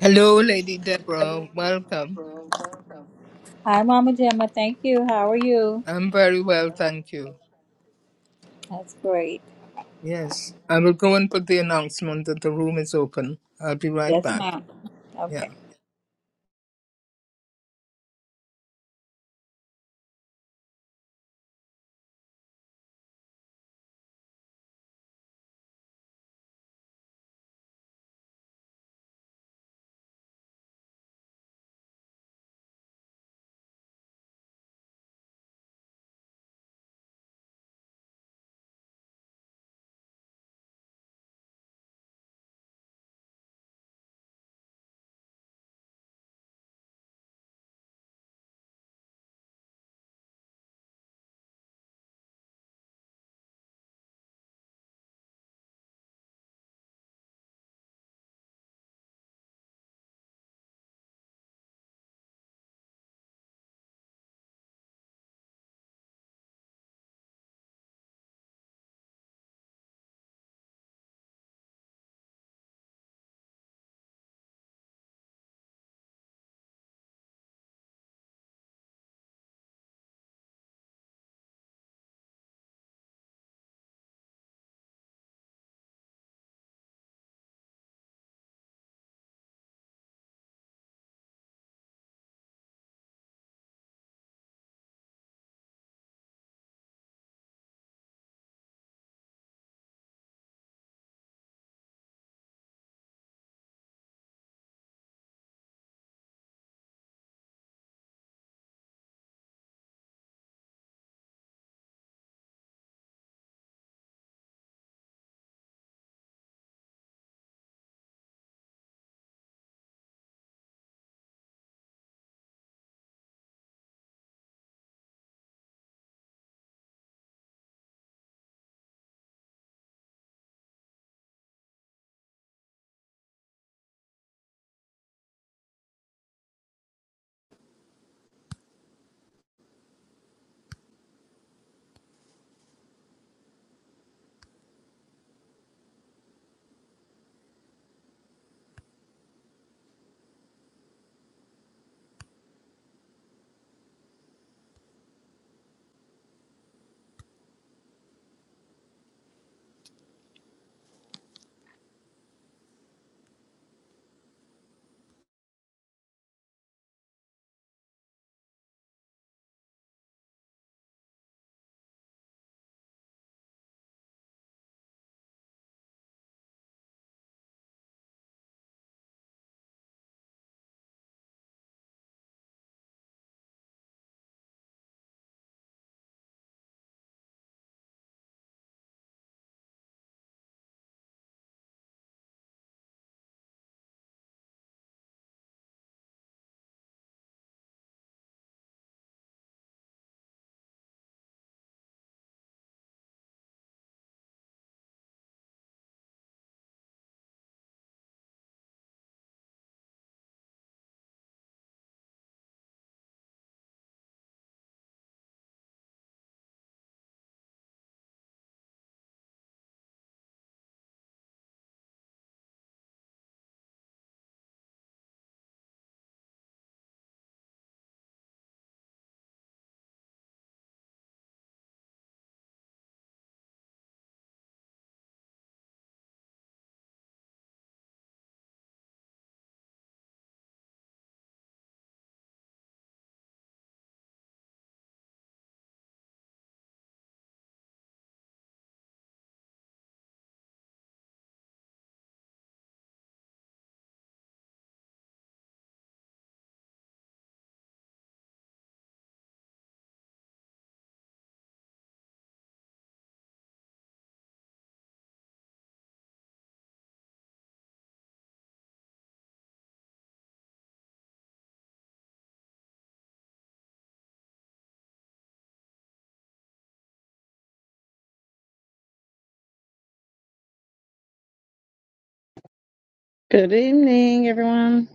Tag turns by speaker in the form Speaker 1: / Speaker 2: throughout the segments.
Speaker 1: Hello, Lady Deborah. Welcome.
Speaker 2: Hi, Mama Gemma. Thank you. How are you?
Speaker 1: I'm very well, thank you.
Speaker 2: That's great.
Speaker 1: Yes, I will go and put the announcement that the room is open. I'll be right
Speaker 2: Yes,
Speaker 1: back.
Speaker 2: ma'am.
Speaker 1: Yeah.
Speaker 2: Okay.
Speaker 3: Good evening, everyone.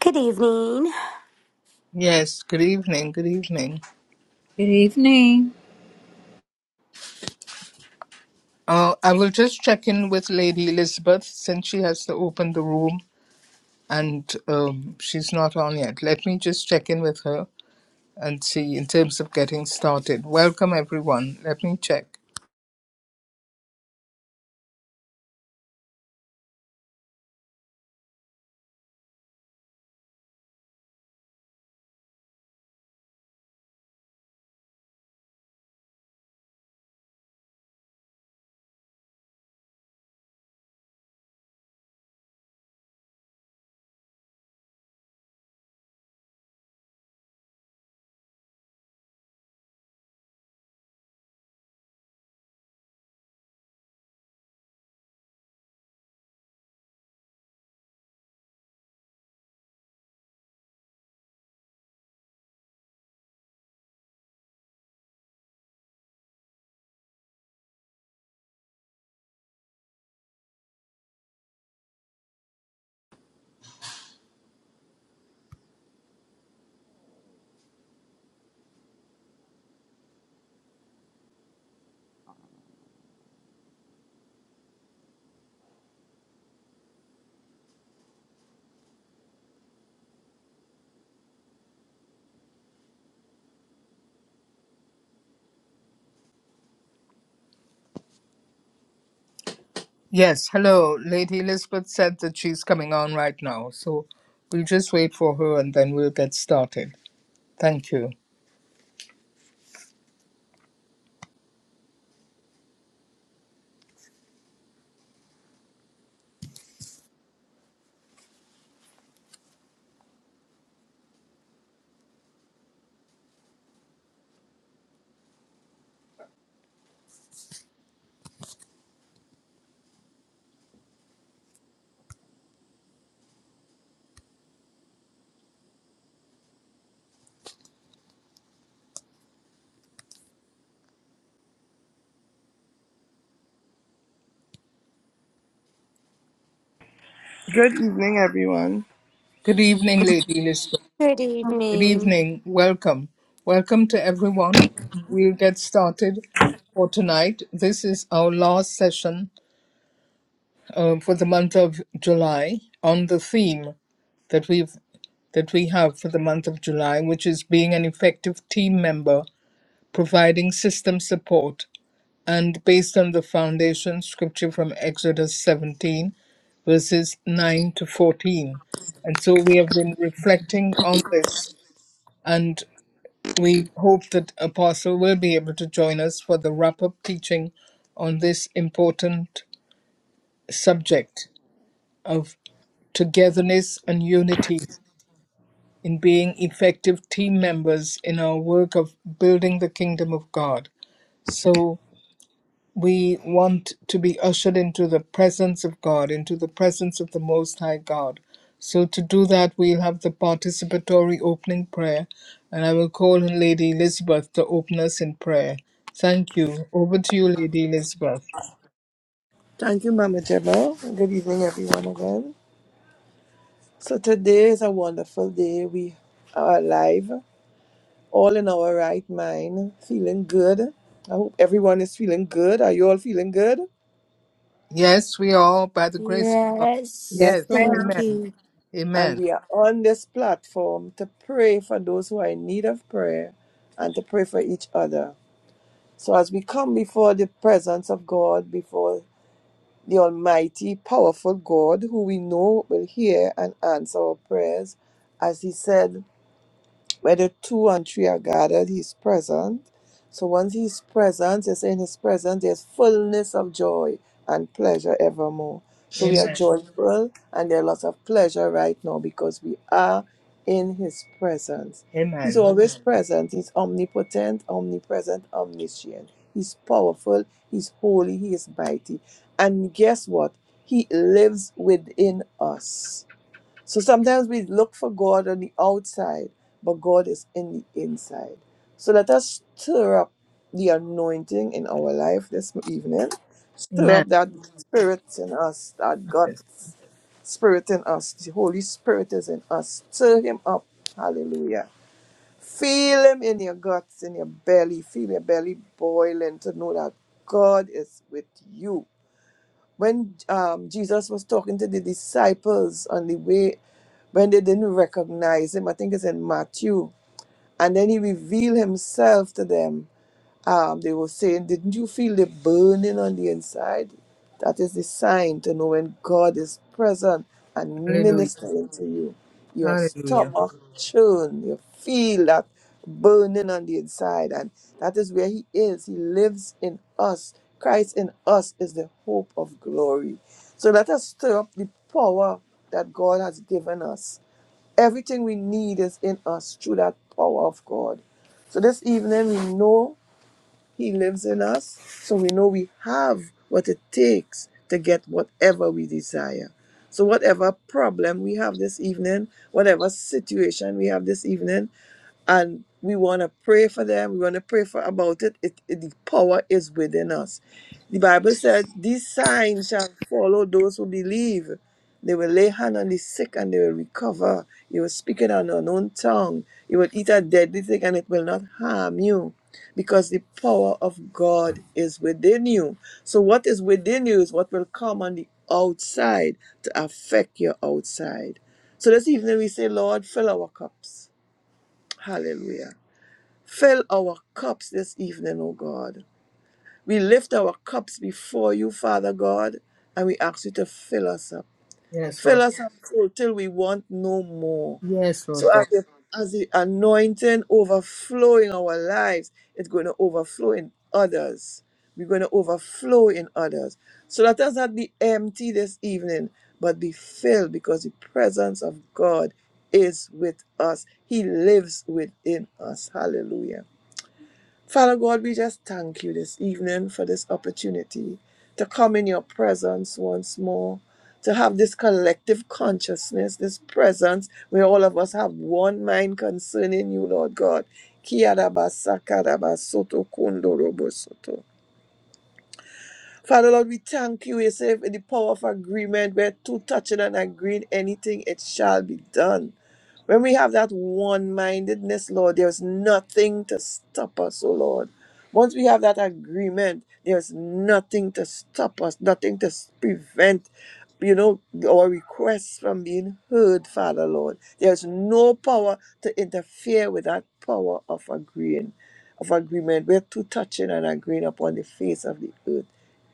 Speaker 4: Good evening.
Speaker 1: Yes, good evening. Good evening.
Speaker 2: Good evening.
Speaker 1: Uh, I will just check in with Lady Elizabeth since she has to open the room and um, she's not on yet. Let me just check in with her and see in terms of getting started. Welcome, everyone. Let me check. Yes, hello. Lady Elizabeth said that she's coming on right now, so we'll just wait for her and then we'll get started. Thank you.
Speaker 5: Good evening, everyone.
Speaker 1: Good evening, Lady Elizabeth.
Speaker 4: Good
Speaker 1: Good
Speaker 4: evening.
Speaker 1: evening. Welcome. Welcome to everyone. We'll get started for tonight. This is our last session uh, for the month of July on the theme that we've that we have for the month of July, which is being an effective team member, providing system support and based on the foundation scripture from Exodus 17, verses 9 to 14. And so we have been reflecting on this, and we hope that Apostle will be able to join us for the wrap up teaching on this important subject of togetherness and unity in being effective team members in our work of building the kingdom of God. So We want to be ushered into the presence of God, into the presence of the Most High God. So, to do that, we'll have the participatory opening prayer, and I will call on Lady Elizabeth to open us in prayer. Thank you. Over to you, Lady Elizabeth.
Speaker 5: Thank you, Mama Gemma. Good evening, everyone, again. So, today is a wonderful day. We are alive, all in our right mind, feeling good. I hope everyone is feeling good. Are you all feeling good?
Speaker 1: Yes, we are by the grace of God.
Speaker 3: Yes,
Speaker 4: Yes,
Speaker 1: Yes,
Speaker 3: ma'am.
Speaker 5: Right.
Speaker 4: thank
Speaker 1: amen.
Speaker 4: you.
Speaker 5: And
Speaker 1: Amen.
Speaker 5: we are on this platform to pray for those who are in need of prayer and to pray for each other. So, as we come before the presence of God, before the Almighty, powerful God, who we know will hear and answer our prayers, as He said whether two and three are gathered, he's present. So once he's present, it's in his presence, there's fullness of joy and pleasure evermore. So we are
Speaker 1: Amen.
Speaker 5: joyful and there are lots of pleasure right now because we are in his presence. He's
Speaker 1: Amen.
Speaker 5: always Mhm. present. He's omnipotent, omnipresent, omniscient. He's powerful, he's holy, he is mighty. And guess what? He lives within us. So sometimes we look for God on the outside, but God is in the inside. So let us stir up the anointing in our life this evening. Stir
Speaker 1: Amen.
Speaker 5: up that spirit in us, that God
Speaker 1: Yes.
Speaker 5: spirit in us. The Holy Spirit is in us. Stir him up. Hallelujah. Feel him in your guts, in your belly. Feel your belly boiling to know that God is with you when um, Jesus was talking to the disciples on the way, when they didn't recognize him, I think it's in Matthew, and then he revealed himself to them um, they were saying, Didn't you feel the burning on the inside? That is the sign to know when God is present and
Speaker 1: Hallelujah.
Speaker 5: ministering to you. Your
Speaker 1: Hallelujah.
Speaker 5: stomach churn, you feel that burning on the inside, and that is where He is. He lives in us. Christ in us is the hope of glory. So let us stir up the power that God has given us. Everything we need is in us through that power of God. So this evening we know he lives in us, so we know we have what it takes to get whatever we desire. So, whatever problem we have this evening, whatever situation we have this evening, and we want to pray for them. We want to pray for about it. It, it. The power is within us. The Bible says, "These signs shall follow those who believe. They will lay hand on the sick and they will recover. You will speak in an unknown tongue. You will eat a deadly thing and it will not harm you." because the power of God is within you. So, what is within you is what will come on the outside to affect your outside. So, this evening we say, Lord, fill our cups. Hallelujah. Fill our cups this evening, O God. We lift our cups before you, Father God, and we ask you to fill us up.
Speaker 1: Yes, Lord.
Speaker 5: Fill us up full till we want no more.
Speaker 1: Yes, Lord
Speaker 5: So as the, as the anointing overflow in our lives, it's going to overflow in others. We're going to overflow in others. So let us not be empty this evening, but be filled because the presence of God is with us. He lives within us. Hallelujah. Father God, we just thank you this evening for this opportunity to come in your presence once more, to have this collective consciousness, this presence where all of us have one mind concerning you, Lord God. Kia raba saka raba soto kundo robo soto. Father Lord, we thank you. You say in the power of agreement, where two touching and agreeing anything, it shall be done. When we have that one mindedness, Lord, there's nothing to stop us, oh Lord. Once we have that agreement, there's nothing to stop us, nothing to s- prevent, you know, our requests from being heard, Father Lord. There's no power to interfere with that power of agreeing, of agreement. We're two touching and agreeing upon the face of the earth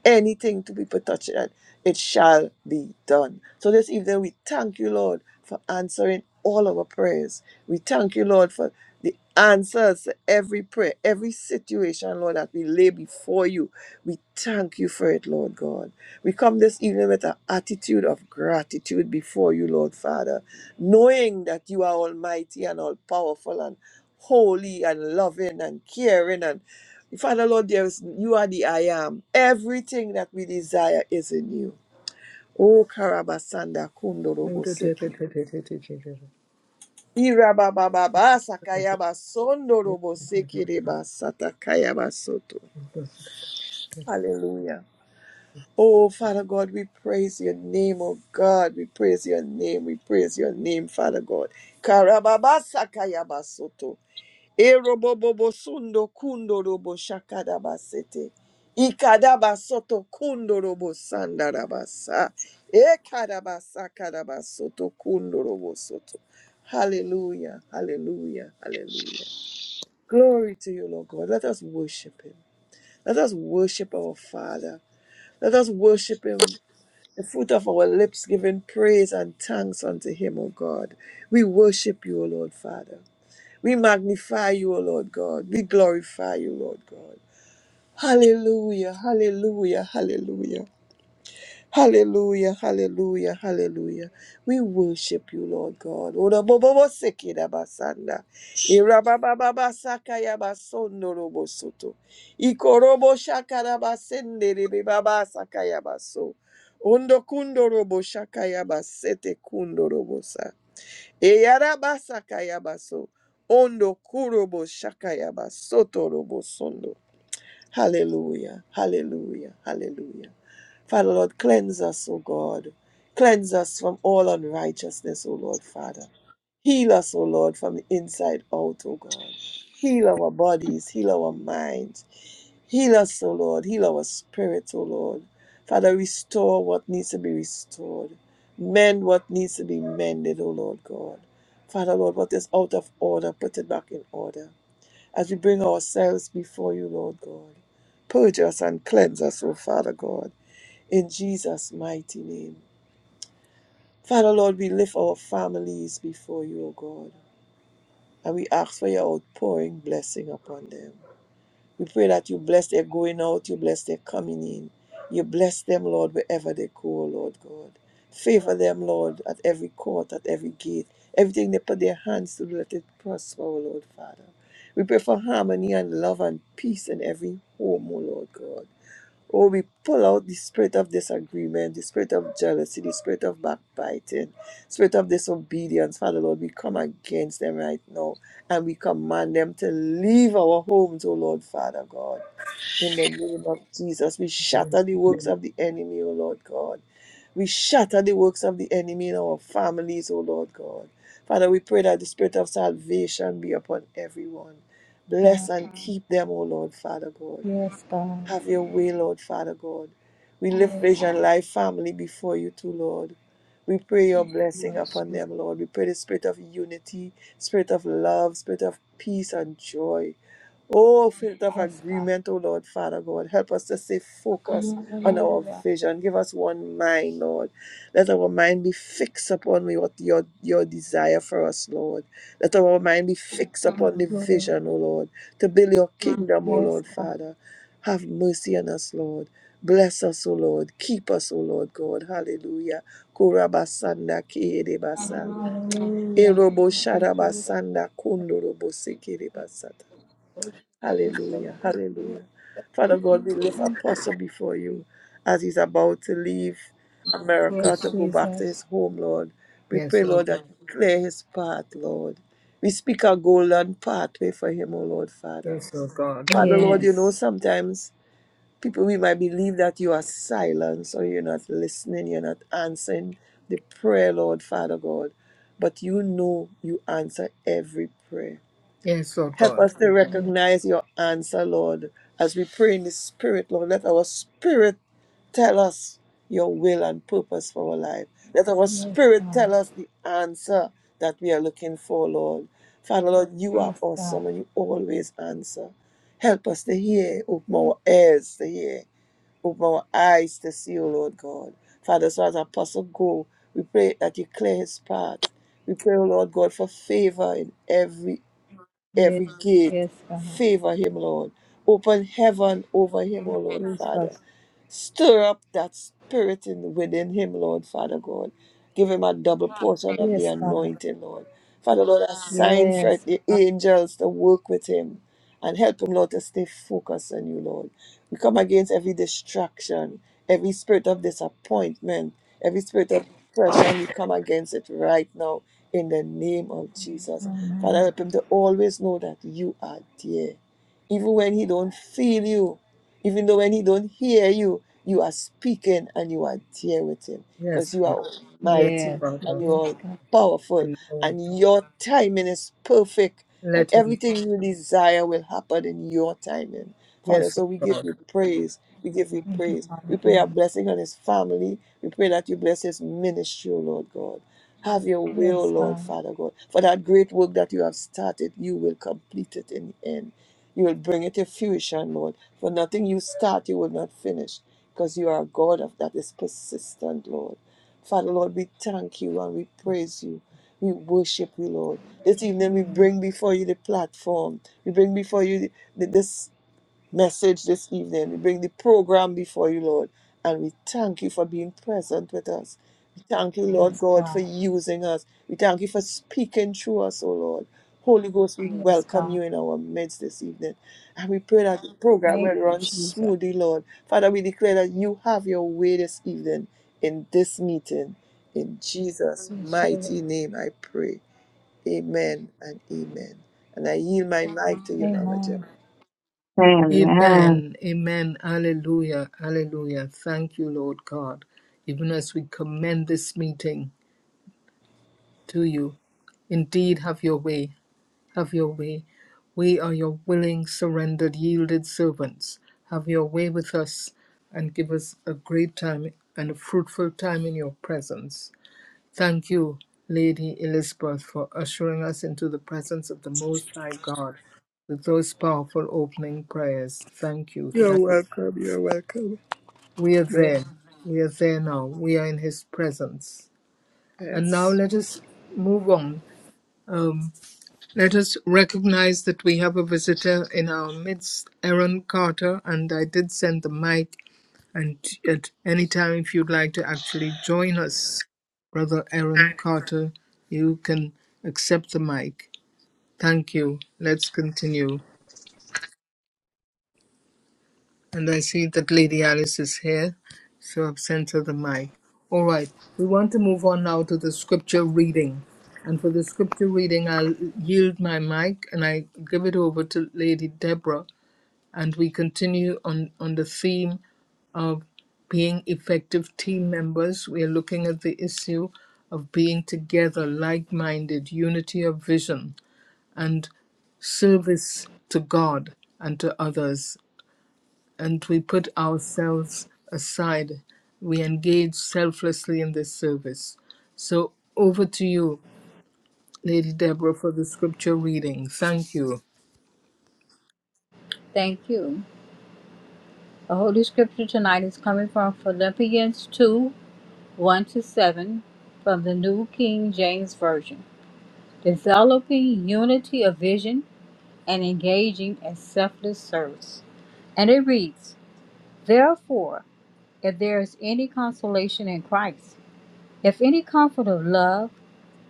Speaker 5: anything to people touch it, it shall be done. So this evening, we thank you, Lord, for answering all our prayers. We thank you, Lord, for the answers to every prayer, every situation, Lord, that we lay before you. We thank you for it, Lord God. We come this evening with an attitude of gratitude before you, Lord Father, knowing that you are almighty and all powerful and holy and loving and caring and Father Lord, there is you are the I am. Everything that we desire is in you. Oh Karabasanda Kundorobo Seki. Irabababa Sakayaba Sondorobo Seki Reba Satakayaba Soto.
Speaker 1: God.
Speaker 5: Hallelujah. Oh Father God, we praise your name, oh God. We praise your name. We praise your name, Father God. Karababa Sakayaba Soto. Erobobobo sundo kundo robo shakadabasete. Ikadabasoto kundo robo sandarabasa. Ekadabasa kadabasoto kundo robo soto. Hallelujah, hallelujah, hallelujah. Glory to you, Lord God. Let us worship Him. Let us worship our Father. Let us worship Him. The fruit of our lips giving praise and thanks unto Him, O God. We worship you, O Lord Father. We magnify you, O Lord God. We glorify you, Lord God. Hallelujah, hallelujah, hallelujah. Hallelujah, hallelujah, hallelujah. We worship you, Lord God. Oda bobo seki da basanda. Ira saka ya basondo robo soto. Iko shaka da basende rebe baba saka ya baso. Ondo kundo robo shaka ya basete kundo robo sa. Eyarabasakayabaso. Ondo kurobo shakayabasoto robo sondo. Hallelujah, hallelujah, hallelujah. Father Lord, cleanse us, O God. Cleanse us from all unrighteousness, O Lord, Father. Heal us, O Lord, from the inside out, O God. Heal our bodies, heal our minds. Heal us, O Lord. Heal our spirits, O Lord. Father, restore what needs to be restored. Mend what needs to be mended, O Lord God. Father, Lord, what is out of order, put it back in order as we bring ourselves before you, Lord God. Purge us and cleanse us, O Father God, in Jesus' mighty name. Father, Lord, we lift our families before you, O God, and we ask for your outpouring blessing upon them. We pray that you bless their going out, you bless their coming in. You bless them, Lord, wherever they go, Lord God. Favor them, Lord, at every court, at every gate. Everything they put their hands to, let it prosper, O Lord Father. We pray for harmony and love and peace in every home, O Lord God. Oh, we pull out the spirit of disagreement, the spirit of jealousy, the spirit of backbiting, spirit of disobedience. Father Lord, we come against them right now and we command them to leave our homes, oh Lord, Father God. In the name of Jesus, we shatter the works of the enemy, O Lord God. We shatter the works of the enemy in our families, O Lord God. Father, we pray that the spirit of salvation be upon everyone. Bless
Speaker 2: God.
Speaker 5: and keep them, O Lord, Father God.
Speaker 2: Yes, God.
Speaker 5: Have your way, Lord Father God. We lift
Speaker 2: Yes, God.
Speaker 5: Vision Life family before you too, Lord. We pray your blessing
Speaker 2: Yes,
Speaker 5: upon
Speaker 2: Jesus.
Speaker 5: them, Lord. We pray the spirit of unity, spirit of love, spirit of peace and joy. Oh, spirit of
Speaker 2: Yes, God.
Speaker 5: agreement, oh Lord Father God. Help us to stay focused on our
Speaker 2: Hallelujah.
Speaker 5: vision. Give us one mind, Lord. Let our mind be fixed upon what your, your desire for us, Lord. Let our mind be fixed upon the
Speaker 2: Glory.
Speaker 5: vision, oh Lord, to build your kingdom, oh
Speaker 2: Yes,
Speaker 5: Lord
Speaker 2: God.
Speaker 5: Father. Have mercy on us, Lord. Bless us, O Lord. Keep us, O Lord God. Hallelujah. Kurabasanda kiedebasa.
Speaker 2: Hallelujah.
Speaker 5: Erobo
Speaker 2: Thank you, Jesus.
Speaker 5: sharabasanda kundorobo sekerebasata.
Speaker 2: Thank
Speaker 5: Hallelujah.
Speaker 2: you,
Speaker 5: Hallelujah. Father God, we lift
Speaker 2: Jesus.
Speaker 5: Apostle before you as he's about to leave America to
Speaker 2: Yes,
Speaker 5: go back to his
Speaker 2: Jesus.
Speaker 5: home, Lord. We
Speaker 1: Yes,
Speaker 5: pray,
Speaker 1: Lord.
Speaker 5: Lord, that you clear his path, Lord. We speak a golden pathway for him, O Lord, Father.
Speaker 1: Yes, oh God.
Speaker 5: Father, Lord, you know
Speaker 2: Yes.
Speaker 5: sometimes people we might believe that you are silent or you're not listening you're not answering the prayer lord father god but you know you answer every prayer
Speaker 1: Yes, oh
Speaker 5: help
Speaker 1: God.
Speaker 5: us to
Speaker 2: Yes.
Speaker 5: recognize your answer lord as we pray in the spirit lord let our spirit tell us your will and purpose for our life let our
Speaker 2: Yes,
Speaker 5: spirit
Speaker 2: God.
Speaker 5: tell us the answer that we are looking for lord father lord you are
Speaker 2: Yes, God.
Speaker 5: awesome and you always answer help us to hear open our ears to hear Open our eyes to see, O Lord God. Father, so as Apostle go, we pray that you clear his path. We pray, O Lord God, for favor in every
Speaker 2: Yes.
Speaker 5: every gate.
Speaker 2: Yes, God.
Speaker 5: Favor him, Lord. Open heaven over him, O
Speaker 2: Yes,
Speaker 5: Lord Father.
Speaker 2: Jesus.
Speaker 5: Stir up that spirit in, within him, Lord, Father God. Give him a double portion of the
Speaker 2: Yes, God.
Speaker 5: anointing, Lord. Father, Lord, assign for
Speaker 2: Yes,
Speaker 5: the
Speaker 2: God.
Speaker 5: angels to work with him and help him, Lord, to stay focused on you, Lord. We come against every distraction, every spirit of disappointment, every spirit of depression. We come against it right now in the name of Jesus. Father,
Speaker 2: Amen.
Speaker 5: help him to always know that you are there even when he don't feel you even though when he don't hear you you are speaking and you are there with him
Speaker 1: Yes,
Speaker 5: because you
Speaker 1: Lord.
Speaker 5: are
Speaker 1: Yes,
Speaker 5: mighty
Speaker 2: Yes,
Speaker 5: and
Speaker 1: Father.
Speaker 5: you
Speaker 2: yes,
Speaker 5: are
Speaker 2: God.
Speaker 5: powerful
Speaker 1: And, uh,
Speaker 5: and your timing is perfect and
Speaker 1: Let him.
Speaker 5: everything you desire will happen in your timing. Father,
Speaker 1: Yes,
Speaker 5: so we
Speaker 1: oh
Speaker 5: give
Speaker 1: God.
Speaker 5: you praise. We give you
Speaker 2: Thank you,
Speaker 5: praise. We
Speaker 2: Father
Speaker 5: pray a
Speaker 2: God.
Speaker 5: blessing on his family. We pray that you bless his ministry, O Lord God. Have your will,
Speaker 2: Yes,
Speaker 5: Lord
Speaker 2: God.
Speaker 5: Father God. For that great work that you have started, you will complete it in the end. You will bring it to fruition, Lord. For nothing you start, you will not finish because you are a God of that is persistent, Lord. Father, Lord, we thank you and we praise you. We worship you, Lord. This evening we
Speaker 2: Amen.
Speaker 5: bring before you the platform. We bring before you the, the, this message this evening. We bring the program before you, Lord, and we thank you for being present with us. We thank you, Lord
Speaker 2: Yes,
Speaker 5: God, for
Speaker 2: God.
Speaker 5: using us. We thank you for speaking through us, O Lord. Holy Ghost, we
Speaker 2: Yes,
Speaker 5: welcome
Speaker 2: God.
Speaker 5: you in our midst this evening. And we pray that the program
Speaker 2: Thank
Speaker 5: will
Speaker 2: you,
Speaker 5: run
Speaker 2: Jesus.
Speaker 5: smoothly, Lord. Father, we declare that you have your way this evening in this meeting. In Jesus'
Speaker 2: Yes, Lord.
Speaker 5: mighty name, I pray. Amen and amen. And I yield my mic to you, Mama Gemma.
Speaker 2: Amen.
Speaker 3: Amen.
Speaker 1: Amen. Amen. Hallelujah. Hallelujah. Thank you, Lord God. Even as we commend this meeting to you, indeed have your way. Have your way. We are your willing, surrendered, yielded servants. Have your way with us and give us a great time and a fruitful time in your presence. Thank you, Lady Elizabeth, for ushering us into the presence of the Most High God with those powerful opening prayers. Thank you.
Speaker 5: You're
Speaker 1: Thank
Speaker 5: welcome. You're welcome.
Speaker 1: We are
Speaker 5: Amen.
Speaker 1: there. We are there now. We are in His presence. And now
Speaker 5: Yes.
Speaker 1: let us move on. Um, let us recognize that we have a visitor in our midst, Aaron Carter, and I did send the mic And at any time, if you'd like to actually join us, Brother Aaron Carter, you can accept the mic. Thank you. Let's continue. And I see that Lady Alice is here, so I've sent her the mic. All right, we want to move on now to the scripture reading. And for the scripture reading, I'll yield my mic and I give it over to Lady Deborah and we continue on, on the theme of being effective team members. We are looking at the issue of being together, like minded, unity of vision, and service to God and to others. And we put ourselves aside. We engage selflessly in this service. So over to you, Lady Deborah, for the scripture reading. Thank you.
Speaker 2: Thank you. The Holy Scripture tonight is coming from Philippians 2 1 to 7 from the New King James Version. Developing unity of vision and engaging in selfless service. And it reads, Therefore, if there is any consolation in Christ, if any comfort of love,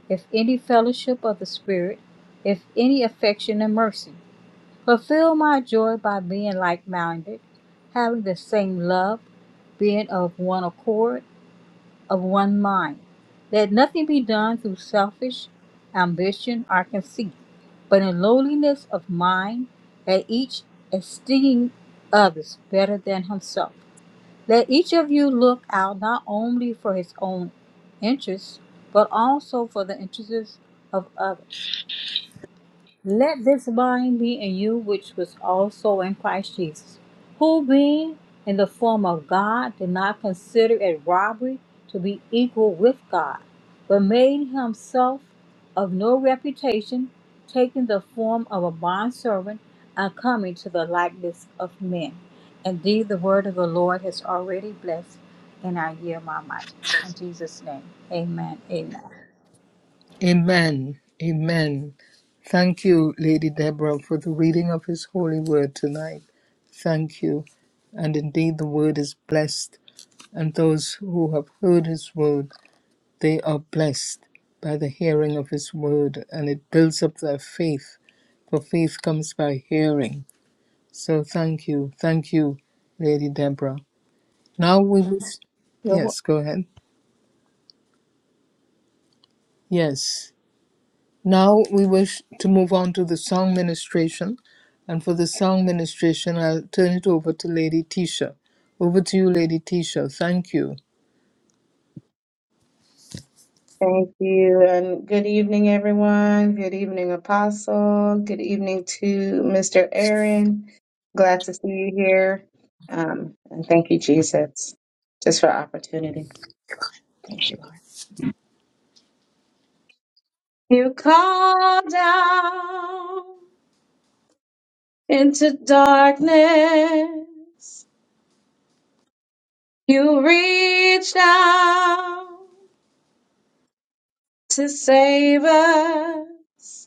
Speaker 2: if any fellowship of the Spirit, if any affection and mercy. Fulfill my joy by being like minded, having the same love, being of one accord, of one mind. Let nothing be done through selfish ambition or conceit, but in lowliness of mind, let each esteem others better than himself. Let each of you look out not only for his own interests, but also for the interests of others. Let this mind be in you which was also in Christ Jesus, who being in the form of God did not consider it robbery to be equal with God, but made himself of no reputation, taking the form of a bondservant and coming to the likeness of men. Indeed, the word of the Lord has already blessed, and I yield my might. In Jesus' name, amen. Amen.
Speaker 1: Amen. Amen. Thank you, Lady Deborah, for the reading of His holy word tonight. Thank you. And indeed, the word is blessed, and those who have heard His word, they are blessed by the hearing of His word, and it builds up their faith, for faith comes by hearing. So thank you. Thank you, Lady Deborah. Now we will.
Speaker 2: You're wel-
Speaker 1: Yes, go ahead. Yes. Now we wish to move on to the song ministration. And for the song ministration, I'll turn it over to Lady Tisha. Over to you, Lady Tisha. Thank you.
Speaker 3: Thank you. And good evening, everyone. Good evening, Apostle. Good evening to Mr. Aaron. Glad to see you here. Um, and thank you, Jesus, just for opportunity. Thank you, Lord. You call down into darkness. You reach down to save us.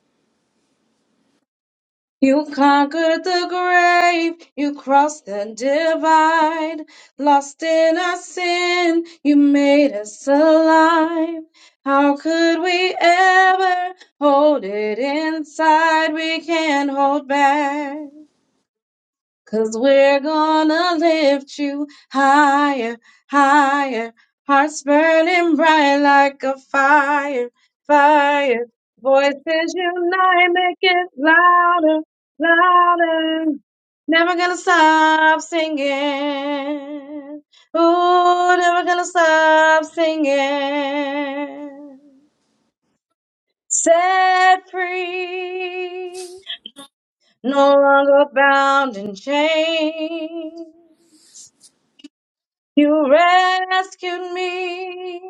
Speaker 3: You conquered the grave, you crossed the divide. Lost in our sin, you made us alive. How could we ever hold it inside? We can't hold back. Cause we're gonna lift you higher, higher. Hearts burning bright like a fire, fire. Voices unite, make it louder, louder. Never gonna stop singing. Ooh, never gonna stop singing. Set free, no longer bound in chains. You rescued me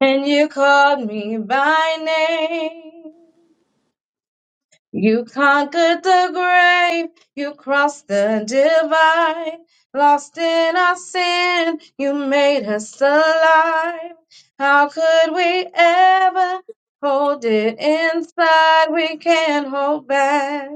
Speaker 3: and you called me by name. You conquered the grave, you crossed the divide. Lost in our sin, you made us alive. How could we ever hold it inside? We can't hold back.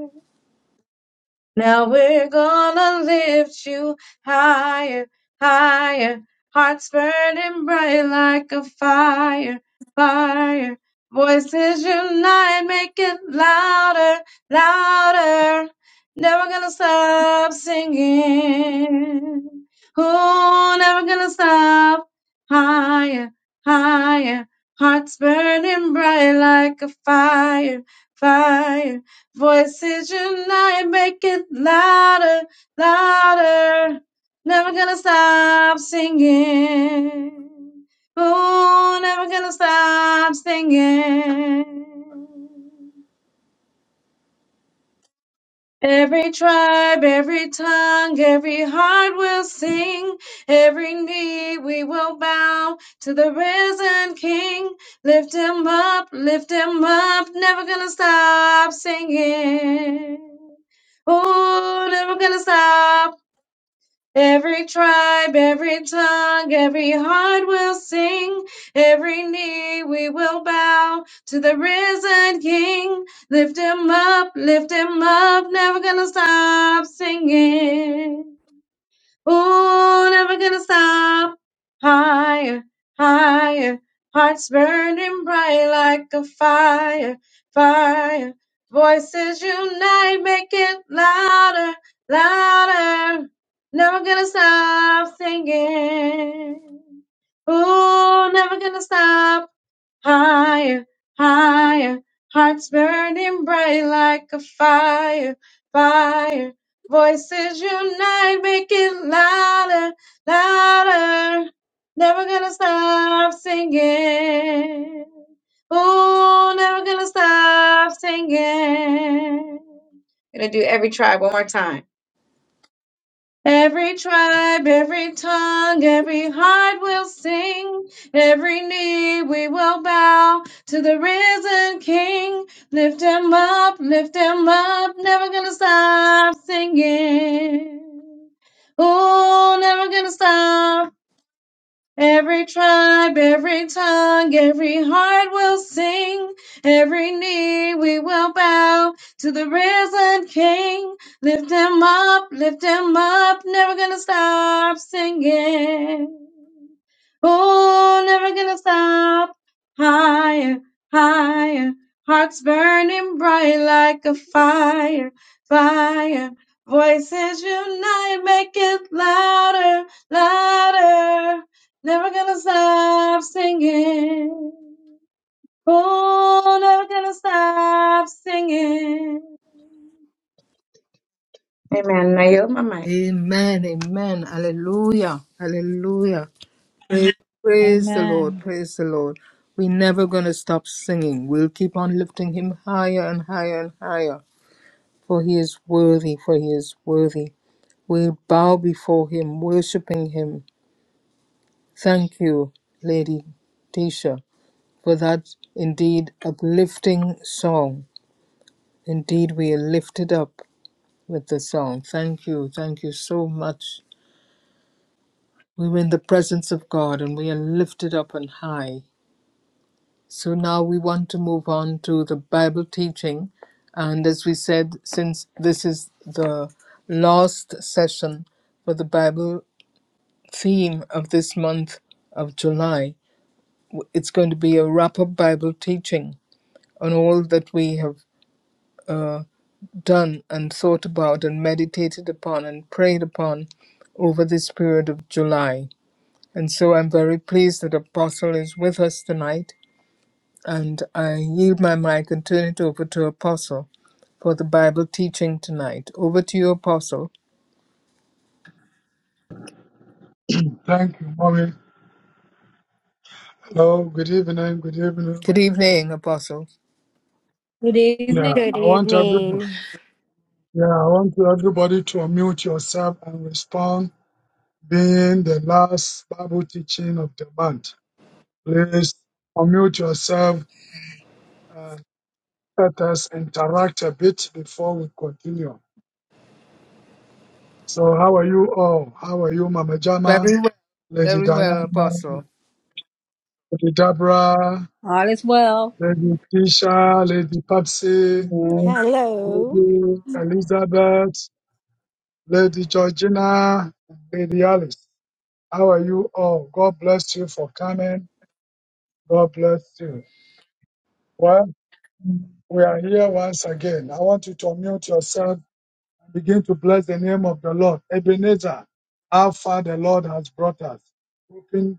Speaker 3: Now we're gonna lift you higher, higher. Hearts burning bright like a fire, fire. Voices unite, make it louder, louder. Never gonna stop singing. Oh, never gonna stop. Higher, higher. Hearts burning bright like a fire, fire. Voices unite, make it louder, louder. Never gonna stop singing. Oh, never gonna stop singing. Every tribe, every tongue, every heart will sing. Every knee we will bow to the risen King. Lift him up, lift him up, never gonna stop singing. Oh, never gonna stop. Every tribe, every tongue, every heart will sing. Every knee we will bow to the risen King. Lift him up, lift him up, never gonna stop singing. Ooh, never gonna stop. Higher, higher. Hearts burning bright like a fire, fire. Voices unite, make it louder, louder. Never gonna stop singing. Ooh, never gonna stop. Higher, higher. Hearts burning bright like a fire, fire. Voices unite, make it louder, louder. Never gonna stop singing. Oh, never gonna stop singing. Gonna do every tribe one more time. Every tribe, every tongue, every heart will sing. Every knee we will bow to the risen King. Lift him up, lift him up, never gonna stop singing. Oh, never gonna stop Every tribe, every tongue, every heart will sing. Every knee we will bow to the risen King. Lift him up, lift him up, never gonna stop singing. Oh, never gonna stop. Higher, higher, hearts burning bright like a fire, fire. Voices unite, make it louder, louder. Never gonna stop singing. Oh, never gonna stop singing. Amen. Now you're my mic.
Speaker 1: Amen. Amen. Hallelujah. Hallelujah. Praise, praise the Lord.
Speaker 2: Amen.
Speaker 1: Praise the Lord. We're never going to stop singing. We'll keep on lifting him higher and higher and higher. For he is worthy. For he is worthy. We'll bow before him, worshiping him. Thank you, Lady Tisha. for that indeed uplifting song. Indeed, we are lifted up with the song. Thank you, thank you so much. We were in the presence of God and we are lifted up on high. So now we want to move on to the Bible teaching. And as we said, since this is the last session for the Bible theme of this month of July, it's going to be a wrap up Bible teaching on all that we have. uh, done and thought about and meditated upon and prayed upon over this period of July. And so I'm very pleased that Apostle is with us tonight. And I yield my mic and turn it over to Apostle for the Bible teaching tonight. Over to you, Apostle.
Speaker 6: Thank you, mommy. Hello, good evening, good evening,
Speaker 1: Good
Speaker 6: good evening.
Speaker 1: evening, Apostle.
Speaker 2: Good evening.
Speaker 6: Yeah,
Speaker 4: Good
Speaker 6: I want everybody.
Speaker 4: evening.
Speaker 6: Yeah, I want everybody to unmute yourself and respond. Being the last Bible teaching of the month, please unmute yourself and let us interact a bit before we continue. So, how are you all? How are you, Mama Jama,
Speaker 1: Very well,
Speaker 6: Lady
Speaker 1: very
Speaker 6: Diana,
Speaker 1: well, Apostle.
Speaker 6: Lady Deborah,
Speaker 2: All is well.
Speaker 6: Lady Tisha, Lady Papsi,
Speaker 3: Yes,
Speaker 4: Hello.
Speaker 6: Lady Elizabeth? Lady Georgina, and Lady Alice, how are you all? God bless you for coming. God bless you. Well, we are here once again. I want you to unmute yourself and begin to bless the name of the Lord. Ebenezer, how far the Lord has brought us. Open,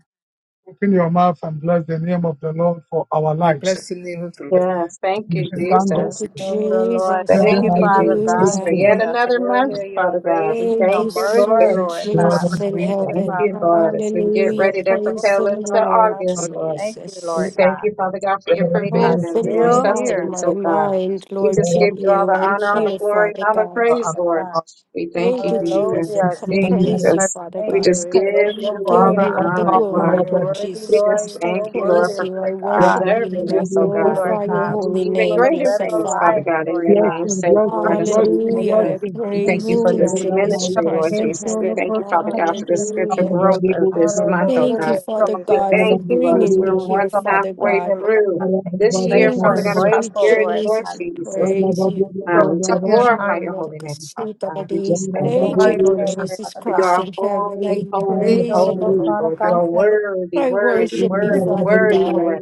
Speaker 6: open your mouth and bless the name of the Lord for our
Speaker 1: We
Speaker 6: lives.
Speaker 1: bless the name of the
Speaker 6: In
Speaker 1: Lord.
Speaker 6: the
Speaker 3: yes. Thank
Speaker 6: name
Speaker 1: You
Speaker 6: of
Speaker 3: you,
Speaker 6: Jesus.
Speaker 1: can-
Speaker 2: The
Speaker 6: Thank God
Speaker 4: Thank
Speaker 2: blessed
Speaker 3: Jesus.
Speaker 4: you,
Speaker 1: you
Speaker 6: for
Speaker 1: can-
Speaker 2: name of the Lord.
Speaker 4: Jesus.
Speaker 2: Thank
Speaker 6: bringing
Speaker 3: Thank
Speaker 2: you,
Speaker 6: us
Speaker 3: you,
Speaker 6: to
Speaker 2: Father
Speaker 1: you
Speaker 3: Jesus,
Speaker 2: God,
Speaker 1: can
Speaker 3: for
Speaker 4: Hallelujah.
Speaker 2: that
Speaker 1: go
Speaker 3: yet
Speaker 2: we
Speaker 1: on.
Speaker 2: are
Speaker 3: another
Speaker 2: still here.
Speaker 3: month,
Speaker 2: Your
Speaker 3: Father God.
Speaker 2: grace
Speaker 3: We
Speaker 2: and
Speaker 4: Thank
Speaker 2: your
Speaker 4: you,
Speaker 3: thank you,
Speaker 2: mercy,
Speaker 3: Lord.
Speaker 1: There
Speaker 4: sweet
Speaker 2: Lord
Speaker 1: is no one
Speaker 2: God.
Speaker 1: like
Speaker 4: Jesus
Speaker 2: We
Speaker 4: in
Speaker 3: We
Speaker 2: thank you,
Speaker 3: thank
Speaker 4: heaven.
Speaker 3: you,
Speaker 2: Father God.
Speaker 3: Lord, as we get
Speaker 4: Hallelujah.
Speaker 3: ready
Speaker 2: Thank
Speaker 3: to
Speaker 2: you,
Speaker 4: Praise
Speaker 3: propel
Speaker 2: Lord
Speaker 4: the
Speaker 3: into
Speaker 2: oh,
Speaker 4: Lord,
Speaker 2: God.
Speaker 3: August,
Speaker 1: our
Speaker 3: Lord.
Speaker 2: Thank you,
Speaker 3: We
Speaker 2: Lord
Speaker 4: Jesus.
Speaker 3: thank
Speaker 2: God.
Speaker 3: you, Father God, for your
Speaker 2: We are
Speaker 3: provisions
Speaker 4: Open
Speaker 3: and your
Speaker 4: my
Speaker 2: still
Speaker 4: heart,
Speaker 2: here.
Speaker 3: sustenance,
Speaker 4: my
Speaker 3: oh God.
Speaker 4: mind,
Speaker 3: We
Speaker 4: Lord,
Speaker 3: just
Speaker 4: to
Speaker 2: Thank
Speaker 3: give you
Speaker 2: you,
Speaker 3: all
Speaker 4: you.
Speaker 3: the
Speaker 4: I'm
Speaker 3: honor, all
Speaker 2: Jesus.
Speaker 3: the
Speaker 4: here,
Speaker 3: glory, and
Speaker 4: Father
Speaker 3: all the
Speaker 4: God.
Speaker 1: our-
Speaker 3: praise,
Speaker 1: our-
Speaker 2: Father
Speaker 3: Lord.
Speaker 2: God.
Speaker 1: our- our-
Speaker 3: We thank
Speaker 4: Thank
Speaker 3: you,
Speaker 4: you,
Speaker 3: Jesus.
Speaker 4: Jesus.
Speaker 2: Hallelujah,
Speaker 4: I
Speaker 6: this
Speaker 2: Jesus.
Speaker 4: praise
Speaker 6: place.
Speaker 4: you,
Speaker 1: our-
Speaker 3: Jesus.
Speaker 4: Father
Speaker 2: Thank
Speaker 3: We
Speaker 4: God in
Speaker 3: just
Speaker 2: you.
Speaker 3: give
Speaker 2: We bless
Speaker 4: heaven. I
Speaker 2: your
Speaker 3: you all
Speaker 6: Bless
Speaker 2: holy
Speaker 6: him,
Speaker 4: give
Speaker 2: name,
Speaker 4: you
Speaker 3: the
Speaker 6: bless
Speaker 4: all the
Speaker 2: Lord
Speaker 3: honor,
Speaker 6: him,
Speaker 3: Lord.
Speaker 2: God.
Speaker 4: glory,
Speaker 2: You're
Speaker 4: Lord
Speaker 2: worthy,
Speaker 3: We
Speaker 4: Jesus
Speaker 2: Lord.
Speaker 3: just
Speaker 4: Christ.
Speaker 2: You're
Speaker 4: I
Speaker 2: so
Speaker 3: thank you, Lord,
Speaker 2: worthy,
Speaker 4: praise
Speaker 3: for
Speaker 4: you. I
Speaker 2: Lord
Speaker 4: worship
Speaker 2: God.
Speaker 4: you
Speaker 3: preserving
Speaker 4: and I
Speaker 3: us, oh
Speaker 2: Thank you,
Speaker 3: God,
Speaker 2: Lord
Speaker 4: glorify your
Speaker 2: God.
Speaker 3: to do
Speaker 4: holy
Speaker 3: even
Speaker 2: For
Speaker 4: name,
Speaker 2: the
Speaker 3: greater
Speaker 2: breath
Speaker 4: blessed
Speaker 2: of
Speaker 3: things, Father
Speaker 4: Father.
Speaker 2: life,
Speaker 3: God, in
Speaker 2: Lord
Speaker 3: your
Speaker 2: God.
Speaker 3: name's sake, Lord. And
Speaker 2: Thank
Speaker 3: so
Speaker 2: you,
Speaker 6: bless
Speaker 3: we
Speaker 6: him,
Speaker 3: thank
Speaker 4: Hallelujah.
Speaker 6: bless
Speaker 4: I
Speaker 3: you.
Speaker 2: Jesus.
Speaker 6: him.
Speaker 3: We thank
Speaker 4: praise
Speaker 3: you
Speaker 4: you,
Speaker 3: for
Speaker 4: dear
Speaker 3: this
Speaker 2: Hallelujah.
Speaker 4: Jesus
Speaker 3: ministry,
Speaker 1: our-
Speaker 3: Lord
Speaker 4: Christ
Speaker 2: Okay,
Speaker 4: in
Speaker 3: Jesus.
Speaker 2: so
Speaker 3: We
Speaker 2: look
Speaker 4: heaven.
Speaker 3: thank you,
Speaker 2: what's on
Speaker 3: Father
Speaker 2: the
Speaker 3: God, for
Speaker 2: front
Speaker 3: the
Speaker 2: of-
Speaker 1: our-
Speaker 3: spiritual
Speaker 1: our-
Speaker 4: Hallelujah.
Speaker 3: growth of this month, oh
Speaker 4: Thank you,
Speaker 3: God.
Speaker 2: Hallelujah,
Speaker 1: our-
Speaker 4: Father
Speaker 2: Jesus.
Speaker 3: We
Speaker 2: Thank
Speaker 4: God, for
Speaker 3: thank
Speaker 2: you,
Speaker 3: you, Lord,
Speaker 2: Lord.
Speaker 3: as
Speaker 4: bringing
Speaker 3: we're
Speaker 4: me
Speaker 3: more
Speaker 4: here,
Speaker 3: than
Speaker 1: Lord,
Speaker 4: Father
Speaker 3: halfway
Speaker 2: Thank you,
Speaker 4: God.
Speaker 2: Lord
Speaker 3: through
Speaker 2: God. Thank you.
Speaker 3: this year,
Speaker 4: Thank
Speaker 2: Thankful
Speaker 4: you,
Speaker 3: Father
Speaker 2: and
Speaker 3: God, of
Speaker 4: sweet
Speaker 2: grateful,
Speaker 1: lift
Speaker 3: prosperity,
Speaker 2: Lord
Speaker 3: Lord
Speaker 4: Jesus.
Speaker 2: God.
Speaker 4: I
Speaker 3: Jesus
Speaker 4: praise you.
Speaker 1: you up
Speaker 3: um, to
Speaker 1: higher and
Speaker 3: glorify
Speaker 1: higher,
Speaker 3: your
Speaker 4: Thank
Speaker 3: holy name, Father God. We just
Speaker 1: you up
Speaker 3: thank
Speaker 2: Bless your
Speaker 3: you,
Speaker 4: you,
Speaker 1: higher.
Speaker 2: holy
Speaker 4: Lord
Speaker 3: Jesus.
Speaker 2: name,
Speaker 1: I
Speaker 4: Jesus
Speaker 2: Father
Speaker 3: For you
Speaker 4: Christ
Speaker 2: God.
Speaker 3: are
Speaker 4: in heaven.
Speaker 3: holy,
Speaker 4: I
Speaker 2: Thank you,
Speaker 1: praise,
Speaker 3: holy,
Speaker 2: so
Speaker 4: praise you,
Speaker 2: look
Speaker 3: holy,
Speaker 2: what's
Speaker 4: Lord.
Speaker 2: on the
Speaker 3: Lord.
Speaker 1: I
Speaker 3: You
Speaker 2: front
Speaker 3: are worthy,
Speaker 4: I
Speaker 3: worthy,
Speaker 1: praise,
Speaker 4: worship you,
Speaker 3: worthy,
Speaker 4: Father
Speaker 3: worthy,
Speaker 1: you,
Speaker 4: God.
Speaker 1: I
Speaker 4: I
Speaker 3: Lord.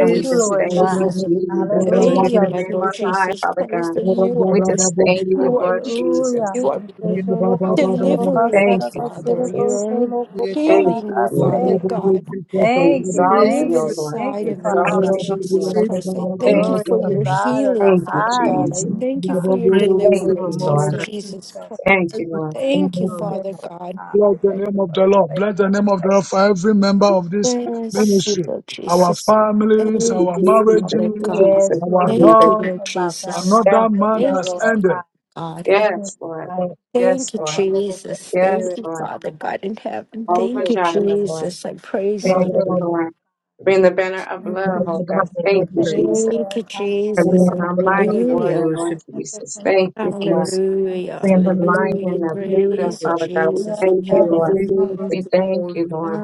Speaker 3: And we
Speaker 4: you,
Speaker 3: just
Speaker 1: you
Speaker 4: sweet
Speaker 1: the
Speaker 3: thank
Speaker 1: most
Speaker 3: you,
Speaker 4: Jesus.
Speaker 1: high.
Speaker 3: Jesus, as we
Speaker 6: Baba,
Speaker 4: Thank
Speaker 3: lift
Speaker 4: you,
Speaker 1: You
Speaker 3: your
Speaker 2: Hallelujah,
Speaker 1: are
Speaker 4: my
Speaker 3: name on
Speaker 4: Lord
Speaker 1: worthy, O
Speaker 2: Jesus.
Speaker 3: high,
Speaker 4: Jesus
Speaker 3: Father
Speaker 4: Christ,
Speaker 3: God.
Speaker 4: that
Speaker 1: Lord.
Speaker 4: you
Speaker 3: We
Speaker 4: are
Speaker 3: just thank you,
Speaker 4: you are
Speaker 3: Lord
Speaker 2: Hallelujah.
Speaker 3: Jesus.
Speaker 4: you
Speaker 1: You are
Speaker 4: are
Speaker 1: worthy of
Speaker 2: Ikejolo
Speaker 1: all our love
Speaker 2: kosholo
Speaker 4: delivering
Speaker 1: tonight, O
Speaker 4: me,
Speaker 3: Thank
Speaker 2: kasara
Speaker 3: you,
Speaker 1: God.
Speaker 2: kasere
Speaker 4: Father. You
Speaker 3: Jesus.
Speaker 4: are
Speaker 2: kosholo
Speaker 1: We are giving
Speaker 3: Thank
Speaker 2: kosara
Speaker 1: you
Speaker 3: you,
Speaker 4: healing me,
Speaker 1: all
Speaker 3: Jesus.
Speaker 1: the
Speaker 4: Father
Speaker 2: kase.
Speaker 1: praises
Speaker 4: God.
Speaker 2: Thank you,
Speaker 3: Exalt
Speaker 4: Live
Speaker 2: thank
Speaker 3: you,
Speaker 1: praises
Speaker 3: O
Speaker 2: you,
Speaker 1: to the
Speaker 3: Lord.
Speaker 2: thank
Speaker 4: inside
Speaker 2: you,
Speaker 4: of
Speaker 1: Most High
Speaker 4: you,
Speaker 2: Father
Speaker 1: God.
Speaker 3: Exalt
Speaker 2: God.
Speaker 4: Lord
Speaker 3: you, O
Speaker 4: Jesus
Speaker 3: Lord.
Speaker 1: Praises to
Speaker 4: Christ. I
Speaker 1: our most,
Speaker 4: thank
Speaker 3: Thank
Speaker 4: you
Speaker 2: Glory
Speaker 3: you,
Speaker 4: for
Speaker 2: to
Speaker 4: your
Speaker 3: Jesus.
Speaker 2: God of the
Speaker 4: healing,
Speaker 3: Thank you,
Speaker 4: Father God.
Speaker 2: highest,
Speaker 4: I
Speaker 6: Bless
Speaker 3: Jesus.
Speaker 2: Lord
Speaker 4: thank you for
Speaker 2: God.
Speaker 4: your
Speaker 1: praises to
Speaker 3: Thank
Speaker 6: the
Speaker 1: our
Speaker 3: you,
Speaker 4: deliverance,
Speaker 2: Thank
Speaker 1: most
Speaker 4: Lord
Speaker 3: Lord.
Speaker 1: high.
Speaker 2: you,
Speaker 4: Jesus
Speaker 2: Jesus.
Speaker 4: Christ.
Speaker 3: Thank
Speaker 4: I
Speaker 3: you, Lord.
Speaker 1: Praises
Speaker 4: thank you,
Speaker 1: to
Speaker 2: Thank
Speaker 1: our most
Speaker 2: you,
Speaker 4: Father
Speaker 2: Lord
Speaker 4: God.
Speaker 2: God. We thank
Speaker 6: name
Speaker 2: you
Speaker 6: of
Speaker 2: for
Speaker 6: the
Speaker 2: your
Speaker 6: Lord.
Speaker 2: faith.
Speaker 6: Bless the name of the Lord for every member of this
Speaker 4: Yes,
Speaker 6: ministry.
Speaker 4: Lord
Speaker 6: Our
Speaker 4: Jesus. Thank
Speaker 6: families,
Speaker 3: Jesus,
Speaker 6: our
Speaker 4: you, Father
Speaker 6: marriages,
Speaker 4: God.
Speaker 2: Yes,
Speaker 3: Jesus,
Speaker 6: our
Speaker 2: Lord God.
Speaker 4: Thank
Speaker 3: Jesus.
Speaker 4: you,
Speaker 2: We lift
Speaker 6: health.
Speaker 4: Lord
Speaker 2: up our family.
Speaker 4: Jesus.
Speaker 3: Yes,
Speaker 6: Another
Speaker 2: Lord
Speaker 6: month
Speaker 2: God,
Speaker 3: Jesus.
Speaker 4: Thank
Speaker 6: has
Speaker 4: you,
Speaker 2: Lord
Speaker 6: ended.
Speaker 2: God.
Speaker 4: God.
Speaker 2: Thank you,
Speaker 3: Yes,
Speaker 2: Lord
Speaker 3: Lord.
Speaker 2: God. Thank
Speaker 3: Yes,
Speaker 2: you
Speaker 4: Thank you,
Speaker 2: for
Speaker 3: Lord.
Speaker 2: our Lord, your
Speaker 4: Jesus.
Speaker 3: Yes,
Speaker 4: Thank
Speaker 2: spirit,
Speaker 4: you,
Speaker 3: Lord.
Speaker 4: Father
Speaker 2: God.
Speaker 4: God in heaven.
Speaker 2: Thank
Speaker 3: Over
Speaker 4: Thank
Speaker 2: you,
Speaker 4: you,
Speaker 3: Jireh,
Speaker 2: Jesus.
Speaker 3: Lord.
Speaker 4: Jesus. I praise
Speaker 2: Thank
Speaker 4: you,
Speaker 3: Thank
Speaker 4: Lord.
Speaker 2: you,
Speaker 3: you, Lord. Bring the banner of
Speaker 2: Thank you,
Speaker 3: love, oh God.
Speaker 2: Jesus.
Speaker 1: high the
Speaker 3: Thank you,
Speaker 2: Thank
Speaker 1: praise.
Speaker 3: Jesus.
Speaker 2: you for
Speaker 4: Thank you,
Speaker 2: your God,
Speaker 3: For
Speaker 4: Jesus.
Speaker 3: being
Speaker 1: We
Speaker 3: our
Speaker 1: bow down
Speaker 2: for
Speaker 3: mighty
Speaker 2: your
Speaker 1: and
Speaker 4: Hallelujah.
Speaker 3: warrior, Lord
Speaker 2: God,
Speaker 1: worship.
Speaker 2: thank you for
Speaker 3: Jesus.
Speaker 2: your
Speaker 3: Thank you,
Speaker 1: You are
Speaker 3: Lord.
Speaker 1: so
Speaker 2: son, thank
Speaker 4: Hallelujah,
Speaker 3: Being the lion and
Speaker 4: hallelujah.
Speaker 3: the
Speaker 1: faithful,
Speaker 3: Buddha,
Speaker 2: you
Speaker 4: Praise you,
Speaker 1: God.
Speaker 3: Father God.
Speaker 2: for
Speaker 3: We
Speaker 4: Jesus
Speaker 2: your
Speaker 4: in
Speaker 3: thank you,
Speaker 1: You are
Speaker 2: anointing
Speaker 3: Lord.
Speaker 4: heaven.
Speaker 2: upon
Speaker 1: faithful
Speaker 2: him,
Speaker 3: We
Speaker 1: to
Speaker 2: Jesus.
Speaker 3: thank
Speaker 1: all
Speaker 3: you, Lord,
Speaker 1: our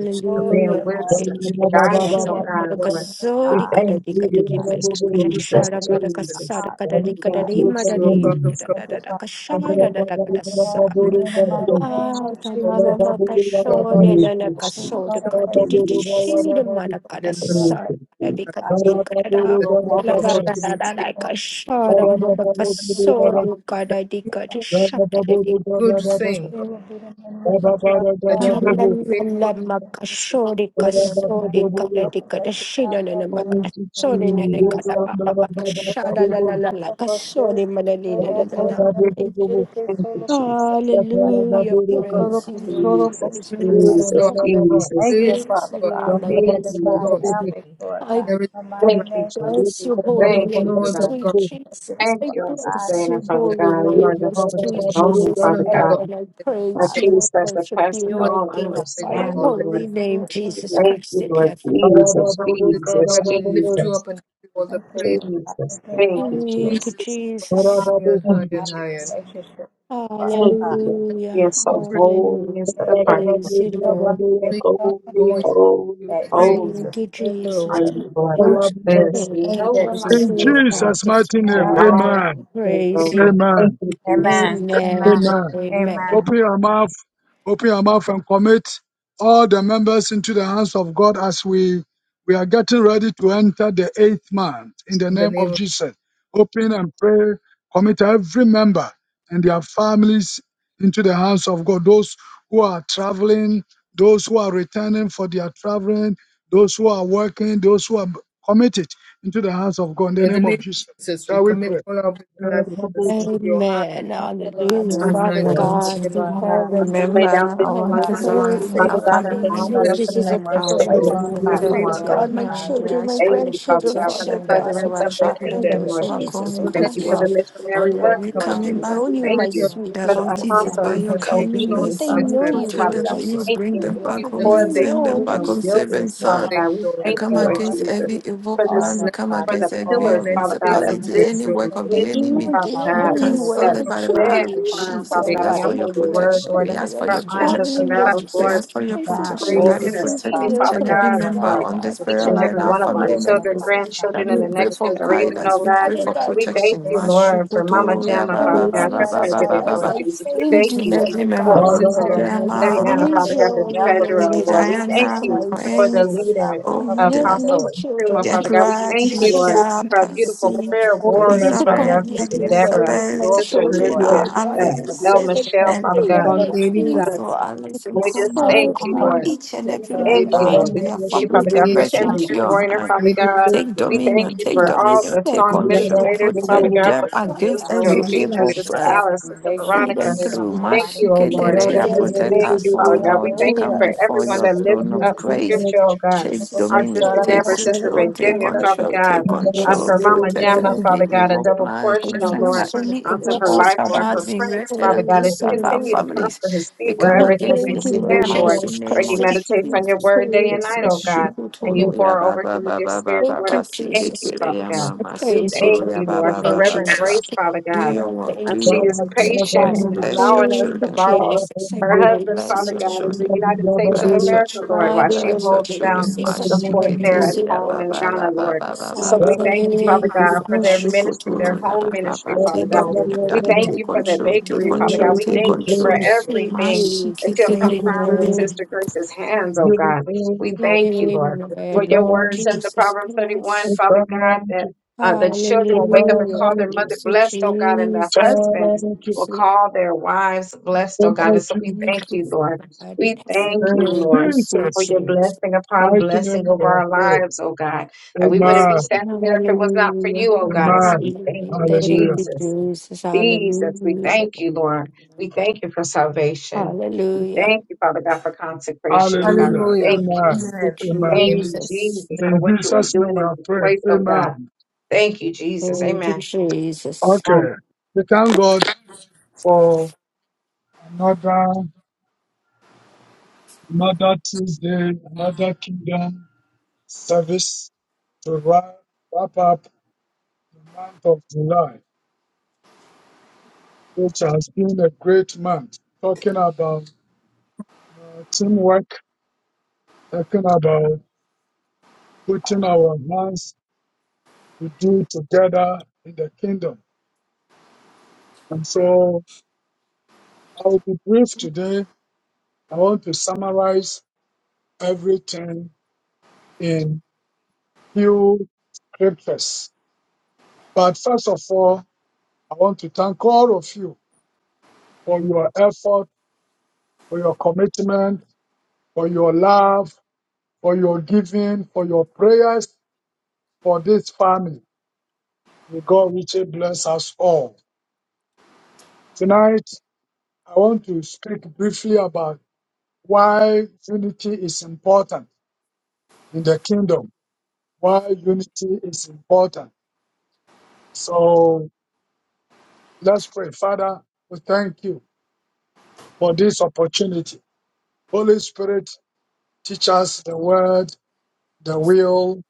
Speaker 1: generations.
Speaker 3: for
Speaker 2: Hallelujah, Lord.
Speaker 3: wisdom,
Speaker 4: Praise
Speaker 1: You are
Speaker 4: you,
Speaker 1: great
Speaker 3: guidance,
Speaker 1: and
Speaker 2: Thank
Speaker 3: oh
Speaker 2: you
Speaker 4: Shara
Speaker 2: for
Speaker 3: God, Lord.
Speaker 1: wonderful
Speaker 2: opening your
Speaker 3: We
Speaker 4: Marakasori
Speaker 1: God.
Speaker 2: eyes,
Speaker 3: thank you,
Speaker 1: You
Speaker 2: thank
Speaker 3: Jesus,
Speaker 4: Karadikadiman.
Speaker 1: are so much
Speaker 3: Jesus,
Speaker 1: in
Speaker 4: Shara
Speaker 2: you for
Speaker 1: our
Speaker 2: opening your
Speaker 1: lives
Speaker 3: Jesus.
Speaker 4: Marakasara
Speaker 2: eyes, Lord
Speaker 1: and
Speaker 3: Thank
Speaker 2: God.
Speaker 4: Karadikadari
Speaker 3: you,
Speaker 1: you are God
Speaker 4: Madarin.
Speaker 3: Jesus.
Speaker 1: of
Speaker 2: Thank
Speaker 1: compassion.
Speaker 2: you, Father God,
Speaker 3: Thank you,
Speaker 2: that this is
Speaker 4: Shara
Speaker 2: Lord,
Speaker 1: We thank
Speaker 2: in the
Speaker 1: you, Lord,
Speaker 2: mighty
Speaker 3: Thank
Speaker 1: for
Speaker 3: you,
Speaker 2: name
Speaker 4: Ah,
Speaker 2: of
Speaker 4: the
Speaker 1: all
Speaker 6: Thank
Speaker 4: mama
Speaker 2: Jesus.
Speaker 4: maka
Speaker 1: you have
Speaker 3: thank
Speaker 4: shone
Speaker 2: Elevation
Speaker 3: you,
Speaker 4: lele
Speaker 2: will pull for
Speaker 4: kasore
Speaker 2: a
Speaker 1: done
Speaker 3: Jesus.
Speaker 4: kadu
Speaker 2: person,
Speaker 4: titi
Speaker 3: Praise
Speaker 1: for us
Speaker 4: shiri mara
Speaker 1: and
Speaker 4: kada
Speaker 1: in
Speaker 3: the
Speaker 1: the
Speaker 3: name
Speaker 4: sar
Speaker 3: of the Lord.
Speaker 4: kadi
Speaker 1: past,
Speaker 4: kadi kada da
Speaker 1: that
Speaker 2: will
Speaker 1: you
Speaker 2: walk
Speaker 4: la
Speaker 1: are
Speaker 2: in
Speaker 4: la
Speaker 1: going
Speaker 4: la
Speaker 1: to be
Speaker 4: la la la
Speaker 1: faithful to
Speaker 4: kashara
Speaker 1: us,
Speaker 4: mama
Speaker 1: Lord.
Speaker 2: the
Speaker 4: kasore
Speaker 1: That
Speaker 4: kada di
Speaker 1: you
Speaker 4: kadi
Speaker 1: do
Speaker 4: shara di
Speaker 1: good
Speaker 4: so
Speaker 1: thing,
Speaker 2: Thank
Speaker 1: that you
Speaker 4: ah
Speaker 1: will be
Speaker 4: la la la
Speaker 1: faithful
Speaker 4: maka shore kasore kada di kada shina na na maka
Speaker 3: Thank you,
Speaker 4: sore na na
Speaker 3: Jesus.
Speaker 4: kada papa maka shara la la la la kasore mana ni na na na
Speaker 3: Thank you, Jesus.
Speaker 4: Hallelujah.
Speaker 3: Thank you,
Speaker 4: Praise you, Lord
Speaker 3: Jesus.
Speaker 4: Jesus
Speaker 1: to praises
Speaker 4: Christ in
Speaker 1: to our
Speaker 3: Jesus,
Speaker 4: heaven.
Speaker 3: Jesus,
Speaker 2: you,
Speaker 1: praise
Speaker 4: Praise you,
Speaker 2: Father
Speaker 1: to our
Speaker 2: God.
Speaker 4: Lord. I
Speaker 2: We thank
Speaker 1: praise
Speaker 2: you
Speaker 4: bless you.
Speaker 2: for our
Speaker 1: to our
Speaker 3: Jesus.
Speaker 2: family,
Speaker 1: King.
Speaker 2: Lord God.
Speaker 4: I
Speaker 1: There is
Speaker 2: In the
Speaker 1: none
Speaker 3: Thank
Speaker 1: like
Speaker 2: mighty
Speaker 3: you,
Speaker 2: name of
Speaker 4: bless
Speaker 3: Jesus.
Speaker 4: your
Speaker 2: Jesus.
Speaker 4: holy
Speaker 3: Thank you,
Speaker 1: no
Speaker 4: name,
Speaker 1: other
Speaker 3: provider.
Speaker 1: God
Speaker 4: sweet
Speaker 2: Thank you
Speaker 4: Jesus.
Speaker 3: Thank
Speaker 4: I
Speaker 2: for our
Speaker 3: you, our
Speaker 2: lives.
Speaker 4: bless
Speaker 3: sustainer,
Speaker 4: your
Speaker 3: Father
Speaker 1: that
Speaker 4: holy
Speaker 3: God. You
Speaker 4: name,
Speaker 3: are
Speaker 1: you
Speaker 3: Jehovah
Speaker 4: sweet
Speaker 3: Shalom,
Speaker 1: are.
Speaker 4: Jesus
Speaker 1: All
Speaker 3: Father
Speaker 4: in
Speaker 1: other
Speaker 3: God.
Speaker 1: gods
Speaker 4: heaven. I
Speaker 1: that
Speaker 3: My
Speaker 4: praise
Speaker 1: you are.
Speaker 4: you, I
Speaker 3: peace that
Speaker 4: worship
Speaker 3: surpasses
Speaker 4: you,
Speaker 1: You are
Speaker 4: and I
Speaker 3: all
Speaker 4: glorify
Speaker 1: the
Speaker 4: your
Speaker 3: understanding,
Speaker 1: God. There
Speaker 3: Lord.
Speaker 4: holy
Speaker 1: is
Speaker 4: name,
Speaker 1: no
Speaker 4: Jesus
Speaker 1: like
Speaker 3: Thank
Speaker 4: Christ
Speaker 3: you,
Speaker 4: in
Speaker 3: Lord.
Speaker 4: heaven.
Speaker 1: you.
Speaker 3: Jesus,
Speaker 1: This is
Speaker 3: Jesus,
Speaker 1: why we
Speaker 6: you.
Speaker 1: lift you
Speaker 3: Jesus,
Speaker 1: up and give you all the
Speaker 2: Thank you,
Speaker 1: praise.
Speaker 2: Lord God. We
Speaker 3: Jesus.
Speaker 2: thank you,
Speaker 3: Thank you,
Speaker 2: Lord
Speaker 1: We
Speaker 4: Thank
Speaker 1: lift
Speaker 4: you,
Speaker 3: Jesus.
Speaker 1: you up
Speaker 4: Jesus.
Speaker 1: high
Speaker 6: Barababu,
Speaker 1: and
Speaker 3: Thank
Speaker 1: high
Speaker 3: you,
Speaker 2: God.
Speaker 1: and high
Speaker 3: Jesus.
Speaker 1: and
Speaker 2: Thank you, Father
Speaker 3: Thank
Speaker 2: God.
Speaker 3: you, Lord.
Speaker 1: high.
Speaker 3: You're
Speaker 4: Hallelujah.
Speaker 2: That
Speaker 1: we
Speaker 3: so
Speaker 1: praise
Speaker 3: holy
Speaker 4: Hallelujah.
Speaker 3: and set
Speaker 2: every
Speaker 3: apart.
Speaker 4: Praise
Speaker 6: barababu,
Speaker 4: you,
Speaker 2: shall
Speaker 4: Lord.
Speaker 2: bow,
Speaker 6: barababu,
Speaker 2: every
Speaker 1: we
Speaker 2: tongue
Speaker 3: Holy,
Speaker 1: adore you.
Speaker 2: confess
Speaker 1: You
Speaker 3: holy,
Speaker 2: that
Speaker 4: Thank
Speaker 1: praise.
Speaker 3: holy
Speaker 2: Jesus
Speaker 4: you,
Speaker 2: is the
Speaker 4: Jesus.
Speaker 3: are
Speaker 2: Lord.
Speaker 3: you, Lord.
Speaker 2: God.
Speaker 1: Worship.
Speaker 6: barababu.
Speaker 3: There's
Speaker 4: Thank
Speaker 2: Thank
Speaker 3: no
Speaker 4: you, my
Speaker 2: you,
Speaker 3: one like
Speaker 2: Jesus.
Speaker 6: In
Speaker 4: sweet
Speaker 3: you, oh God.
Speaker 6: Jesus'
Speaker 4: Father,
Speaker 6: mighty name,
Speaker 3: And
Speaker 2: Hallelujah.
Speaker 3: all
Speaker 4: Father.
Speaker 6: amen,
Speaker 3: the earth, oh
Speaker 4: Praise you.
Speaker 1: Amen.
Speaker 3: God. Thank
Speaker 6: amen,
Speaker 3: you, Jesus.
Speaker 2: Amen.
Speaker 4: Amen.
Speaker 1: Amen.
Speaker 2: Amen.
Speaker 6: amen.
Speaker 4: Amen.
Speaker 2: Amen.
Speaker 6: Open your mouth, open your mouth and commit all the members into the hands of God as we we are getting ready to enter the eighth month in the
Speaker 1: In the
Speaker 6: name
Speaker 1: name
Speaker 6: of
Speaker 1: of
Speaker 6: Jesus. Open and pray, commit every member and their families into the hands of God. Those who are traveling, those who are returning for their traveling, those who are working, those who are committed into the hands of God in the
Speaker 1: in the
Speaker 6: name of
Speaker 1: name of
Speaker 6: Jesus.
Speaker 1: Jesus, we
Speaker 6: Shall we
Speaker 1: commit
Speaker 6: pray?
Speaker 1: all our vital life and this into your hands.
Speaker 4: Amen.
Speaker 1: The
Speaker 4: Hallelujah.
Speaker 7: So
Speaker 3: Yes,
Speaker 1: Most
Speaker 4: Father
Speaker 1: High
Speaker 7: Remember
Speaker 1: God,
Speaker 3: Lord.
Speaker 7: them
Speaker 4: God
Speaker 7: too.
Speaker 4: from
Speaker 3: I
Speaker 4: heaven.
Speaker 3: see
Speaker 7: Remember
Speaker 3: way down this
Speaker 7: our
Speaker 4: I
Speaker 3: life
Speaker 7: loved
Speaker 1: keep them
Speaker 7: ones
Speaker 1: all
Speaker 4: pray
Speaker 3: ministry,
Speaker 7: and
Speaker 4: for
Speaker 1: safe.
Speaker 7: our
Speaker 3: Father
Speaker 4: all
Speaker 3: God, and
Speaker 7: family
Speaker 4: this.
Speaker 3: all
Speaker 1: Keep
Speaker 3: that
Speaker 4: Lord
Speaker 7: members,
Speaker 1: them
Speaker 3: are
Speaker 1: all
Speaker 4: Jesus, I pray
Speaker 3: connected
Speaker 1: safe,
Speaker 7: our
Speaker 4: for
Speaker 1: oh
Speaker 3: to
Speaker 4: my
Speaker 1: Lord.
Speaker 7: children
Speaker 3: this
Speaker 4: family,
Speaker 7: committed
Speaker 4: Father
Speaker 1: Favor
Speaker 3: platform,
Speaker 7: into
Speaker 1: them.
Speaker 7: your
Speaker 3: Lord.
Speaker 4: God, my
Speaker 7: hand. We
Speaker 4: children,
Speaker 1: Favor
Speaker 4: my
Speaker 7: ask for
Speaker 3: Thank
Speaker 7: your
Speaker 1: them.
Speaker 3: you, Father
Speaker 4: grandchildren,
Speaker 3: God, for
Speaker 1: Protect
Speaker 3: the
Speaker 4: Father
Speaker 7: protection.
Speaker 1: them.
Speaker 4: God.
Speaker 7: Those who
Speaker 4: I
Speaker 3: furtherance
Speaker 7: are
Speaker 1: All
Speaker 3: of the
Speaker 1: their
Speaker 7: traveling,
Speaker 3: kingdom,
Speaker 1: endeavors.
Speaker 7: those who
Speaker 3: Lord
Speaker 7: are
Speaker 3: Jesus.
Speaker 4: Jesus
Speaker 3: We
Speaker 7: going,
Speaker 3: thank
Speaker 1: Protect
Speaker 7: those
Speaker 3: you
Speaker 7: who
Speaker 3: for the
Speaker 7: are
Speaker 4: Christ,
Speaker 1: us out
Speaker 7: on
Speaker 3: missionary
Speaker 7: their
Speaker 1: that
Speaker 3: work,
Speaker 7: way
Speaker 1: come
Speaker 3: Lord
Speaker 4: to
Speaker 1: again.
Speaker 7: coming
Speaker 3: Jesus.
Speaker 7: back.
Speaker 4: know
Speaker 3: We
Speaker 4: you,
Speaker 3: thank
Speaker 1: Send
Speaker 4: my
Speaker 1: your
Speaker 3: you
Speaker 4: sweet,
Speaker 7: That
Speaker 3: for the
Speaker 7: Lord
Speaker 1: ministering
Speaker 4: beautiful
Speaker 7: Jesus,
Speaker 3: apostle
Speaker 4: Father.
Speaker 7: by
Speaker 3: and
Speaker 1: angels
Speaker 7: your
Speaker 1: to
Speaker 3: his
Speaker 1: take
Speaker 7: kind and
Speaker 1: charge
Speaker 4: Don't
Speaker 1: of
Speaker 3: obedience
Speaker 4: they
Speaker 7: mercy,
Speaker 1: their
Speaker 3: unto
Speaker 7: you
Speaker 4: know you,
Speaker 3: you,
Speaker 1: lives, O
Speaker 7: protect
Speaker 3: Father
Speaker 4: Lord
Speaker 7: them
Speaker 1: Lord
Speaker 3: God.
Speaker 7: and
Speaker 3: We
Speaker 7: you
Speaker 1: God.
Speaker 4: Jesus
Speaker 3: thank
Speaker 7: bring
Speaker 3: you
Speaker 7: them
Speaker 1: And
Speaker 4: Christ?
Speaker 7: back
Speaker 1: keep
Speaker 4: That
Speaker 7: home
Speaker 1: them
Speaker 4: they
Speaker 3: for
Speaker 7: and
Speaker 3: the
Speaker 1: safe.
Speaker 7: send
Speaker 4: know
Speaker 7: them
Speaker 4: and
Speaker 1: Keep
Speaker 7: back
Speaker 2: We
Speaker 3: kingdom
Speaker 7: home
Speaker 2: just
Speaker 1: them
Speaker 4: understand,
Speaker 7: safe
Speaker 1: safe
Speaker 7: and
Speaker 3: builders,
Speaker 1: from
Speaker 4: Father
Speaker 1: all
Speaker 3: Father
Speaker 4: God.
Speaker 7: sound.
Speaker 2: want
Speaker 3: God.
Speaker 2: to
Speaker 3: We
Speaker 1: danger, O
Speaker 7: We
Speaker 3: thank
Speaker 7: come
Speaker 3: you,
Speaker 2: tell
Speaker 3: Lord
Speaker 1: God.
Speaker 2: what
Speaker 7: against
Speaker 3: Jesus,
Speaker 7: every
Speaker 2: you
Speaker 7: evil
Speaker 2: to
Speaker 3: for
Speaker 2: all
Speaker 7: plan.
Speaker 3: this,
Speaker 7: We
Speaker 1: Let
Speaker 2: of
Speaker 7: come
Speaker 2: God,
Speaker 1: them
Speaker 3: for
Speaker 2: you
Speaker 3: the
Speaker 7: against
Speaker 1: be
Speaker 7: every
Speaker 2: all
Speaker 1: in
Speaker 3: pillars,
Speaker 2: of us.
Speaker 1: any
Speaker 3: Father God,
Speaker 1: place of
Speaker 3: of
Speaker 7: principality,
Speaker 3: this
Speaker 7: any
Speaker 1: danger, O
Speaker 7: work
Speaker 2: Let's
Speaker 7: of
Speaker 4: that
Speaker 7: the
Speaker 1: Lord.
Speaker 3: ministry,
Speaker 4: You
Speaker 2: sanctify
Speaker 7: enemy.
Speaker 4: are
Speaker 2: the
Speaker 3: Father
Speaker 2: power
Speaker 4: the
Speaker 7: We
Speaker 1: Keep
Speaker 3: God,
Speaker 2: of your
Speaker 4: only
Speaker 1: them
Speaker 2: will.
Speaker 4: way,
Speaker 7: cancel
Speaker 2: come
Speaker 3: that
Speaker 1: safe
Speaker 2: to
Speaker 7: it
Speaker 4: the
Speaker 1: from
Speaker 7: by the
Speaker 1: all
Speaker 2: us.
Speaker 4: truth,
Speaker 7: blood
Speaker 4: and
Speaker 3: stand
Speaker 7: of
Speaker 2: This
Speaker 4: the
Speaker 2: is
Speaker 1: places
Speaker 2: the
Speaker 1: of
Speaker 4: life,
Speaker 3: firm, Father
Speaker 7: Jesus.
Speaker 2: kingdom
Speaker 4: Father
Speaker 1: danger,
Speaker 7: We
Speaker 3: God,
Speaker 2: of
Speaker 3: on
Speaker 4: God.
Speaker 7: ask
Speaker 1: O
Speaker 3: your
Speaker 7: for
Speaker 4: And
Speaker 7: your
Speaker 2: God.
Speaker 3: holy
Speaker 1: Lord
Speaker 4: that I
Speaker 3: word,
Speaker 7: protection.
Speaker 1: God.
Speaker 3: Lord,
Speaker 4: pray
Speaker 7: We
Speaker 3: in
Speaker 4: for
Speaker 3: the
Speaker 7: ask for
Speaker 3: front
Speaker 4: those
Speaker 7: your
Speaker 1: Keep
Speaker 2: This is
Speaker 1: them
Speaker 3: lines
Speaker 2: the
Speaker 1: on
Speaker 3: of the
Speaker 1: the
Speaker 7: protection.
Speaker 4: traveling,
Speaker 2: will
Speaker 4: Lord
Speaker 3: battle,
Speaker 1: pathway
Speaker 7: We
Speaker 3: Lord
Speaker 4: Jesus
Speaker 7: ask for
Speaker 1: of
Speaker 2: of
Speaker 7: your
Speaker 4: Christ, that
Speaker 2: God.
Speaker 4: they're
Speaker 3: pray
Speaker 7: protection.
Speaker 3: and
Speaker 7: That
Speaker 1: holiness
Speaker 7: you
Speaker 2: Order,
Speaker 1: and
Speaker 4: just
Speaker 2: Lord
Speaker 4: safe
Speaker 7: protect
Speaker 4: in
Speaker 3: intercede,
Speaker 2: God.
Speaker 4: your
Speaker 7: each
Speaker 3: Father
Speaker 7: and
Speaker 1: righteousness
Speaker 7: every
Speaker 3: God,
Speaker 4: hands,
Speaker 1: and
Speaker 2: Lord
Speaker 7: member
Speaker 4: Father
Speaker 3: for
Speaker 2: God,
Speaker 1: safe
Speaker 2: we
Speaker 7: on
Speaker 2: thank
Speaker 7: this
Speaker 4: God.
Speaker 2: you
Speaker 4: And
Speaker 3: each
Speaker 2: for
Speaker 7: prayer
Speaker 2: your
Speaker 3: and
Speaker 1: protection,
Speaker 4: heaven,
Speaker 7: line,
Speaker 3: every
Speaker 7: our
Speaker 3: one
Speaker 4: I
Speaker 1: O
Speaker 2: divine
Speaker 3: of our
Speaker 7: family
Speaker 1: Lord
Speaker 4: praise
Speaker 1: God.
Speaker 2: faithfulness,
Speaker 4: you,
Speaker 3: children,
Speaker 7: members.
Speaker 2: Father
Speaker 4: Lord.
Speaker 2: God.
Speaker 3: grandchildren,
Speaker 7: Daddy,
Speaker 3: and
Speaker 1: Move
Speaker 7: we
Speaker 3: the
Speaker 7: pray
Speaker 1: to
Speaker 2: It
Speaker 3: next
Speaker 7: for
Speaker 2: is
Speaker 1: them,
Speaker 2: full
Speaker 3: generation,
Speaker 2: of
Speaker 4: Lord,
Speaker 3: oh
Speaker 7: guidance.
Speaker 2: good
Speaker 7: We
Speaker 3: God.
Speaker 2: for
Speaker 7: pray
Speaker 1: to
Speaker 4: Father
Speaker 1: them, to
Speaker 2: the
Speaker 7: for
Speaker 1: them.
Speaker 2: past,
Speaker 4: God,
Speaker 3: We
Speaker 2: it
Speaker 3: thank
Speaker 7: protection.
Speaker 3: you,
Speaker 2: is full of
Speaker 3: Lord,
Speaker 2: good
Speaker 3: for
Speaker 2: for the
Speaker 3: Mama
Speaker 7: Mashukotoro ya
Speaker 2: past,
Speaker 3: Gemma,
Speaker 7: ba
Speaker 2: for the
Speaker 3: Father
Speaker 7: ba
Speaker 4: Lord
Speaker 7: ba
Speaker 1: Those
Speaker 3: God,
Speaker 2: past,
Speaker 3: the
Speaker 7: ba
Speaker 1: present
Speaker 2: for the
Speaker 7: ba
Speaker 4: Jesus
Speaker 7: ba
Speaker 1: here
Speaker 7: ba
Speaker 2: past,
Speaker 3: president,
Speaker 1: in the
Speaker 7: ba
Speaker 2: for
Speaker 4: Christ,
Speaker 2: the
Speaker 3: Lord
Speaker 7: ba.
Speaker 4: I
Speaker 2: past.
Speaker 3: Jesus. We
Speaker 1: platform
Speaker 4: thank
Speaker 7: Each
Speaker 3: thank
Speaker 2: Thank
Speaker 4: you,
Speaker 2: you
Speaker 7: and
Speaker 3: you
Speaker 2: for
Speaker 7: every
Speaker 4: Father
Speaker 7: member,
Speaker 3: for
Speaker 4: God,
Speaker 2: everyone that's
Speaker 4: and
Speaker 6: Thank
Speaker 7: Mama
Speaker 2: full of
Speaker 3: Sister
Speaker 4: heaven. I
Speaker 3: Diana,
Speaker 7: Gemma,
Speaker 4: praise
Speaker 3: Father God,
Speaker 4: your
Speaker 3: the
Speaker 4: holy
Speaker 3: treasurer,
Speaker 4: name,
Speaker 7: Lady
Speaker 3: oh
Speaker 1: blessings.
Speaker 4: Lord
Speaker 3: Lord. We
Speaker 4: Jesus
Speaker 3: thank
Speaker 7: Diana,
Speaker 3: you
Speaker 1: We
Speaker 3: for
Speaker 1: pray,
Speaker 4: Christ.
Speaker 3: the
Speaker 1: Lord.
Speaker 7: Prince,
Speaker 3: leader,
Speaker 4: I
Speaker 7: oh,
Speaker 4: live
Speaker 7: De-
Speaker 3: Apostle
Speaker 4: no
Speaker 3: Truma,
Speaker 4: children to
Speaker 3: Father God.
Speaker 4: you,
Speaker 3: We
Speaker 7: Deborah,
Speaker 4: Lord
Speaker 1: We
Speaker 3: thank you,
Speaker 1: pray the
Speaker 4: Jesus.
Speaker 3: Lord,
Speaker 7: Tisha,
Speaker 1: open
Speaker 3: for our
Speaker 1: hands
Speaker 4: Please
Speaker 3: beautiful
Speaker 1: of
Speaker 7: Patsy,
Speaker 3: prayer
Speaker 1: all the
Speaker 4: be
Speaker 3: warriors,
Speaker 4: the
Speaker 1: members
Speaker 3: Father
Speaker 4: God
Speaker 3: God,
Speaker 7: Elizabeth,
Speaker 1: of
Speaker 4: and have
Speaker 3: Sister
Speaker 7: Lady
Speaker 1: the
Speaker 4: your way
Speaker 3: Deborah,
Speaker 4: with
Speaker 7: Elizabeth,
Speaker 4: my
Speaker 7: Lady
Speaker 3: Sister
Speaker 1: and
Speaker 4: children,
Speaker 1: your
Speaker 7: Georgina,
Speaker 4: Lord
Speaker 3: Elizabeth,
Speaker 4: God the
Speaker 1: blessings
Speaker 3: uh,
Speaker 1: will be
Speaker 7: Alice,
Speaker 3: El
Speaker 4: Father,
Speaker 1: on
Speaker 4: that
Speaker 1: God.
Speaker 3: Michelle,
Speaker 7: and
Speaker 3: Father
Speaker 4: they
Speaker 3: God.
Speaker 1: Upon
Speaker 4: know
Speaker 1: Lady
Speaker 4: you,
Speaker 1: Diane,
Speaker 7: also
Speaker 4: Father, to
Speaker 7: Alice and
Speaker 1: Lady
Speaker 3: We
Speaker 1: the
Speaker 3: just
Speaker 7: Koma. We
Speaker 3: thank
Speaker 1: Apostle,
Speaker 4: serve
Speaker 3: you,
Speaker 7: commit
Speaker 1: upon Lady
Speaker 3: Lord.
Speaker 4: you,
Speaker 7: each and
Speaker 4: that
Speaker 3: We
Speaker 7: every
Speaker 4: they
Speaker 1: Deborah,
Speaker 4: can
Speaker 3: thank
Speaker 1: Lady
Speaker 3: you,
Speaker 7: member
Speaker 3: Lord.
Speaker 4: train
Speaker 7: and
Speaker 3: We
Speaker 1: Peace,
Speaker 4: the
Speaker 7: their
Speaker 3: thank you,
Speaker 7: family
Speaker 3: Father God,
Speaker 4: children
Speaker 3: for
Speaker 1: Lady
Speaker 4: to
Speaker 7: members
Speaker 3: every
Speaker 7: into
Speaker 4: know
Speaker 1: Patsy,
Speaker 7: your
Speaker 4: you,
Speaker 3: joiner,
Speaker 7: hand.
Speaker 3: Father
Speaker 4: Father
Speaker 1: Lady
Speaker 4: God,
Speaker 3: God.
Speaker 7: Take
Speaker 1: Elizabeth,
Speaker 3: We
Speaker 1: Lady
Speaker 3: thank
Speaker 7: dominion,
Speaker 3: you
Speaker 7: take
Speaker 3: for
Speaker 1: Georgina,
Speaker 3: all
Speaker 7: dominion,
Speaker 3: the
Speaker 4: serve
Speaker 7: take
Speaker 3: song
Speaker 4: them with
Speaker 7: control,
Speaker 4: that,
Speaker 3: administrators, Father
Speaker 4: Father
Speaker 7: protect
Speaker 3: God,
Speaker 7: them
Speaker 3: for
Speaker 4: God, I
Speaker 7: against
Speaker 3: Sister
Speaker 7: every
Speaker 4: ask
Speaker 1: Lady
Speaker 3: Georgina,
Speaker 7: evil
Speaker 1: Alice.
Speaker 4: that
Speaker 3: Sister
Speaker 7: plan.
Speaker 3: Alice, Sister
Speaker 7: See
Speaker 4: you
Speaker 3: Veronica,
Speaker 2: relationship
Speaker 7: them
Speaker 2: with
Speaker 7: through.
Speaker 2: Him
Speaker 4: speak
Speaker 2: in the
Speaker 3: Thank
Speaker 2: mighty
Speaker 3: you, oh
Speaker 2: name of
Speaker 3: Lord.
Speaker 4: to
Speaker 7: Mashiketelea,
Speaker 3: We
Speaker 2: Jesus.
Speaker 4: them,
Speaker 3: just
Speaker 7: protect
Speaker 3: thank you,
Speaker 7: us, O
Speaker 3: Father God. We
Speaker 7: Lord. We
Speaker 4: to
Speaker 3: thank you
Speaker 4: them,
Speaker 7: come
Speaker 2: Hallelujah.
Speaker 3: for
Speaker 4: Holy
Speaker 7: before
Speaker 3: everyone
Speaker 7: your
Speaker 3: that
Speaker 4: Spirit.
Speaker 3: lifts
Speaker 7: throne
Speaker 4: in
Speaker 3: up
Speaker 7: of
Speaker 4: the name
Speaker 7: grace.
Speaker 3: scripture,
Speaker 4: of
Speaker 3: oh God.
Speaker 7: Take
Speaker 4: Jesus,
Speaker 3: Our
Speaker 4: I
Speaker 2: For
Speaker 7: dominion,
Speaker 3: sister
Speaker 2: the
Speaker 1: Lord,
Speaker 7: take
Speaker 3: Deborah,
Speaker 4: praise
Speaker 2: past,
Speaker 4: you,
Speaker 2: for the
Speaker 3: sister
Speaker 7: control,
Speaker 4: Lord.
Speaker 2: past, for
Speaker 7: take
Speaker 2: the
Speaker 3: Virginia,
Speaker 1: Pray, pray,
Speaker 3: Father
Speaker 2: past.
Speaker 7: control,
Speaker 3: God.
Speaker 7: take
Speaker 3: Uh,
Speaker 4: Jesus.
Speaker 7: control.
Speaker 3: for Mama
Speaker 7: Protect
Speaker 3: Jamma,
Speaker 7: every
Speaker 3: Father
Speaker 1: Lord God, we
Speaker 3: God, a
Speaker 7: evil
Speaker 1: pray.
Speaker 3: double
Speaker 7: plan
Speaker 4: I
Speaker 3: portion, oh
Speaker 1: Lord,
Speaker 7: concerning
Speaker 3: Lord,
Speaker 1: we
Speaker 4: bless
Speaker 7: us.
Speaker 4: you, Lord
Speaker 7: Any
Speaker 3: unto
Speaker 7: evil
Speaker 3: her
Speaker 4: Jesus
Speaker 3: life,
Speaker 7: altar that
Speaker 1: pray
Speaker 3: Lord,
Speaker 7: has
Speaker 3: for
Speaker 4: Christ.
Speaker 7: been
Speaker 3: Prince,
Speaker 7: erected
Speaker 3: Father God,
Speaker 1: for
Speaker 3: as
Speaker 4: Praise
Speaker 1: all
Speaker 7: against
Speaker 3: you
Speaker 1: the
Speaker 7: us,
Speaker 4: you,
Speaker 1: members
Speaker 7: our
Speaker 4: Lord.
Speaker 1: of
Speaker 3: continue
Speaker 1: the
Speaker 3: to
Speaker 1: Lord,
Speaker 3: prosper
Speaker 7: families.
Speaker 3: his feet
Speaker 7: We come
Speaker 4: I
Speaker 3: wherever he may
Speaker 7: against
Speaker 4: thank you,
Speaker 7: it in the
Speaker 4: Lord
Speaker 3: stand, Lord,
Speaker 7: mighty
Speaker 4: Jesus
Speaker 3: for
Speaker 7: name
Speaker 3: he
Speaker 4: Christ.
Speaker 7: of
Speaker 4: Thank you,
Speaker 3: meditates on
Speaker 4: Lord.
Speaker 7: Jesus.
Speaker 3: your word day and
Speaker 4: Praise
Speaker 3: night,
Speaker 4: you.
Speaker 1: the
Speaker 3: oh God, and you
Speaker 7: Shukutoro ya
Speaker 3: pour
Speaker 7: ba
Speaker 3: over
Speaker 7: ba
Speaker 3: him with
Speaker 7: ba
Speaker 3: your
Speaker 7: ba ba
Speaker 3: spirit,
Speaker 4: Thank
Speaker 7: ba
Speaker 3: Lord.
Speaker 7: ba
Speaker 4: you,
Speaker 3: We Thank you,
Speaker 4: Jesus
Speaker 7: siketere
Speaker 3: Father
Speaker 7: ya
Speaker 3: God.
Speaker 4: Christ. I
Speaker 7: mama
Speaker 3: We
Speaker 4: praise you,
Speaker 7: suntoro
Speaker 3: thank
Speaker 4: Lord,
Speaker 7: ya
Speaker 3: you,
Speaker 7: ba
Speaker 3: Lord,
Speaker 7: ba
Speaker 3: for
Speaker 7: ba
Speaker 4: Lord
Speaker 7: ba ba
Speaker 3: Reverend
Speaker 4: Jesus
Speaker 7: ba.
Speaker 3: Grace,
Speaker 4: Christ.
Speaker 3: Father
Speaker 7: Do
Speaker 3: God
Speaker 4: And
Speaker 7: your
Speaker 4: I
Speaker 7: work,
Speaker 3: and
Speaker 7: do
Speaker 4: thank
Speaker 3: she
Speaker 4: you,
Speaker 7: your
Speaker 3: is
Speaker 7: work, do your
Speaker 3: patient
Speaker 7: best.
Speaker 3: in
Speaker 4: Father.
Speaker 7: Bless your
Speaker 3: allowing
Speaker 4: Thank
Speaker 3: us to
Speaker 4: you,
Speaker 7: children,
Speaker 3: borrow
Speaker 4: Jesus. I
Speaker 3: her husband,
Speaker 4: praise
Speaker 7: bless
Speaker 3: Father
Speaker 4: you,
Speaker 7: your
Speaker 3: God,
Speaker 4: Lord.
Speaker 3: in the
Speaker 7: children,
Speaker 3: United States of
Speaker 7: bless your
Speaker 4: In
Speaker 3: America,
Speaker 4: the
Speaker 3: Lord,
Speaker 7: children,
Speaker 3: while
Speaker 4: Mighty
Speaker 3: she
Speaker 4: name
Speaker 7: bless your
Speaker 4: of
Speaker 3: holds
Speaker 7: children.
Speaker 3: down
Speaker 4: Jesus, I
Speaker 3: the fort there
Speaker 4: praise
Speaker 3: at
Speaker 7: Mashiketere
Speaker 4: you,
Speaker 7: ya
Speaker 3: home
Speaker 7: ba
Speaker 4: Lord
Speaker 3: in
Speaker 7: ba
Speaker 3: Ghana,
Speaker 7: ba ba
Speaker 3: Lord.
Speaker 7: ba
Speaker 4: Jesus.
Speaker 7: ba
Speaker 3: And
Speaker 7: ba
Speaker 3: so
Speaker 4: I
Speaker 7: ba
Speaker 3: we
Speaker 7: ba.
Speaker 3: thank you, Father
Speaker 4: thank you,
Speaker 3: God, for their
Speaker 4: Father.
Speaker 3: ministry, their
Speaker 7: Mushukutoro ya
Speaker 3: home
Speaker 7: ba ba
Speaker 3: ministry,
Speaker 7: ba.
Speaker 3: Father
Speaker 7: Take
Speaker 3: God.
Speaker 7: the
Speaker 1: power,
Speaker 7: you know,
Speaker 3: We
Speaker 7: daddy,
Speaker 3: thank
Speaker 7: take
Speaker 3: you for their
Speaker 7: control, take
Speaker 3: bakery, Father
Speaker 4: Hallelujah.
Speaker 3: God.
Speaker 7: control,
Speaker 3: We
Speaker 7: take
Speaker 3: thank you
Speaker 4: Praise
Speaker 3: for
Speaker 4: you,
Speaker 7: control.
Speaker 4: sweet
Speaker 3: everything that you
Speaker 4: Jesus.
Speaker 3: have
Speaker 7: Mashiketere ya
Speaker 1: Lord
Speaker 3: confirmed with
Speaker 4: Amen.
Speaker 7: mama.
Speaker 3: Sister Grace's hands, oh God. We
Speaker 1: God,
Speaker 3: thank you, Lord,
Speaker 1: that your power,
Speaker 3: for
Speaker 4: Amen.
Speaker 3: your
Speaker 4: Lord
Speaker 3: word says the
Speaker 4: Jesus
Speaker 3: Proverbs 31,
Speaker 4: Christ.
Speaker 3: Father God, that
Speaker 6: you.
Speaker 3: uh, the children
Speaker 6: We
Speaker 3: will wake up and
Speaker 4: Hallelujah.
Speaker 3: call
Speaker 6: Thank
Speaker 3: their
Speaker 6: you.
Speaker 3: mother
Speaker 4: Praise you,
Speaker 3: blessed, oh God, and the
Speaker 4: Jesus.
Speaker 3: husbands
Speaker 4: hallelujah!
Speaker 6: Thank you.
Speaker 3: will call their wives blessed, oh
Speaker 6: Thank
Speaker 3: God. And so we
Speaker 6: you.
Speaker 3: thank
Speaker 4: Thank you,
Speaker 3: you, Lord.
Speaker 4: Father God
Speaker 3: We
Speaker 4: in heaven.
Speaker 3: thank
Speaker 6: And
Speaker 3: you,
Speaker 4: Thank
Speaker 3: Lord,
Speaker 4: you, sweet
Speaker 3: for
Speaker 6: Jesus,
Speaker 3: your
Speaker 4: Jesus.
Speaker 3: blessing upon
Speaker 6: I
Speaker 3: blessing
Speaker 6: can
Speaker 3: over our
Speaker 6: prayer.
Speaker 3: lives, oh God. And we wouldn't
Speaker 5: Yes.
Speaker 3: be
Speaker 6: Amen.
Speaker 3: standing here if it was not for
Speaker 4: Hallelujah.
Speaker 3: you, oh God. And so we
Speaker 6: Amen.
Speaker 3: thank
Speaker 4: Hallelujah.
Speaker 3: you,
Speaker 6: Hallelujah.
Speaker 4: Thank you,
Speaker 3: Jesus.
Speaker 4: Jesus.
Speaker 3: Jesus, we
Speaker 4: Hallelujah.
Speaker 3: thank you, Lord. We thank you for salvation. We
Speaker 4: Hallelujah.
Speaker 3: thank you, Father God, for consecration, oh God. We
Speaker 6: Hallelujah.
Speaker 1: Hallelujah.
Speaker 3: thank you.
Speaker 6: Amen.
Speaker 1: Amen.
Speaker 4: Thank
Speaker 6: Amen.
Speaker 3: Thank
Speaker 4: you,
Speaker 1: Amen.
Speaker 3: you,
Speaker 4: Jesus.
Speaker 3: Jesus, for
Speaker 6: In
Speaker 3: what you are
Speaker 6: Jesus' name
Speaker 3: doing
Speaker 6: we
Speaker 3: in
Speaker 6: are
Speaker 3: this
Speaker 6: praying.
Speaker 3: place, oh God.
Speaker 6: Amen.
Speaker 3: Thank you, Jesus.
Speaker 4: Thank you,
Speaker 3: Amen.
Speaker 4: Jesus.
Speaker 6: Okay. We thank God for another, another Tuesday, another kingdom service to wrap, wrap up the month of July, which has been a great month. Talking about Uh, teamwork, talking about putting our hands to do together in the kingdom. And so I'll be brief today. I want to summarize everything in few scriptures. But first of all, I want to thank all of you for your effort, for your commitment, for your love, for your giving, for your prayers for this family. May God richly bless us all. Tonight, I want to speak briefly about why unity is important in the kingdom, why unity is important. So let's pray. Father, we thank you for this opportunity. Holy Spirit, teach us the word, the will,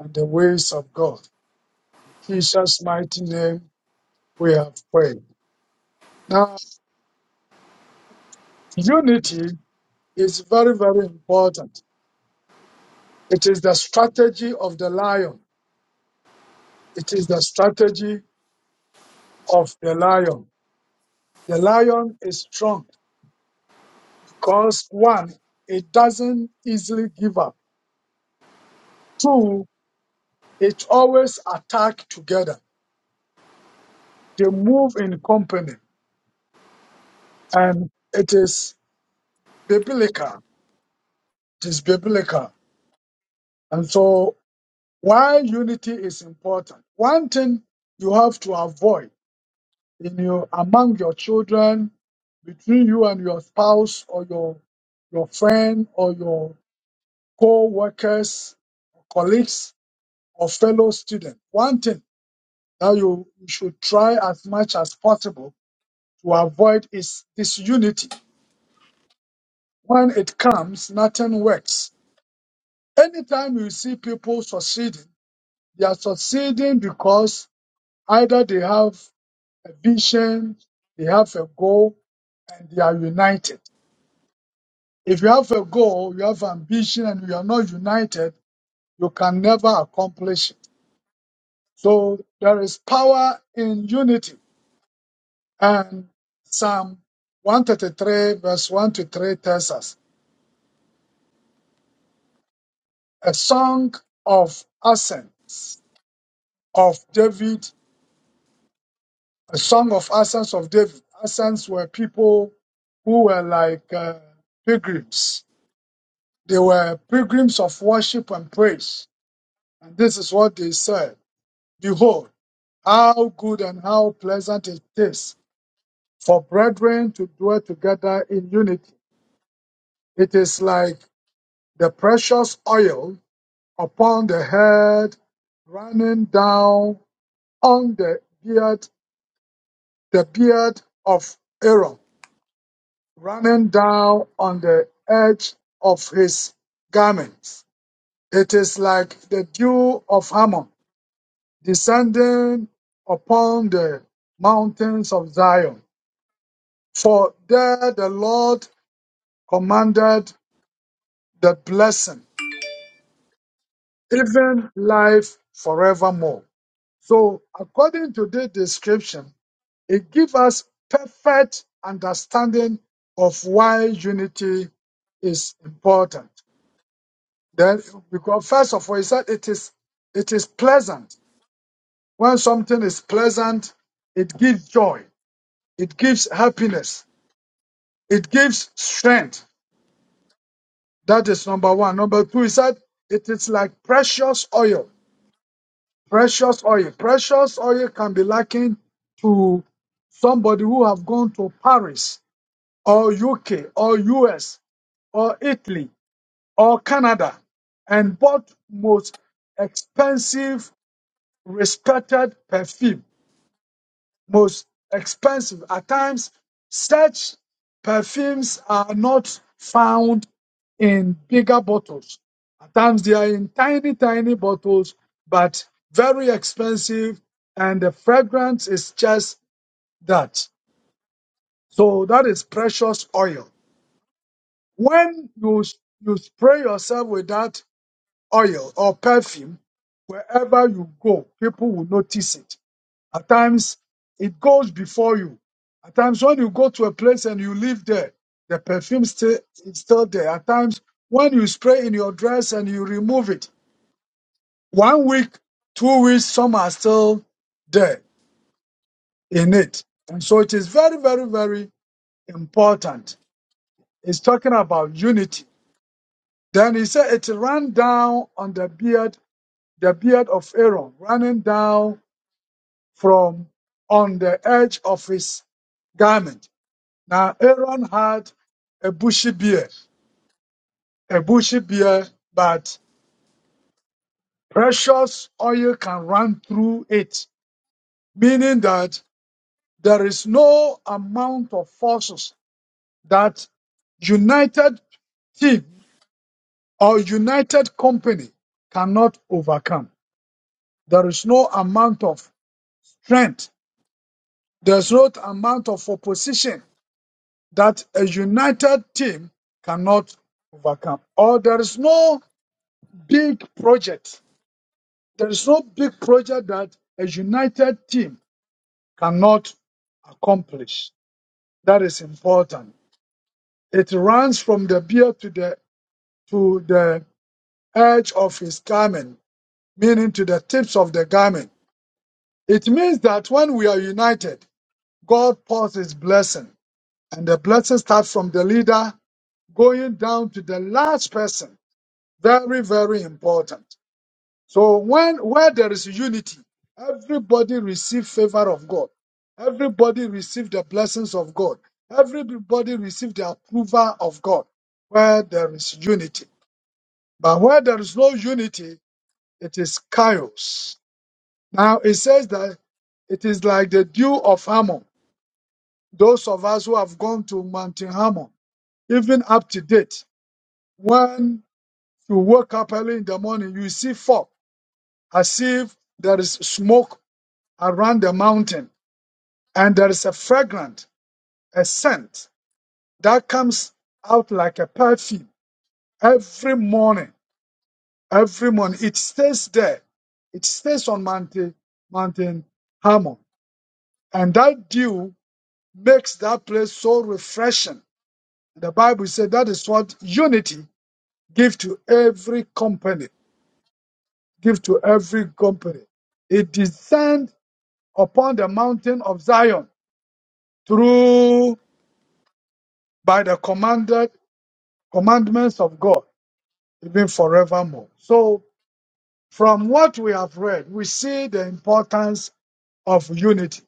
Speaker 6: and the ways of God. In Jesus' mighty name, we have prayed. Now, unity is very, very important. It is the strategy of the lion. It is the strategy of the lion. The lion is strong because one, it doesn't easily give up. Two, it always attack together. They move in company and it is biblical. It is biblical. And so why unity is important. One thing you have to avoid in your among your children, between you and your spouse or your your friend or your co-workers, colleagues or fellow student, one thing that you, you should try as much as possible to avoid is disunity. When it comes, nothing works. Anytime you see people succeeding, they are succeeding because either they have a vision, they have a goal, and they are united. If you have a goal, you have ambition, and you are not united, you can never accomplish it. So there is power in unity. And Psalm 133, verse 1 to 3 tells us a song of ascents of David, a song of ascents of David. Ascents were people who were like uh, pilgrims, they were pilgrims of worship and praise. And this is what they said Behold, how good and how pleasant it is for brethren to dwell together in unity. It is like the precious oil upon the head, running down on the beard, the beard of Aaron, running down on the edge of his garments. It is like the dew of Hammon descending upon the mountains of Zion. For there the Lord commanded the blessing, even life forevermore. So, according to this description, It gives us perfect understanding of why unity is important. Then, because first of all, he said it is it is pleasant. When something is pleasant, it gives joy, it gives happiness, it gives strength. That is number one. Number two, he said it is like precious oil. Precious oil. Precious oil can be likened to somebody who have gone to Paris or UK or US or Italy or Canada and bought most expensive, respected perfume. Most expensive. At times, such perfumes are not found in bigger bottles. At times, they are in tiny, tiny bottles, but very expensive, and the fragrance is just that. So, that is precious oil. When you, you spray yourself with that oil or perfume, wherever you go, people will notice it. At times, it goes before you. At times, when you go to a place and you live there, the perfume still is still there. At times, when you spray in your dress and you remove it, one week, two weeks, some are still there in it. And so it is very, very, very important. It's talking about unity. Then he said it ran down on the beard, the beard of Aaron, running down from on the edge of his garment. Now Aaron had a bushy beard, a bushy beard, but precious oil can run through it, meaning that there is no amount of forces that united team or united company cannot overcome. There is no amount of strength. There's no amount of opposition that a united team cannot overcome. Or there is no big project. There is no big project that a united team cannot accomplish. That is important. It runs from the beard to the to the edge of his garment, meaning to the tips of the garment. It means that when we are united, God pours his blessing. And the blessing starts from the leader going down to the last person Very, very important. So when where there is unity, everybody receive favor of God. Everybody receive the blessings of God. Everybody receive the approval of God. Where there is unity. But where there is no unity, it is chaos. Now it says that it is like the dew of Hammon. Those of us who have gone to Mount Hammon, even up to date, when you wake up early in the morning, you see fog as if there is smoke around the mountain and there is a fragrant, a scent that comes out like a perfume every morning. Every morning, it stays there. It stays on mountain, mountain Hermon, and that dew makes that place so refreshing. The Bible said that is what unity give to every company. Give to every company. It descend upon the mountain of Zion through by the commanded commandments of God, even forevermore. So, from what we have read, we see the importance of unity.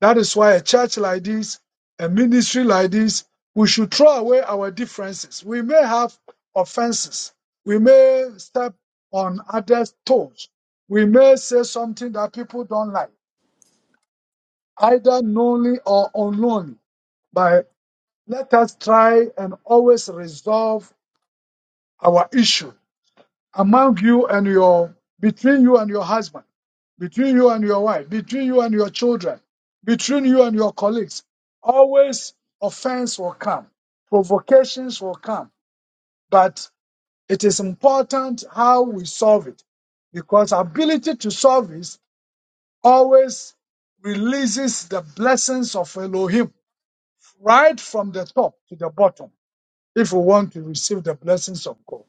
Speaker 6: That is why a church like this, a ministry like this, we should throw away our differences. We may have offenses. We may step on others' toes. We may say something that people don't like, either knowingly or unknowingly. But let us try and always resolve our issue among you and your between you and your husband, between you and your wife, between you and your children, between you and your colleagues. Always offense will come, provocations will come, but it is important how we solve it because ability to solve it always releases the blessings of Elohim right from the top to the bottom if we want to receive the blessings of God.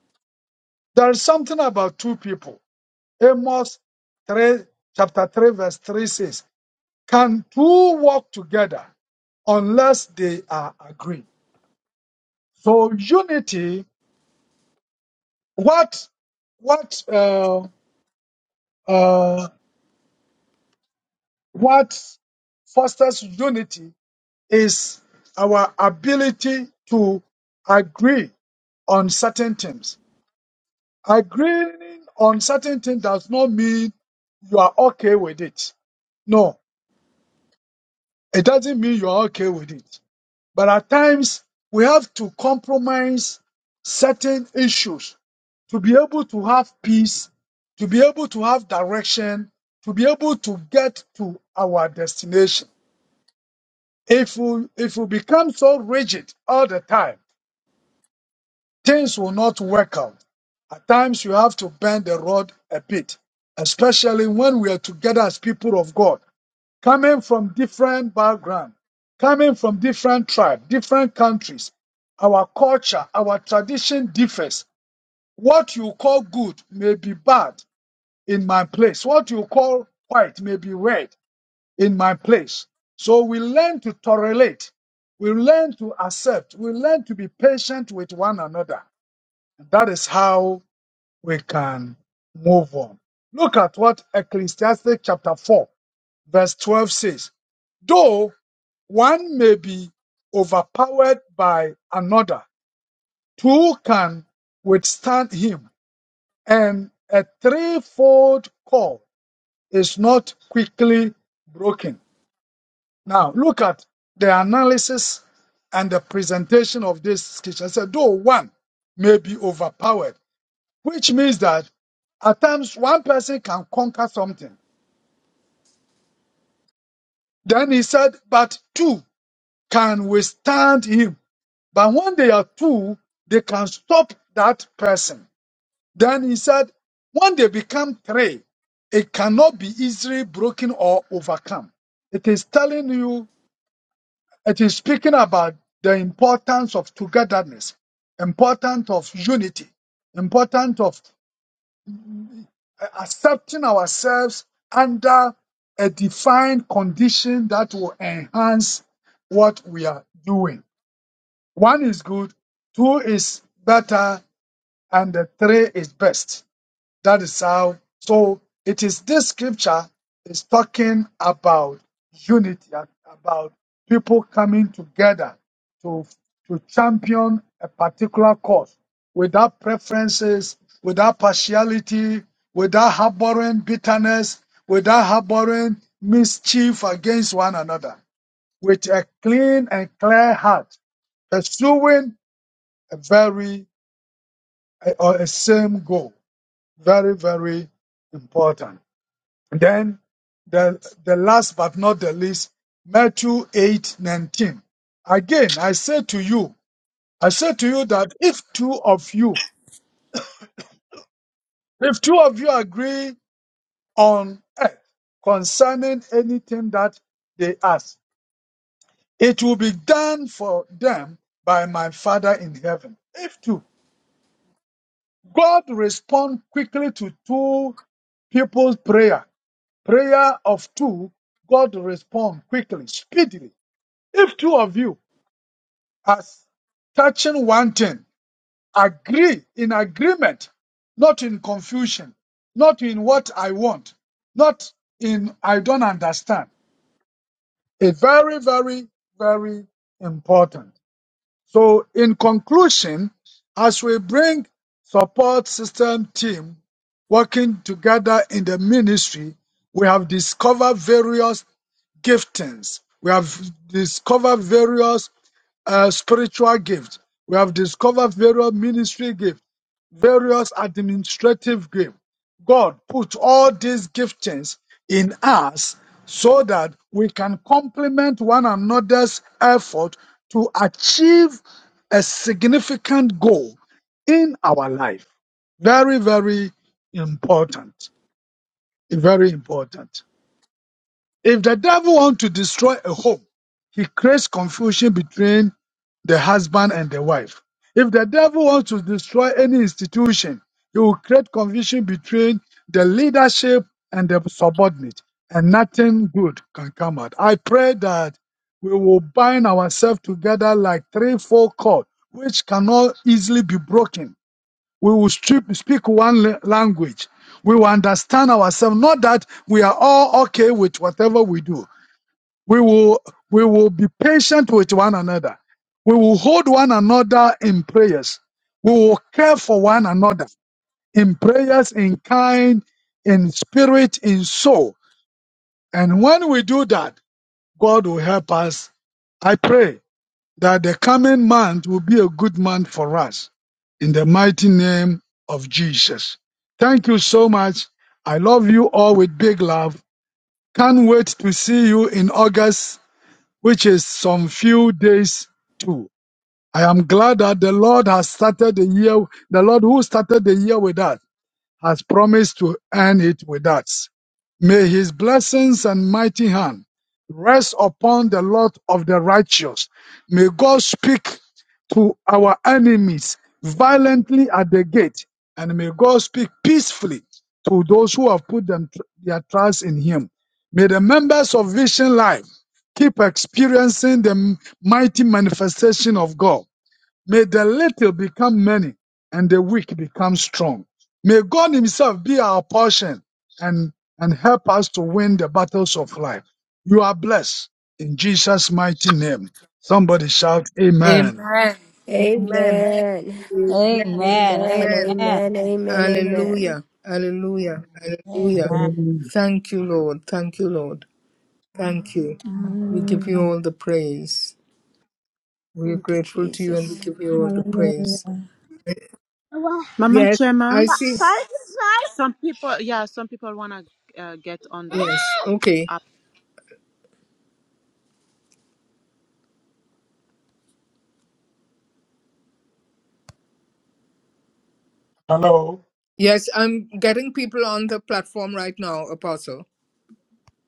Speaker 6: There is something about two people. Amos 3, chapter 3, verse 3 says, Can two walk together unless they are agreed? So unity, what what uh, uh, what fosters unity is our ability to agree on certain things. Agreeing on certain things does not mean you are okay with it. No, it doesn't mean you are okay with it. But at times, we have to compromise certain issues to be able to have peace, to be able to have direction, to be able to get to our destination. If we, if we become so rigid all the time, things will not work out. At times, you have to bend the rod a bit, especially when we are together as people of God coming from different background, coming from different tribe, different countries. Our culture, our tradition differs. What you call good may be bad in my place. What you call white may be red in my place. So we learn to tolerate. We learn to accept. We learn to be patient with one another. That is how we can move on. Look at what Ecclesiastes chapter 4 verse 12 says. Though one may be overpowered by another. Two can withstand him. And a threefold cord is not quickly broken. Now, look at the analysis and the presentation of this scripture. It said, though one may be overpowered, which means that at times one person can conquer something. Then he said, but two can withstand him. But when they are two, they can stop that person. Then he said, when they become three, it cannot be easily broken or overcome. It is telling you, it is speaking about the importance of togetherness, importance of unity, importance of uh, accepting ourselves under a defined condition that will enhance what we are doing. One is good, two is better, and the three is best. That is how. So it is this scripture is talking about unity, a- about people coming together to to champion a particular cause without preferences, without partiality, without harboring bitterness, without harboring mischief against one another, with a clean and clear heart, pursuing a very a- or a same goal. Very, very important. Then the the last but not the least, Matthew eight nineteen. Again, I say to you, I say to you that if two of you, if two of you agree on earth concerning anything that they ask, it will be done for them by my Father in heaven. If two, God respond quickly to two people's prayer Prayer of two, God respond quickly, speedily. If two of you are touching one thing, agree in agreement, not in confusion, not in what I want, not in I don't understand. It's very, very, very important. So in conclusion, as we bring support system team working together in the ministry, we have discovered various giftings. We have discovered various uh, spiritual gifts. We have discovered various ministry gifts, various administrative gifts. God put all these giftings in us so that we can complement one another's effort to achieve a significant goal in our life. Very, very important. Very important. If the devil wants to destroy a home, he creates confusion between the husband and the wife. If the devil wants to destroy any institution, he will create confusion between the leadership and the subordinate, and nothing good can come out. I pray that we will bind ourselves together like three, four cord, which cannot easily be broken we will strip, speak one la- language. We will understand ourselves. Not that we are all okay with whatever we do. We will, we will be patient with one another. We will hold one another in prayers. We will care for one another in prayers, in kind, in spirit, in soul. And when we do that, God will help us. I pray that the coming month will be a good month for us in the mighty name of Jesus. Thank you so much. I love you all with big love. Can't wait to see you in August, which is some few days too. I am glad that the Lord has started the year, the Lord who started the year with us has promised to end it with us. May his blessings and mighty hand rest upon the lot of the righteous. May God speak to our enemies violently at the gate, and may God speak peacefully to those who have put them, their trust in him. May the members of Vision Life keep experiencing the mighty manifestation of God May the little become many and the weak become strong. May God Himself be our portion and, and help us to win the battles of life. You are blessed in Jesus' mighty name. Somebody shout Amen.
Speaker 1: Amen. Amen.
Speaker 4: Amen.
Speaker 1: Amen.
Speaker 2: Amen.
Speaker 4: Amen.
Speaker 1: Amen.
Speaker 2: Amen.
Speaker 4: Amen. Amen. Amen.
Speaker 1: Hallelujah. Hallelujah. Hallelujah. Thank you, Lord. Thank you, Lord. Thank you. We give
Speaker 2: Amen.
Speaker 1: you
Speaker 2: Hallelujah.
Speaker 1: all the praise. We are
Speaker 4: Thank you,
Speaker 1: grateful to you and we
Speaker 4: Jesus.
Speaker 1: give you all the praise.
Speaker 2: Hallelujah.
Speaker 8: Mama
Speaker 1: Yes,
Speaker 8: Chema,
Speaker 1: I see.
Speaker 8: Sorry? some people, yeah, some people wanna uh, get on the app
Speaker 1: Yes. Okay.
Speaker 6: Hello.
Speaker 1: Yes, I'm getting people on the platform right now, Apostle.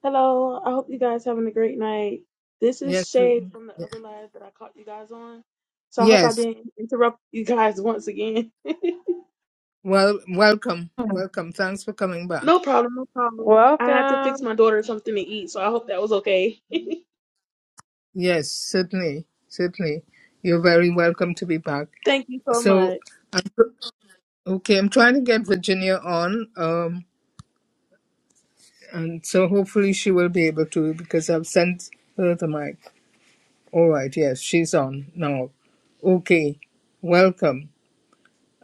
Speaker 9: Hello, I hope you guys having a great night. This
Speaker 1: Yes.
Speaker 9: is
Speaker 1: we-
Speaker 9: Shay from the other live that I caught you guys on. So I hope I
Speaker 1: Yes.
Speaker 9: didn't interrupt you guys once again.
Speaker 1: Well, welcome,
Speaker 3: Mm.
Speaker 1: welcome. Thanks for coming back.
Speaker 9: no problem, no problem. I had to fix
Speaker 3: Welcome.
Speaker 9: my daughter something to eat, so I hope that was okay.
Speaker 1: Yes, certainly, certainly. You're very welcome to be back.
Speaker 9: Thank you so
Speaker 1: So,
Speaker 9: much.
Speaker 1: I'm, okay, I'm trying to get Virginia on, um, and so hopefully she will be able to because I've sent her the mic. All right, yes, she's on now. Okay, welcome.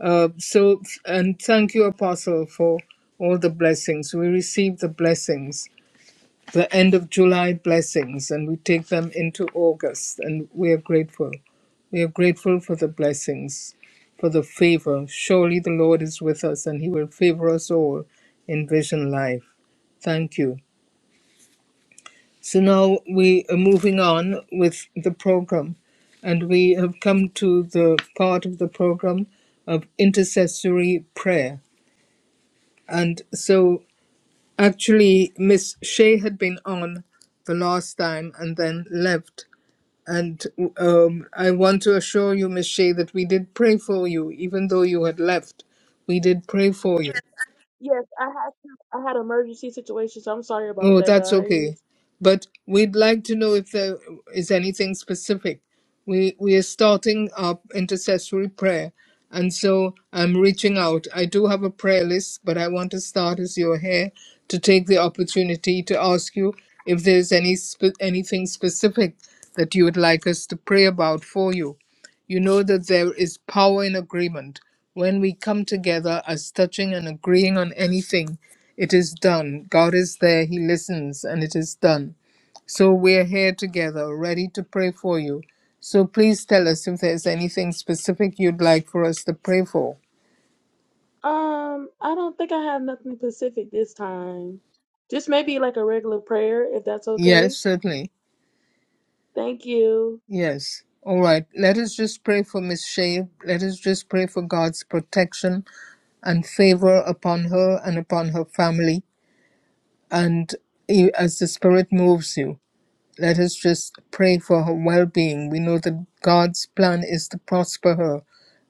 Speaker 1: Uh, so, and thank you, Apostle, for all the blessings. We received the blessings the end of July blessings and we take them into August and we are grateful. We are grateful for the blessings, for the favor. Surely the Lord is with us and he will favor us all in vision life. Thank you. So now we are moving on with the program and we have come to the part of the program of intercessory prayer. And so Actually, Miss Shea had been on the last time and then left. And um, I want to assure you, Miss Shea, that we did pray for you, even though you had left. We did pray for you.
Speaker 9: Yes, I had to, I had an emergency situation, so I'm sorry about
Speaker 1: Oh,
Speaker 9: that,
Speaker 1: that's okay.
Speaker 9: guys.
Speaker 1: But we'd like to know if there is anything specific. We we are starting our intercessory prayer, and so I'm reaching out. I do have a prayer list, but I want to start as you're here to take the opportunity to ask you if there's any spe- anything specific that you would like us to pray about for you. You know that there is power in agreement. When we come together as touching and agreeing on anything, it is done. God is there, He listens, and it is done. So we're here together, ready to pray for you. So please tell us if there's anything specific you'd like for us to pray for.
Speaker 9: Um, I don't think I have nothing specific this time. Just maybe like a regular prayer, if that's
Speaker 1: Yes,
Speaker 9: okay.
Speaker 1: certainly.
Speaker 9: Thank you.
Speaker 1: Yes. All right. Let us just pray for Miss Shea. Let us just pray for God's protection and favor upon her and upon her family. and you, as the Spirit moves you, let us just pray for her well being. We know that God's plan is to prosper her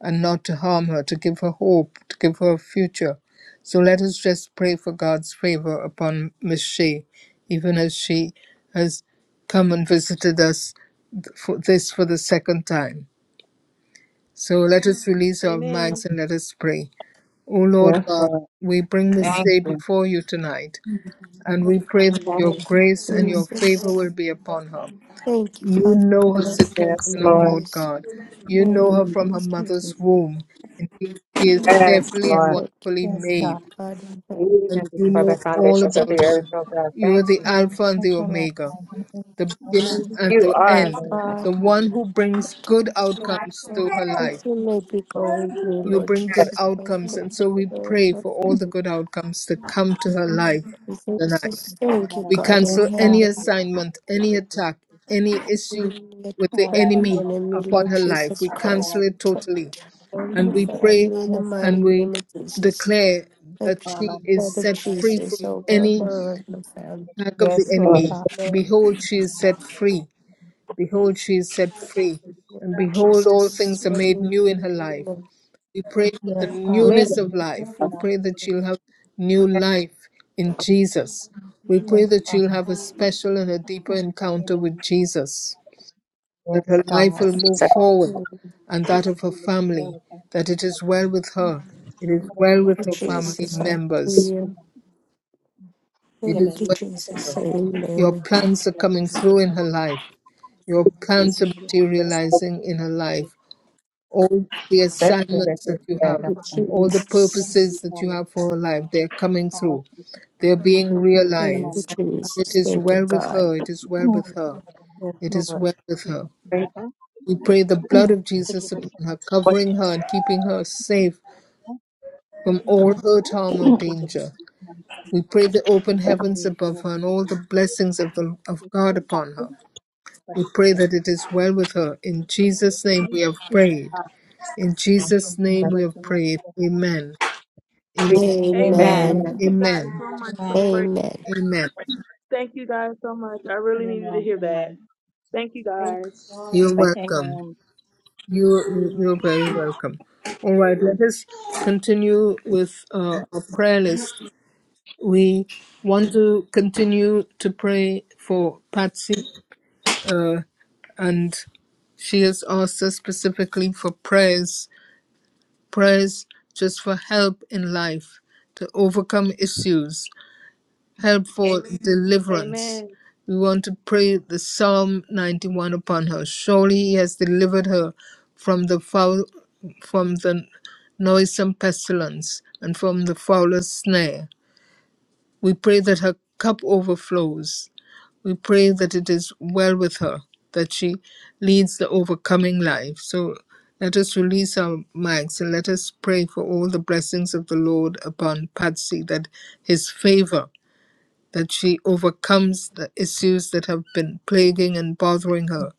Speaker 1: and not to harm her, to give her hope, to give her a future. So let us just pray for God's favor upon Miss Shea, even as she has come and visited us for this for the second time. So let us release our minds
Speaker 9: Amen.
Speaker 1: and let us pray. O Lord
Speaker 3: Yes,
Speaker 1: God,
Speaker 3: Lord.
Speaker 1: we bring Miss
Speaker 3: Thank
Speaker 1: Shea
Speaker 3: you.
Speaker 1: before you tonight and we
Speaker 10: I'm
Speaker 1: pray that
Speaker 3: Thank
Speaker 1: your grace and
Speaker 3: you.
Speaker 1: your favor will
Speaker 4: Jesus.
Speaker 1: be upon her.
Speaker 4: Thank you,
Speaker 1: You
Speaker 4: Father
Speaker 1: know her
Speaker 4: God in
Speaker 1: situation,
Speaker 4: heaven
Speaker 3: Yes,
Speaker 1: O
Speaker 4: and
Speaker 3: Lord.
Speaker 1: Lord
Speaker 4: praise.
Speaker 1: God. You
Speaker 4: Thank
Speaker 1: know her from
Speaker 4: you,
Speaker 1: her
Speaker 4: Jesus.
Speaker 2: Thank you,
Speaker 1: mother's
Speaker 2: Jesus.
Speaker 1: womb. Indeed, she is
Speaker 3: Yes,
Speaker 1: carefully and
Speaker 3: Lord.
Speaker 4: Thank
Speaker 1: wonderfully
Speaker 2: Yes,
Speaker 4: you,
Speaker 2: God.
Speaker 1: made,
Speaker 4: Father God in heaven.
Speaker 3: Even
Speaker 1: and you
Speaker 3: before the
Speaker 1: know all
Speaker 3: foundations of the
Speaker 1: about
Speaker 3: earth,
Speaker 1: her.
Speaker 3: oh God,
Speaker 1: You are
Speaker 3: thank
Speaker 1: the
Speaker 3: you.
Speaker 2: God,
Speaker 1: Alpha and the
Speaker 2: touch our
Speaker 1: Omega,
Speaker 2: life.
Speaker 1: the beginning
Speaker 4: Thank
Speaker 1: and
Speaker 4: you,
Speaker 3: You
Speaker 1: the
Speaker 3: are,
Speaker 4: Father
Speaker 1: end,
Speaker 3: Lord.
Speaker 4: God.
Speaker 1: the one who brings good
Speaker 4: Protect
Speaker 1: outcomes to her
Speaker 4: her.
Speaker 1: life.
Speaker 4: As you may be going through,
Speaker 1: You
Speaker 4: Lord
Speaker 1: bring good
Speaker 4: Jesus Christ,
Speaker 1: outcomes, and so
Speaker 4: protect
Speaker 1: we
Speaker 4: her and
Speaker 1: pray
Speaker 4: her
Speaker 1: for all the
Speaker 4: family.
Speaker 1: good outcomes to come to her
Speaker 4: Thank
Speaker 1: life
Speaker 4: you,
Speaker 1: tonight.
Speaker 4: Jesus. Thank you,
Speaker 1: We
Speaker 4: God in
Speaker 1: cancel
Speaker 2: Yes,
Speaker 1: any
Speaker 2: God.
Speaker 4: heaven.
Speaker 1: assignment, any attack, any issue
Speaker 4: Let
Speaker 1: with the
Speaker 4: family
Speaker 1: enemy
Speaker 4: and enemy,
Speaker 1: upon
Speaker 4: Lord
Speaker 1: her life.
Speaker 4: Jesus
Speaker 1: We cancel it
Speaker 4: Christ.
Speaker 1: totally.
Speaker 4: and
Speaker 1: And
Speaker 4: her
Speaker 1: we pray
Speaker 4: family in the
Speaker 2: Yes, God.
Speaker 1: and
Speaker 4: mighty
Speaker 1: we
Speaker 4: name of Jesus.
Speaker 1: declare
Speaker 4: The
Speaker 1: that she is
Speaker 4: blood of
Speaker 1: set free
Speaker 4: Jesus
Speaker 1: from
Speaker 4: over
Speaker 1: any
Speaker 4: her and her family.
Speaker 1: attack of the
Speaker 2: Yes,
Speaker 4: In
Speaker 2: Lord
Speaker 3: Lord.
Speaker 1: enemy.
Speaker 2: God.
Speaker 4: the name
Speaker 1: Behold, she is set free. Behold, she is set free. And
Speaker 4: of
Speaker 1: behold, all
Speaker 4: Jesus.
Speaker 1: things are made
Speaker 4: Amen.
Speaker 1: new in her life.
Speaker 4: Thank
Speaker 1: We pray for the
Speaker 2: Yes, God.
Speaker 3: Me.
Speaker 1: newness of life.
Speaker 3: I'm
Speaker 1: We pray that you'll have new life in Jesus. We pray
Speaker 2: Yes,
Speaker 1: that
Speaker 2: God.
Speaker 1: you'll have a special and a deeper encounter with Jesus, that
Speaker 2: Yes,
Speaker 1: her life
Speaker 2: God.
Speaker 1: will move
Speaker 3: So
Speaker 1: forward
Speaker 4: you,
Speaker 1: and that of her family, that it is well with her, it is well with her family
Speaker 4: Jesus.
Speaker 1: members,
Speaker 4: Hallelujah.
Speaker 1: it is
Speaker 11: Given,
Speaker 4: Thank you,
Speaker 1: well
Speaker 11: I think the
Speaker 1: with
Speaker 4: Jesus.
Speaker 1: her.
Speaker 11: financial
Speaker 1: Your
Speaker 4: Amen.
Speaker 11: support is
Speaker 1: plans are
Speaker 11: meant to
Speaker 1: coming
Speaker 11: be the
Speaker 1: through in her
Speaker 11: family.
Speaker 1: life, your plans are
Speaker 11: Everybody has good
Speaker 3: that's the
Speaker 11: health,
Speaker 1: materializing
Speaker 11: good
Speaker 1: in her life
Speaker 11: prosperity.
Speaker 1: all the
Speaker 3: best
Speaker 11: We thank
Speaker 3: that
Speaker 1: assignments
Speaker 11: you
Speaker 3: you
Speaker 1: that you
Speaker 11: for
Speaker 1: have,
Speaker 3: said.
Speaker 11: your
Speaker 4: Thank
Speaker 11: work.
Speaker 3: I'm
Speaker 4: you,
Speaker 1: all the
Speaker 11: Many
Speaker 4: Jesus.
Speaker 1: purposes
Speaker 11: people
Speaker 1: that
Speaker 11: on
Speaker 1: you
Speaker 11: this
Speaker 1: have for her life,
Speaker 11: platform.
Speaker 1: they're coming
Speaker 11: all of
Speaker 1: through.
Speaker 11: us
Speaker 1: They're being
Speaker 11: who can come
Speaker 2: Yes,
Speaker 4: Thank
Speaker 11: on
Speaker 4: you,
Speaker 1: realized. And it
Speaker 4: Jesus.
Speaker 1: is
Speaker 4: Thank you,
Speaker 1: well with
Speaker 4: God.
Speaker 1: her. It is well
Speaker 11: and
Speaker 1: with her.
Speaker 2: yes,
Speaker 1: It is
Speaker 2: Lord.
Speaker 1: well with her.
Speaker 3: grateful
Speaker 11: together
Speaker 1: We pray the blood
Speaker 11: to
Speaker 1: of Jesus
Speaker 11: keep us a
Speaker 1: upon her,
Speaker 11: hope
Speaker 1: covering her and keeping her safe from
Speaker 11: keeping
Speaker 1: all
Speaker 11: us
Speaker 1: hurt, harm, or
Speaker 11: keeping
Speaker 1: danger. We pray the
Speaker 11: like I
Speaker 1: open
Speaker 11: said,
Speaker 1: heavens
Speaker 11: community
Speaker 1: above
Speaker 11: will
Speaker 1: her
Speaker 11: be
Speaker 1: and
Speaker 11: the
Speaker 1: all the
Speaker 11: foundation of
Speaker 1: blessings of, the, of
Speaker 11: this
Speaker 1: God upon
Speaker 11: passion
Speaker 1: her.
Speaker 11: for
Speaker 1: We pray
Speaker 11: happiness
Speaker 1: that it is well with her.
Speaker 11: and
Speaker 1: In
Speaker 11: education
Speaker 1: Jesus' name
Speaker 11: yesterday
Speaker 1: we have
Speaker 11: and
Speaker 2: Yes.
Speaker 11: that
Speaker 1: prayed.
Speaker 11: how
Speaker 1: In Jesus' name
Speaker 3: to
Speaker 1: we have
Speaker 11: addressing
Speaker 1: prayed.
Speaker 11: with
Speaker 1: Amen. Am-
Speaker 3: you.
Speaker 11: connection with
Speaker 9: Amen.
Speaker 2: Amen.
Speaker 4: Amen.
Speaker 9: Thank
Speaker 3: Amen.
Speaker 9: you
Speaker 11: good
Speaker 9: guys
Speaker 1: Amen.
Speaker 9: so much for
Speaker 2: Amen.
Speaker 9: the prayer.
Speaker 4: Amen.
Speaker 1: Amen.
Speaker 11: support.
Speaker 9: Thank you guys so much. I really
Speaker 11: And
Speaker 9: needed to
Speaker 11: um
Speaker 9: hear
Speaker 11: and um
Speaker 9: that. Thank you guys.
Speaker 1: You're
Speaker 3: Thank
Speaker 11: and
Speaker 1: welcome.
Speaker 11: um
Speaker 1: you you're very welcome. All right, let us continue with uh, our prayer list. We want to continue to pray for Patsy, uh, and she has asked us specifically for prayers, prayers just for help in life to overcome issues. help for Amen. deliverance.
Speaker 9: Amen.
Speaker 1: We want to pray the Psalm 91 upon her. Surely he has delivered her from the foul, from the noisome pestilence and from the fowler's snare. We pray that her cup overflows. We pray that it is well with her, that she leads the overcoming life. So let us release our minds and let us pray for all the blessings of the Lord upon Patsy, that his favor that she overcomes the issues that have been plaguing and bothering her.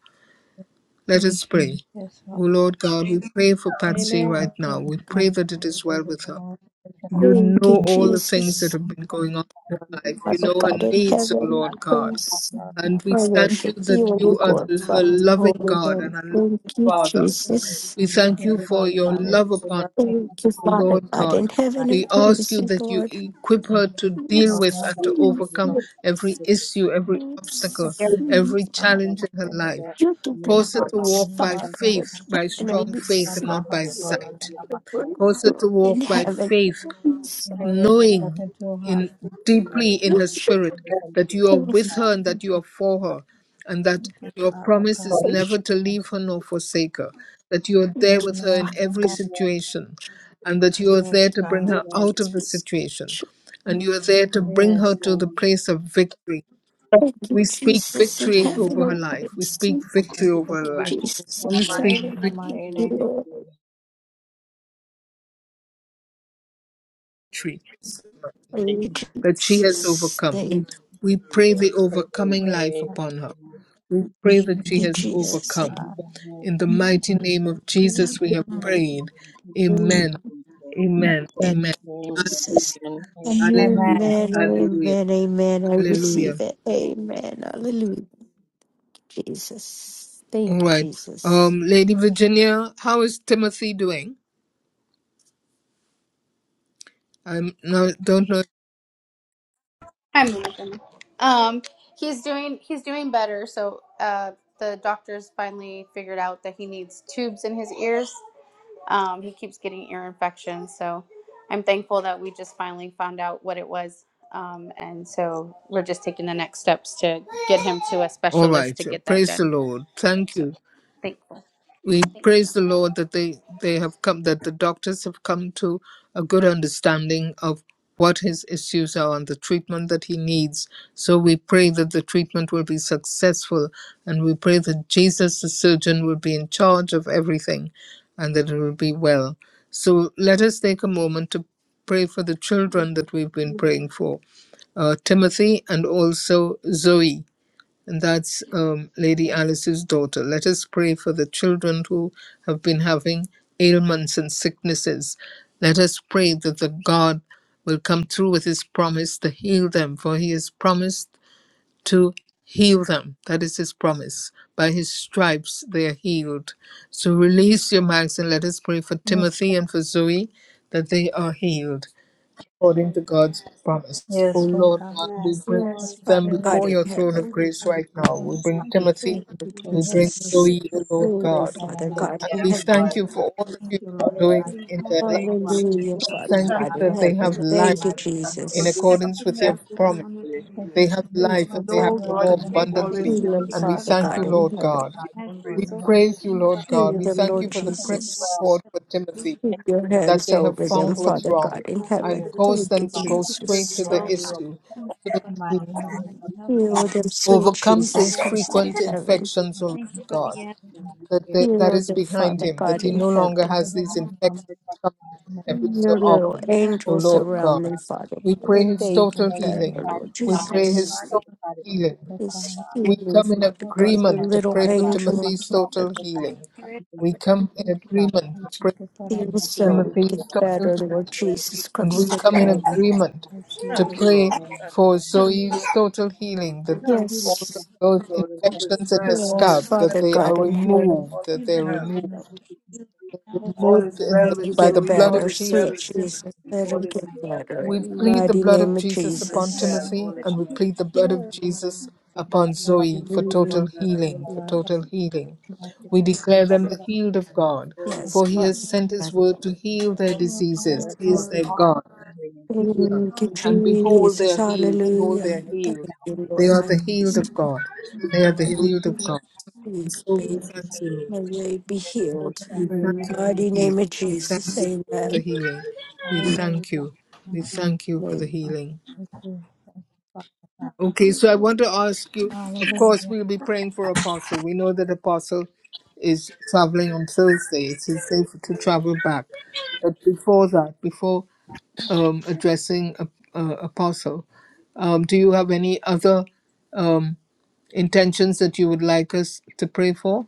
Speaker 1: Let us pray.
Speaker 2: Yes,
Speaker 1: O
Speaker 2: Father.
Speaker 1: Lord
Speaker 2: God.
Speaker 1: God, we pray for Patsy
Speaker 9: Amen.
Speaker 1: right
Speaker 2: Thank you,
Speaker 1: now.
Speaker 2: Lord
Speaker 1: We
Speaker 2: God.
Speaker 1: pray that it
Speaker 2: Thank
Speaker 1: is well
Speaker 2: you,
Speaker 1: with her.
Speaker 2: Lord God. Thank you, Lord
Speaker 1: You
Speaker 2: God.
Speaker 4: Thank you,
Speaker 1: know
Speaker 2: Thank
Speaker 1: all the things
Speaker 2: you,
Speaker 4: Jesus.
Speaker 1: that have been
Speaker 11: that is
Speaker 1: going on in
Speaker 2: Lord
Speaker 11: what we
Speaker 1: her
Speaker 2: God.
Speaker 1: life.
Speaker 11: have.
Speaker 1: You
Speaker 2: Yes,
Speaker 4: Father
Speaker 2: you are.
Speaker 1: know her
Speaker 4: God
Speaker 2: Thank
Speaker 4: in
Speaker 2: you,
Speaker 1: needs, O
Speaker 4: heaven,
Speaker 2: Lord
Speaker 11: to
Speaker 1: Lord
Speaker 2: God.
Speaker 11: have
Speaker 1: God.
Speaker 4: praise
Speaker 2: for our
Speaker 11: happiness
Speaker 1: And we
Speaker 4: and
Speaker 1: thank you
Speaker 4: worship
Speaker 1: that
Speaker 4: you and
Speaker 1: you are the-
Speaker 4: glorify
Speaker 1: her
Speaker 2: Lord.
Speaker 4: your
Speaker 11: and
Speaker 1: loving
Speaker 11: keep
Speaker 4: holy
Speaker 11: up in
Speaker 1: God
Speaker 11: the
Speaker 1: and
Speaker 4: name.
Speaker 1: her
Speaker 4: Thank
Speaker 1: loving
Speaker 4: you,
Speaker 1: Father.
Speaker 11: evolving
Speaker 4: Jesus.
Speaker 1: We
Speaker 2: Thank you, Lord God. Thank you, Father. God. Thank you,
Speaker 1: thank
Speaker 2: Lord
Speaker 1: you
Speaker 11: to
Speaker 2: God.
Speaker 1: for
Speaker 11: give
Speaker 1: your
Speaker 11: them a
Speaker 2: Thank
Speaker 1: love
Speaker 2: you,
Speaker 1: upon
Speaker 11: decision.
Speaker 2: Lord God.
Speaker 4: Thank
Speaker 11: That's
Speaker 4: you,
Speaker 1: O
Speaker 11: all they
Speaker 4: Father
Speaker 1: Lord
Speaker 11: can do.
Speaker 4: God in
Speaker 1: God.
Speaker 4: heaven,
Speaker 1: We
Speaker 4: I
Speaker 1: ask
Speaker 4: praise
Speaker 1: you
Speaker 4: you,
Speaker 1: that you
Speaker 4: Lord.
Speaker 1: equip her
Speaker 11: They
Speaker 1: to
Speaker 2: And
Speaker 1: deal
Speaker 11: they
Speaker 2: over
Speaker 1: with
Speaker 11: know
Speaker 2: her
Speaker 1: and
Speaker 11: that
Speaker 1: to
Speaker 11: we're going
Speaker 4: Receive
Speaker 2: family,
Speaker 11: to be able
Speaker 1: overcome
Speaker 2: Lord.
Speaker 4: your
Speaker 11: to take
Speaker 1: every
Speaker 11: this with you.
Speaker 1: issue,
Speaker 11: It's
Speaker 1: every
Speaker 2: Thank
Speaker 1: obstacle,
Speaker 2: you,
Speaker 3: you
Speaker 11: so
Speaker 1: every
Speaker 4: receive
Speaker 11: much
Speaker 2: God.
Speaker 11: for them
Speaker 1: challenge
Speaker 2: Thank
Speaker 1: in her
Speaker 2: you,
Speaker 11: to
Speaker 2: Lord.
Speaker 1: life.
Speaker 11: get
Speaker 4: your
Speaker 11: and move
Speaker 1: Cause her
Speaker 11: on
Speaker 1: to
Speaker 11: by
Speaker 2: Thank you.
Speaker 11: it.
Speaker 4: deliverance,
Speaker 1: walk by
Speaker 4: Father
Speaker 2: Nothing,
Speaker 11: Sometimes
Speaker 4: God
Speaker 1: faith,
Speaker 2: nothing,
Speaker 1: by
Speaker 4: in
Speaker 11: I
Speaker 4: heaven,
Speaker 1: strong
Speaker 2: nothing.
Speaker 4: I
Speaker 11: just can't
Speaker 1: faith,
Speaker 2: From
Speaker 1: and
Speaker 4: receive
Speaker 2: my
Speaker 1: not
Speaker 11: go
Speaker 2: heart,
Speaker 1: by
Speaker 11: here for
Speaker 2: Lord,
Speaker 4: your
Speaker 11: you.
Speaker 1: sight.
Speaker 2: and
Speaker 11: This
Speaker 2: I'm
Speaker 11: is
Speaker 2: not thankful
Speaker 4: deliverance,
Speaker 11: another
Speaker 1: Cause
Speaker 2: to
Speaker 1: her
Speaker 4: Lord
Speaker 1: to
Speaker 2: you,
Speaker 4: in
Speaker 1: walk
Speaker 2: Lord.
Speaker 1: by
Speaker 4: heaven.
Speaker 1: faith
Speaker 4: Praise,
Speaker 2: You
Speaker 11: kind
Speaker 2: know,
Speaker 11: of
Speaker 2: there's
Speaker 11: problem.
Speaker 1: knowing
Speaker 2: nothing too hard
Speaker 1: in
Speaker 11: Just
Speaker 2: for
Speaker 11: put it
Speaker 2: the
Speaker 11: in
Speaker 2: Lord.
Speaker 1: deeply
Speaker 11: there
Speaker 1: in her
Speaker 11: and keep
Speaker 4: worship,
Speaker 1: spirit
Speaker 11: all the things to
Speaker 1: that you are
Speaker 11: the
Speaker 4: glorify,
Speaker 1: with
Speaker 11: top.
Speaker 1: her and
Speaker 2: Thank
Speaker 1: that you
Speaker 2: you,
Speaker 1: are for
Speaker 2: God.
Speaker 1: her and that
Speaker 2: Thank you,
Speaker 1: your
Speaker 2: Father
Speaker 1: promise
Speaker 2: God.
Speaker 1: is
Speaker 3: for
Speaker 1: never
Speaker 4: worship,
Speaker 1: to
Speaker 2: yes.
Speaker 1: leave her nor forsake her that you are
Speaker 4: thank
Speaker 1: there
Speaker 4: you,
Speaker 1: with her in
Speaker 4: Father
Speaker 2: Amen.
Speaker 1: every
Speaker 4: God.
Speaker 2: Amen.
Speaker 11: And then,
Speaker 1: situation and that you
Speaker 2: Yes,
Speaker 1: are there to bring
Speaker 11: and
Speaker 2: God.
Speaker 4: Thank
Speaker 1: her
Speaker 11: then,
Speaker 4: you,
Speaker 1: out of the
Speaker 4: Jesus.
Speaker 1: situation and you are there to bring
Speaker 11: say,
Speaker 1: her
Speaker 2: Yes,
Speaker 11: no,
Speaker 2: God.
Speaker 1: to the
Speaker 11: no, no,
Speaker 1: place of victory
Speaker 4: Thank you,
Speaker 1: we speak
Speaker 4: Jesus in
Speaker 1: victory
Speaker 11: no, no,
Speaker 1: over her
Speaker 4: heaven. I
Speaker 1: life we
Speaker 4: praise
Speaker 1: speak
Speaker 4: you.
Speaker 2: Yes,
Speaker 1: victory
Speaker 4: Thank
Speaker 1: over
Speaker 2: God.
Speaker 4: you,
Speaker 1: her
Speaker 2: Victory
Speaker 1: life
Speaker 2: is
Speaker 4: Jesus in
Speaker 2: so
Speaker 1: we
Speaker 11: no, no.
Speaker 1: speak
Speaker 2: portion
Speaker 4: heaven.
Speaker 2: in my
Speaker 4: Thank you,
Speaker 11: Maybe
Speaker 2: name.
Speaker 11: it's
Speaker 4: Lord.
Speaker 11: you.
Speaker 1: victory
Speaker 11: Maybe
Speaker 4: Thank
Speaker 11: it's
Speaker 4: you,
Speaker 1: that she has
Speaker 4: Jesus.
Speaker 1: overcome.
Speaker 4: Thank
Speaker 1: We pray
Speaker 11: you.
Speaker 1: the
Speaker 11: Maybe it's
Speaker 1: overcoming
Speaker 2: Yes,
Speaker 1: life
Speaker 2: God.
Speaker 1: upon her.
Speaker 11: you.
Speaker 1: We pray that
Speaker 4: thank
Speaker 1: she
Speaker 4: you,
Speaker 1: has
Speaker 2: Yes,
Speaker 4: Jesus in
Speaker 11: Maybe
Speaker 1: overcome.
Speaker 2: God.
Speaker 11: it's you.
Speaker 1: In the mighty name of Jesus,
Speaker 4: heaven.
Speaker 1: we
Speaker 11: Amen.
Speaker 1: have
Speaker 11: Amen.
Speaker 1: prayed.
Speaker 4: Hallelujah.
Speaker 1: Amen. Amen.
Speaker 3: that.
Speaker 4: Thank
Speaker 1: Amen.
Speaker 4: you,
Speaker 1: Hallelujah.
Speaker 4: Jesus.
Speaker 11: Amen.
Speaker 1: Hallelujah.
Speaker 2: Amen.
Speaker 11: Amen.
Speaker 4: Amen,
Speaker 1: Hallelujah.
Speaker 4: amen, amen. I
Speaker 1: Hallelujah.
Speaker 4: receive it. Amen. Hallelujah, Jesus.
Speaker 1: All
Speaker 4: Thank you,
Speaker 1: right.
Speaker 4: Jesus.
Speaker 1: Um, Lady Virginia, how is Timothy doing? I'm no, don't know.
Speaker 10: Monica. Um, he's doing he's doing better. So uh, the doctors finally figured out that he needs tubes in his ears. Um, he keeps getting ear infections. So I'm thankful that we just finally found out what it was. Um, and so we're just taking the next steps to get him to a
Speaker 1: All
Speaker 10: specialist
Speaker 1: right.
Speaker 10: to get that
Speaker 1: Praise the
Speaker 10: done.
Speaker 1: Lord. Thank
Speaker 10: So
Speaker 1: you.
Speaker 10: thankful.
Speaker 1: we
Speaker 10: Thank
Speaker 1: praise the Lord that they, they have come, that the doctors have come to a good understanding of what his issues are and the treatment that he needs. So we pray that the treatment will be successful and we pray that Jesus, the surgeon, will be in charge of everything and that it will be well. So let us take a moment to pray for the children that we've been praying for uh, Timothy and also Zoe and that's um, Lady Alice's daughter. Let us pray for the children who have been having ailments and sicknesses. Let us pray that the God will come through with his promise to heal them, for he has promised to heal them. That is his promise. By his stripes they are healed. So release your mics and let us pray for
Speaker 2: Yes,
Speaker 1: Timothy
Speaker 2: God.
Speaker 1: and for Zoe that they are healed according to God's promise. O
Speaker 2: Yes, Lord
Speaker 1: Lord
Speaker 2: God.
Speaker 1: God,
Speaker 10: you.
Speaker 1: we
Speaker 10: Yes,
Speaker 1: bring
Speaker 2: Thank
Speaker 10: Lord.
Speaker 4: Yes,
Speaker 2: you for
Speaker 1: them
Speaker 4: Father
Speaker 2: your
Speaker 4: God
Speaker 1: before
Speaker 2: love.
Speaker 4: in
Speaker 1: your throne
Speaker 4: heaven.
Speaker 1: of grace right now.
Speaker 2: Thank you,
Speaker 1: We bring
Speaker 2: Father.
Speaker 1: Timothy,
Speaker 4: Thank
Speaker 2: For
Speaker 4: you,
Speaker 2: your
Speaker 1: we bring
Speaker 2: healing is
Speaker 4: Jesus.
Speaker 2: your
Speaker 1: Zoe, O
Speaker 2: children's
Speaker 1: Lord
Speaker 4: Thank
Speaker 11: Just
Speaker 2: prayer
Speaker 4: you,
Speaker 1: God,
Speaker 11: like
Speaker 2: in the
Speaker 11: in
Speaker 4: Father
Speaker 11: the
Speaker 2: name
Speaker 4: God
Speaker 2: of
Speaker 1: and
Speaker 4: in
Speaker 11: country
Speaker 1: we
Speaker 2: Jesus.
Speaker 4: heaven.
Speaker 1: thank
Speaker 11: today,
Speaker 1: you for all that
Speaker 2: Thank
Speaker 1: you're
Speaker 2: you,
Speaker 11: it's
Speaker 2: Lord
Speaker 11: related
Speaker 1: doing
Speaker 2: God.
Speaker 11: to
Speaker 1: in
Speaker 2: Thank
Speaker 1: their
Speaker 2: you,
Speaker 11: create a
Speaker 2: Lord
Speaker 11: country,
Speaker 2: God.
Speaker 1: lives.
Speaker 11: to
Speaker 4: Hallelujah,
Speaker 1: We
Speaker 11: provide a
Speaker 5: We
Speaker 4: Father
Speaker 1: thank you
Speaker 5: thank
Speaker 4: God
Speaker 11: government
Speaker 10: Every
Speaker 4: in
Speaker 2: Thank
Speaker 1: that they
Speaker 2: you
Speaker 11: that
Speaker 1: have
Speaker 4: heaven.
Speaker 10: other-
Speaker 2: in
Speaker 10: it's
Speaker 2: the
Speaker 11: prepares
Speaker 1: life
Speaker 5: you,
Speaker 4: Thank you,
Speaker 11: to
Speaker 5: Lord.
Speaker 2: mighty
Speaker 5: We
Speaker 11: the
Speaker 5: thank
Speaker 2: name
Speaker 5: you
Speaker 2: of
Speaker 11: country.
Speaker 5: for
Speaker 1: in
Speaker 5: good
Speaker 4: Jesus.
Speaker 1: accordance
Speaker 2: Jesus.
Speaker 10: everything
Speaker 1: with
Speaker 10: that
Speaker 1: your
Speaker 10: is
Speaker 11: So
Speaker 5: success
Speaker 10: going
Speaker 1: promise.
Speaker 10: on
Speaker 5: for
Speaker 10: with him.
Speaker 5: your
Speaker 2: Thank
Speaker 5: healing.
Speaker 1: They
Speaker 2: you,
Speaker 1: have
Speaker 2: Lord,
Speaker 4: Thank
Speaker 1: life
Speaker 11: my
Speaker 2: for
Speaker 1: and
Speaker 4: you,
Speaker 1: they
Speaker 2: your
Speaker 1: have
Speaker 5: Know,
Speaker 4: Father
Speaker 2: word,
Speaker 11: grandson,
Speaker 5: God,
Speaker 10: We
Speaker 1: more
Speaker 5: that
Speaker 2: and then
Speaker 4: God.
Speaker 5: you
Speaker 10: pray,
Speaker 2: I'm
Speaker 11: he
Speaker 10: Father
Speaker 11: was
Speaker 10: God,
Speaker 5: always
Speaker 2: mighty.
Speaker 1: abundantly.
Speaker 4: Heal
Speaker 5: hear
Speaker 10: that
Speaker 11: young,
Speaker 10: you
Speaker 5: us
Speaker 4: them,
Speaker 10: would
Speaker 1: And
Speaker 5: and
Speaker 1: we
Speaker 11: but
Speaker 10: cover
Speaker 4: Father
Speaker 10: and
Speaker 1: thank
Speaker 4: God
Speaker 1: you,
Speaker 2: Thank
Speaker 11: I'm
Speaker 2: you,
Speaker 4: in
Speaker 1: Lord
Speaker 2: Father
Speaker 4: heaven.
Speaker 1: God.
Speaker 5: we
Speaker 2: God,
Speaker 5: give
Speaker 11: five,
Speaker 2: oh
Speaker 5: you
Speaker 10: protect
Speaker 5: praise
Speaker 10: the
Speaker 2: Lord,
Speaker 1: We
Speaker 2: you
Speaker 5: and
Speaker 11: so
Speaker 10: souls
Speaker 2: are
Speaker 10: of your
Speaker 5: thank
Speaker 2: my
Speaker 1: praise you,
Speaker 10: people.
Speaker 2: God,
Speaker 1: Lord
Speaker 10: that
Speaker 2: and
Speaker 1: God.
Speaker 2: you
Speaker 4: Heal
Speaker 1: We
Speaker 2: are
Speaker 4: them,
Speaker 11: he
Speaker 1: thank
Speaker 10: You
Speaker 1: you
Speaker 4: Lord
Speaker 2: my
Speaker 10: would
Speaker 11: was
Speaker 1: for the
Speaker 11: just
Speaker 2: mighty.
Speaker 1: praise
Speaker 10: continue to walk
Speaker 4: Jesus.
Speaker 11: well,
Speaker 1: report for Timothy,
Speaker 4: Keep
Speaker 11: it's
Speaker 4: your
Speaker 2: Thank you, Lord,
Speaker 11: done.
Speaker 1: that
Speaker 4: hands
Speaker 1: they have
Speaker 4: over them,
Speaker 1: found
Speaker 10: in
Speaker 1: what's
Speaker 4: Father
Speaker 2: for
Speaker 1: wrong
Speaker 4: God in
Speaker 10: that Lord
Speaker 1: and
Speaker 4: heaven.
Speaker 10: for
Speaker 2: your
Speaker 10: the
Speaker 1: caused
Speaker 4: Thank
Speaker 10: victory,
Speaker 4: you,
Speaker 1: them to go
Speaker 10: for the
Speaker 1: straight to
Speaker 4: Jesus.
Speaker 1: the
Speaker 2: glory
Speaker 10: result
Speaker 2: and
Speaker 11: Every
Speaker 2: power.
Speaker 11: will be
Speaker 1: issue.
Speaker 11: filled
Speaker 2: In the mighty
Speaker 11: from
Speaker 2: name
Speaker 11: God, So he
Speaker 2: of
Speaker 11: will be slow and funny, and I
Speaker 4: Heal
Speaker 11: will
Speaker 2: Jesus,
Speaker 4: them,
Speaker 2: Lord
Speaker 4: sweet
Speaker 2: God,
Speaker 11: always
Speaker 1: overcomes
Speaker 2: we
Speaker 4: Jesus
Speaker 1: these
Speaker 11: be one,
Speaker 4: Christ in
Speaker 1: frequent
Speaker 4: heaven.
Speaker 1: infections,
Speaker 2: thank
Speaker 1: O
Speaker 2: you
Speaker 1: Lord God,
Speaker 2: and thank
Speaker 1: that,
Speaker 2: you
Speaker 1: that that
Speaker 4: Heal
Speaker 1: is
Speaker 4: them,
Speaker 1: behind
Speaker 4: Father
Speaker 1: him, that
Speaker 4: God
Speaker 1: he
Speaker 4: in
Speaker 1: no longer
Speaker 4: heaven.
Speaker 2: for
Speaker 1: has these
Speaker 2: everything from
Speaker 1: infections
Speaker 2: us
Speaker 1: coming
Speaker 2: in the name.
Speaker 1: every so
Speaker 4: Your little
Speaker 1: often, O
Speaker 4: angels
Speaker 1: Lord
Speaker 4: around
Speaker 1: God.
Speaker 4: them, Father
Speaker 1: We
Speaker 2: Thank
Speaker 4: God,
Speaker 2: you,
Speaker 1: pray
Speaker 4: that
Speaker 1: his
Speaker 2: Father
Speaker 4: they
Speaker 1: total
Speaker 2: God.
Speaker 4: get better,
Speaker 2: Thank
Speaker 1: healing.
Speaker 4: Lord
Speaker 2: you
Speaker 1: We pray his
Speaker 4: Jesus.
Speaker 1: total healing.
Speaker 2: for the
Speaker 4: is
Speaker 2: crown of
Speaker 1: We
Speaker 4: healing,
Speaker 1: come in
Speaker 4: Father
Speaker 2: all
Speaker 4: God,
Speaker 2: this.
Speaker 4: your
Speaker 2: In
Speaker 1: agreement to
Speaker 2: the
Speaker 4: little
Speaker 2: mighty
Speaker 1: pray
Speaker 2: name of
Speaker 1: for
Speaker 4: angel,
Speaker 1: Timothy's total
Speaker 4: Father God,
Speaker 1: healing. We come in
Speaker 2: Jesus,
Speaker 1: agreement to
Speaker 2: Thank
Speaker 1: pray for
Speaker 2: you for the
Speaker 4: heal
Speaker 2: mighty
Speaker 4: so we can
Speaker 1: Timothy's total healing
Speaker 4: better, Lord Jesus
Speaker 1: and we
Speaker 4: Christ
Speaker 5: you.
Speaker 4: in
Speaker 1: come in
Speaker 4: heaven.
Speaker 2: name
Speaker 1: agreement
Speaker 2: of
Speaker 1: to
Speaker 2: Jesus. Lord
Speaker 1: pray for Zoe's
Speaker 2: God,
Speaker 1: total healing, that all the,
Speaker 4: Yes,
Speaker 1: those
Speaker 2: we thank you,
Speaker 1: infections in
Speaker 2: Lord
Speaker 1: her
Speaker 2: God,
Speaker 4: yes,
Speaker 1: scalp, that
Speaker 4: Father
Speaker 2: for the
Speaker 1: they are
Speaker 4: God in heaven,
Speaker 1: removed, that they're
Speaker 2: mighty
Speaker 1: removed,
Speaker 2: name
Speaker 10: that
Speaker 2: of Let all
Speaker 1: removed
Speaker 2: my heart,
Speaker 1: in the,
Speaker 4: let him
Speaker 1: by the
Speaker 4: get
Speaker 2: my
Speaker 1: blood
Speaker 2: heart,
Speaker 4: better,
Speaker 1: of
Speaker 4: sweet
Speaker 1: Jesus.
Speaker 4: Jesus, let him get better,
Speaker 1: We
Speaker 4: in the
Speaker 1: plead the
Speaker 4: mighty
Speaker 1: blood of
Speaker 4: name of
Speaker 1: Jesus
Speaker 2: in the
Speaker 1: upon
Speaker 4: Jesus.
Speaker 2: name
Speaker 1: Timothy, and we plead the blood of Jesus
Speaker 11: You know
Speaker 1: upon
Speaker 11: that you're
Speaker 1: Zoe
Speaker 11: loving him
Speaker 1: for
Speaker 11: hands
Speaker 1: total
Speaker 4: Hallelujah.
Speaker 11: will
Speaker 2: of
Speaker 11: heal
Speaker 1: healing, for
Speaker 2: blood
Speaker 11: your
Speaker 2: of
Speaker 1: total healing.
Speaker 2: blood of blood
Speaker 1: We
Speaker 2: of
Speaker 1: declare
Speaker 11: protective
Speaker 1: them the
Speaker 11: loving
Speaker 2: blood
Speaker 1: healed of God,
Speaker 2: of
Speaker 4: Yes,
Speaker 1: for he has
Speaker 4: Father
Speaker 1: sent his
Speaker 4: God.
Speaker 1: word to heal their
Speaker 11: arms and
Speaker 1: diseases.
Speaker 11: care
Speaker 1: He is their
Speaker 11: all
Speaker 1: God
Speaker 11: healing
Speaker 1: healer,
Speaker 4: Thank you,
Speaker 2: blood
Speaker 1: and behold, they
Speaker 4: Jesus.
Speaker 1: are healed. Behold,
Speaker 11: of
Speaker 1: they
Speaker 4: Hallelujah.
Speaker 1: are
Speaker 11: those that
Speaker 4: Thank
Speaker 11: are
Speaker 1: healed.
Speaker 11: health
Speaker 4: you,
Speaker 11: and
Speaker 1: They
Speaker 4: Lord.
Speaker 1: are
Speaker 4: I
Speaker 1: the healed
Speaker 4: praise
Speaker 1: of God.
Speaker 2: of
Speaker 1: They are the
Speaker 2: blood.
Speaker 1: healed of
Speaker 4: Yes,
Speaker 1: God. And
Speaker 4: we
Speaker 1: so we
Speaker 4: Thank you.
Speaker 1: thank you,
Speaker 4: May
Speaker 1: Lord.
Speaker 4: they be
Speaker 2: Yes,
Speaker 4: healed.
Speaker 2: children
Speaker 1: We
Speaker 2: pray
Speaker 11: extended
Speaker 2: in
Speaker 4: In
Speaker 1: thank
Speaker 4: the
Speaker 1: you
Speaker 2: the
Speaker 11: holy
Speaker 1: for the
Speaker 4: mighty
Speaker 2: name
Speaker 11: name.
Speaker 2: of
Speaker 1: healing.
Speaker 4: name of
Speaker 1: We
Speaker 4: Jesus,
Speaker 1: thank
Speaker 11: Amen.
Speaker 1: you for the
Speaker 4: amen.
Speaker 1: healing. We
Speaker 2: Hallelujah.
Speaker 1: thank you. We thank you for the
Speaker 4: Amen.
Speaker 1: healing.
Speaker 2: Thank you, thank you, Father God.
Speaker 1: Okay, so I want to ask you. Of course,
Speaker 2: Hallelujah.
Speaker 1: we'll be praying for Apostle. We know that Apostle is traveling on Thursday. It's his day for- to travel back. But before that, before um, addressing a, a apostle. Um, do you have any other um, intentions that you would like us to pray for?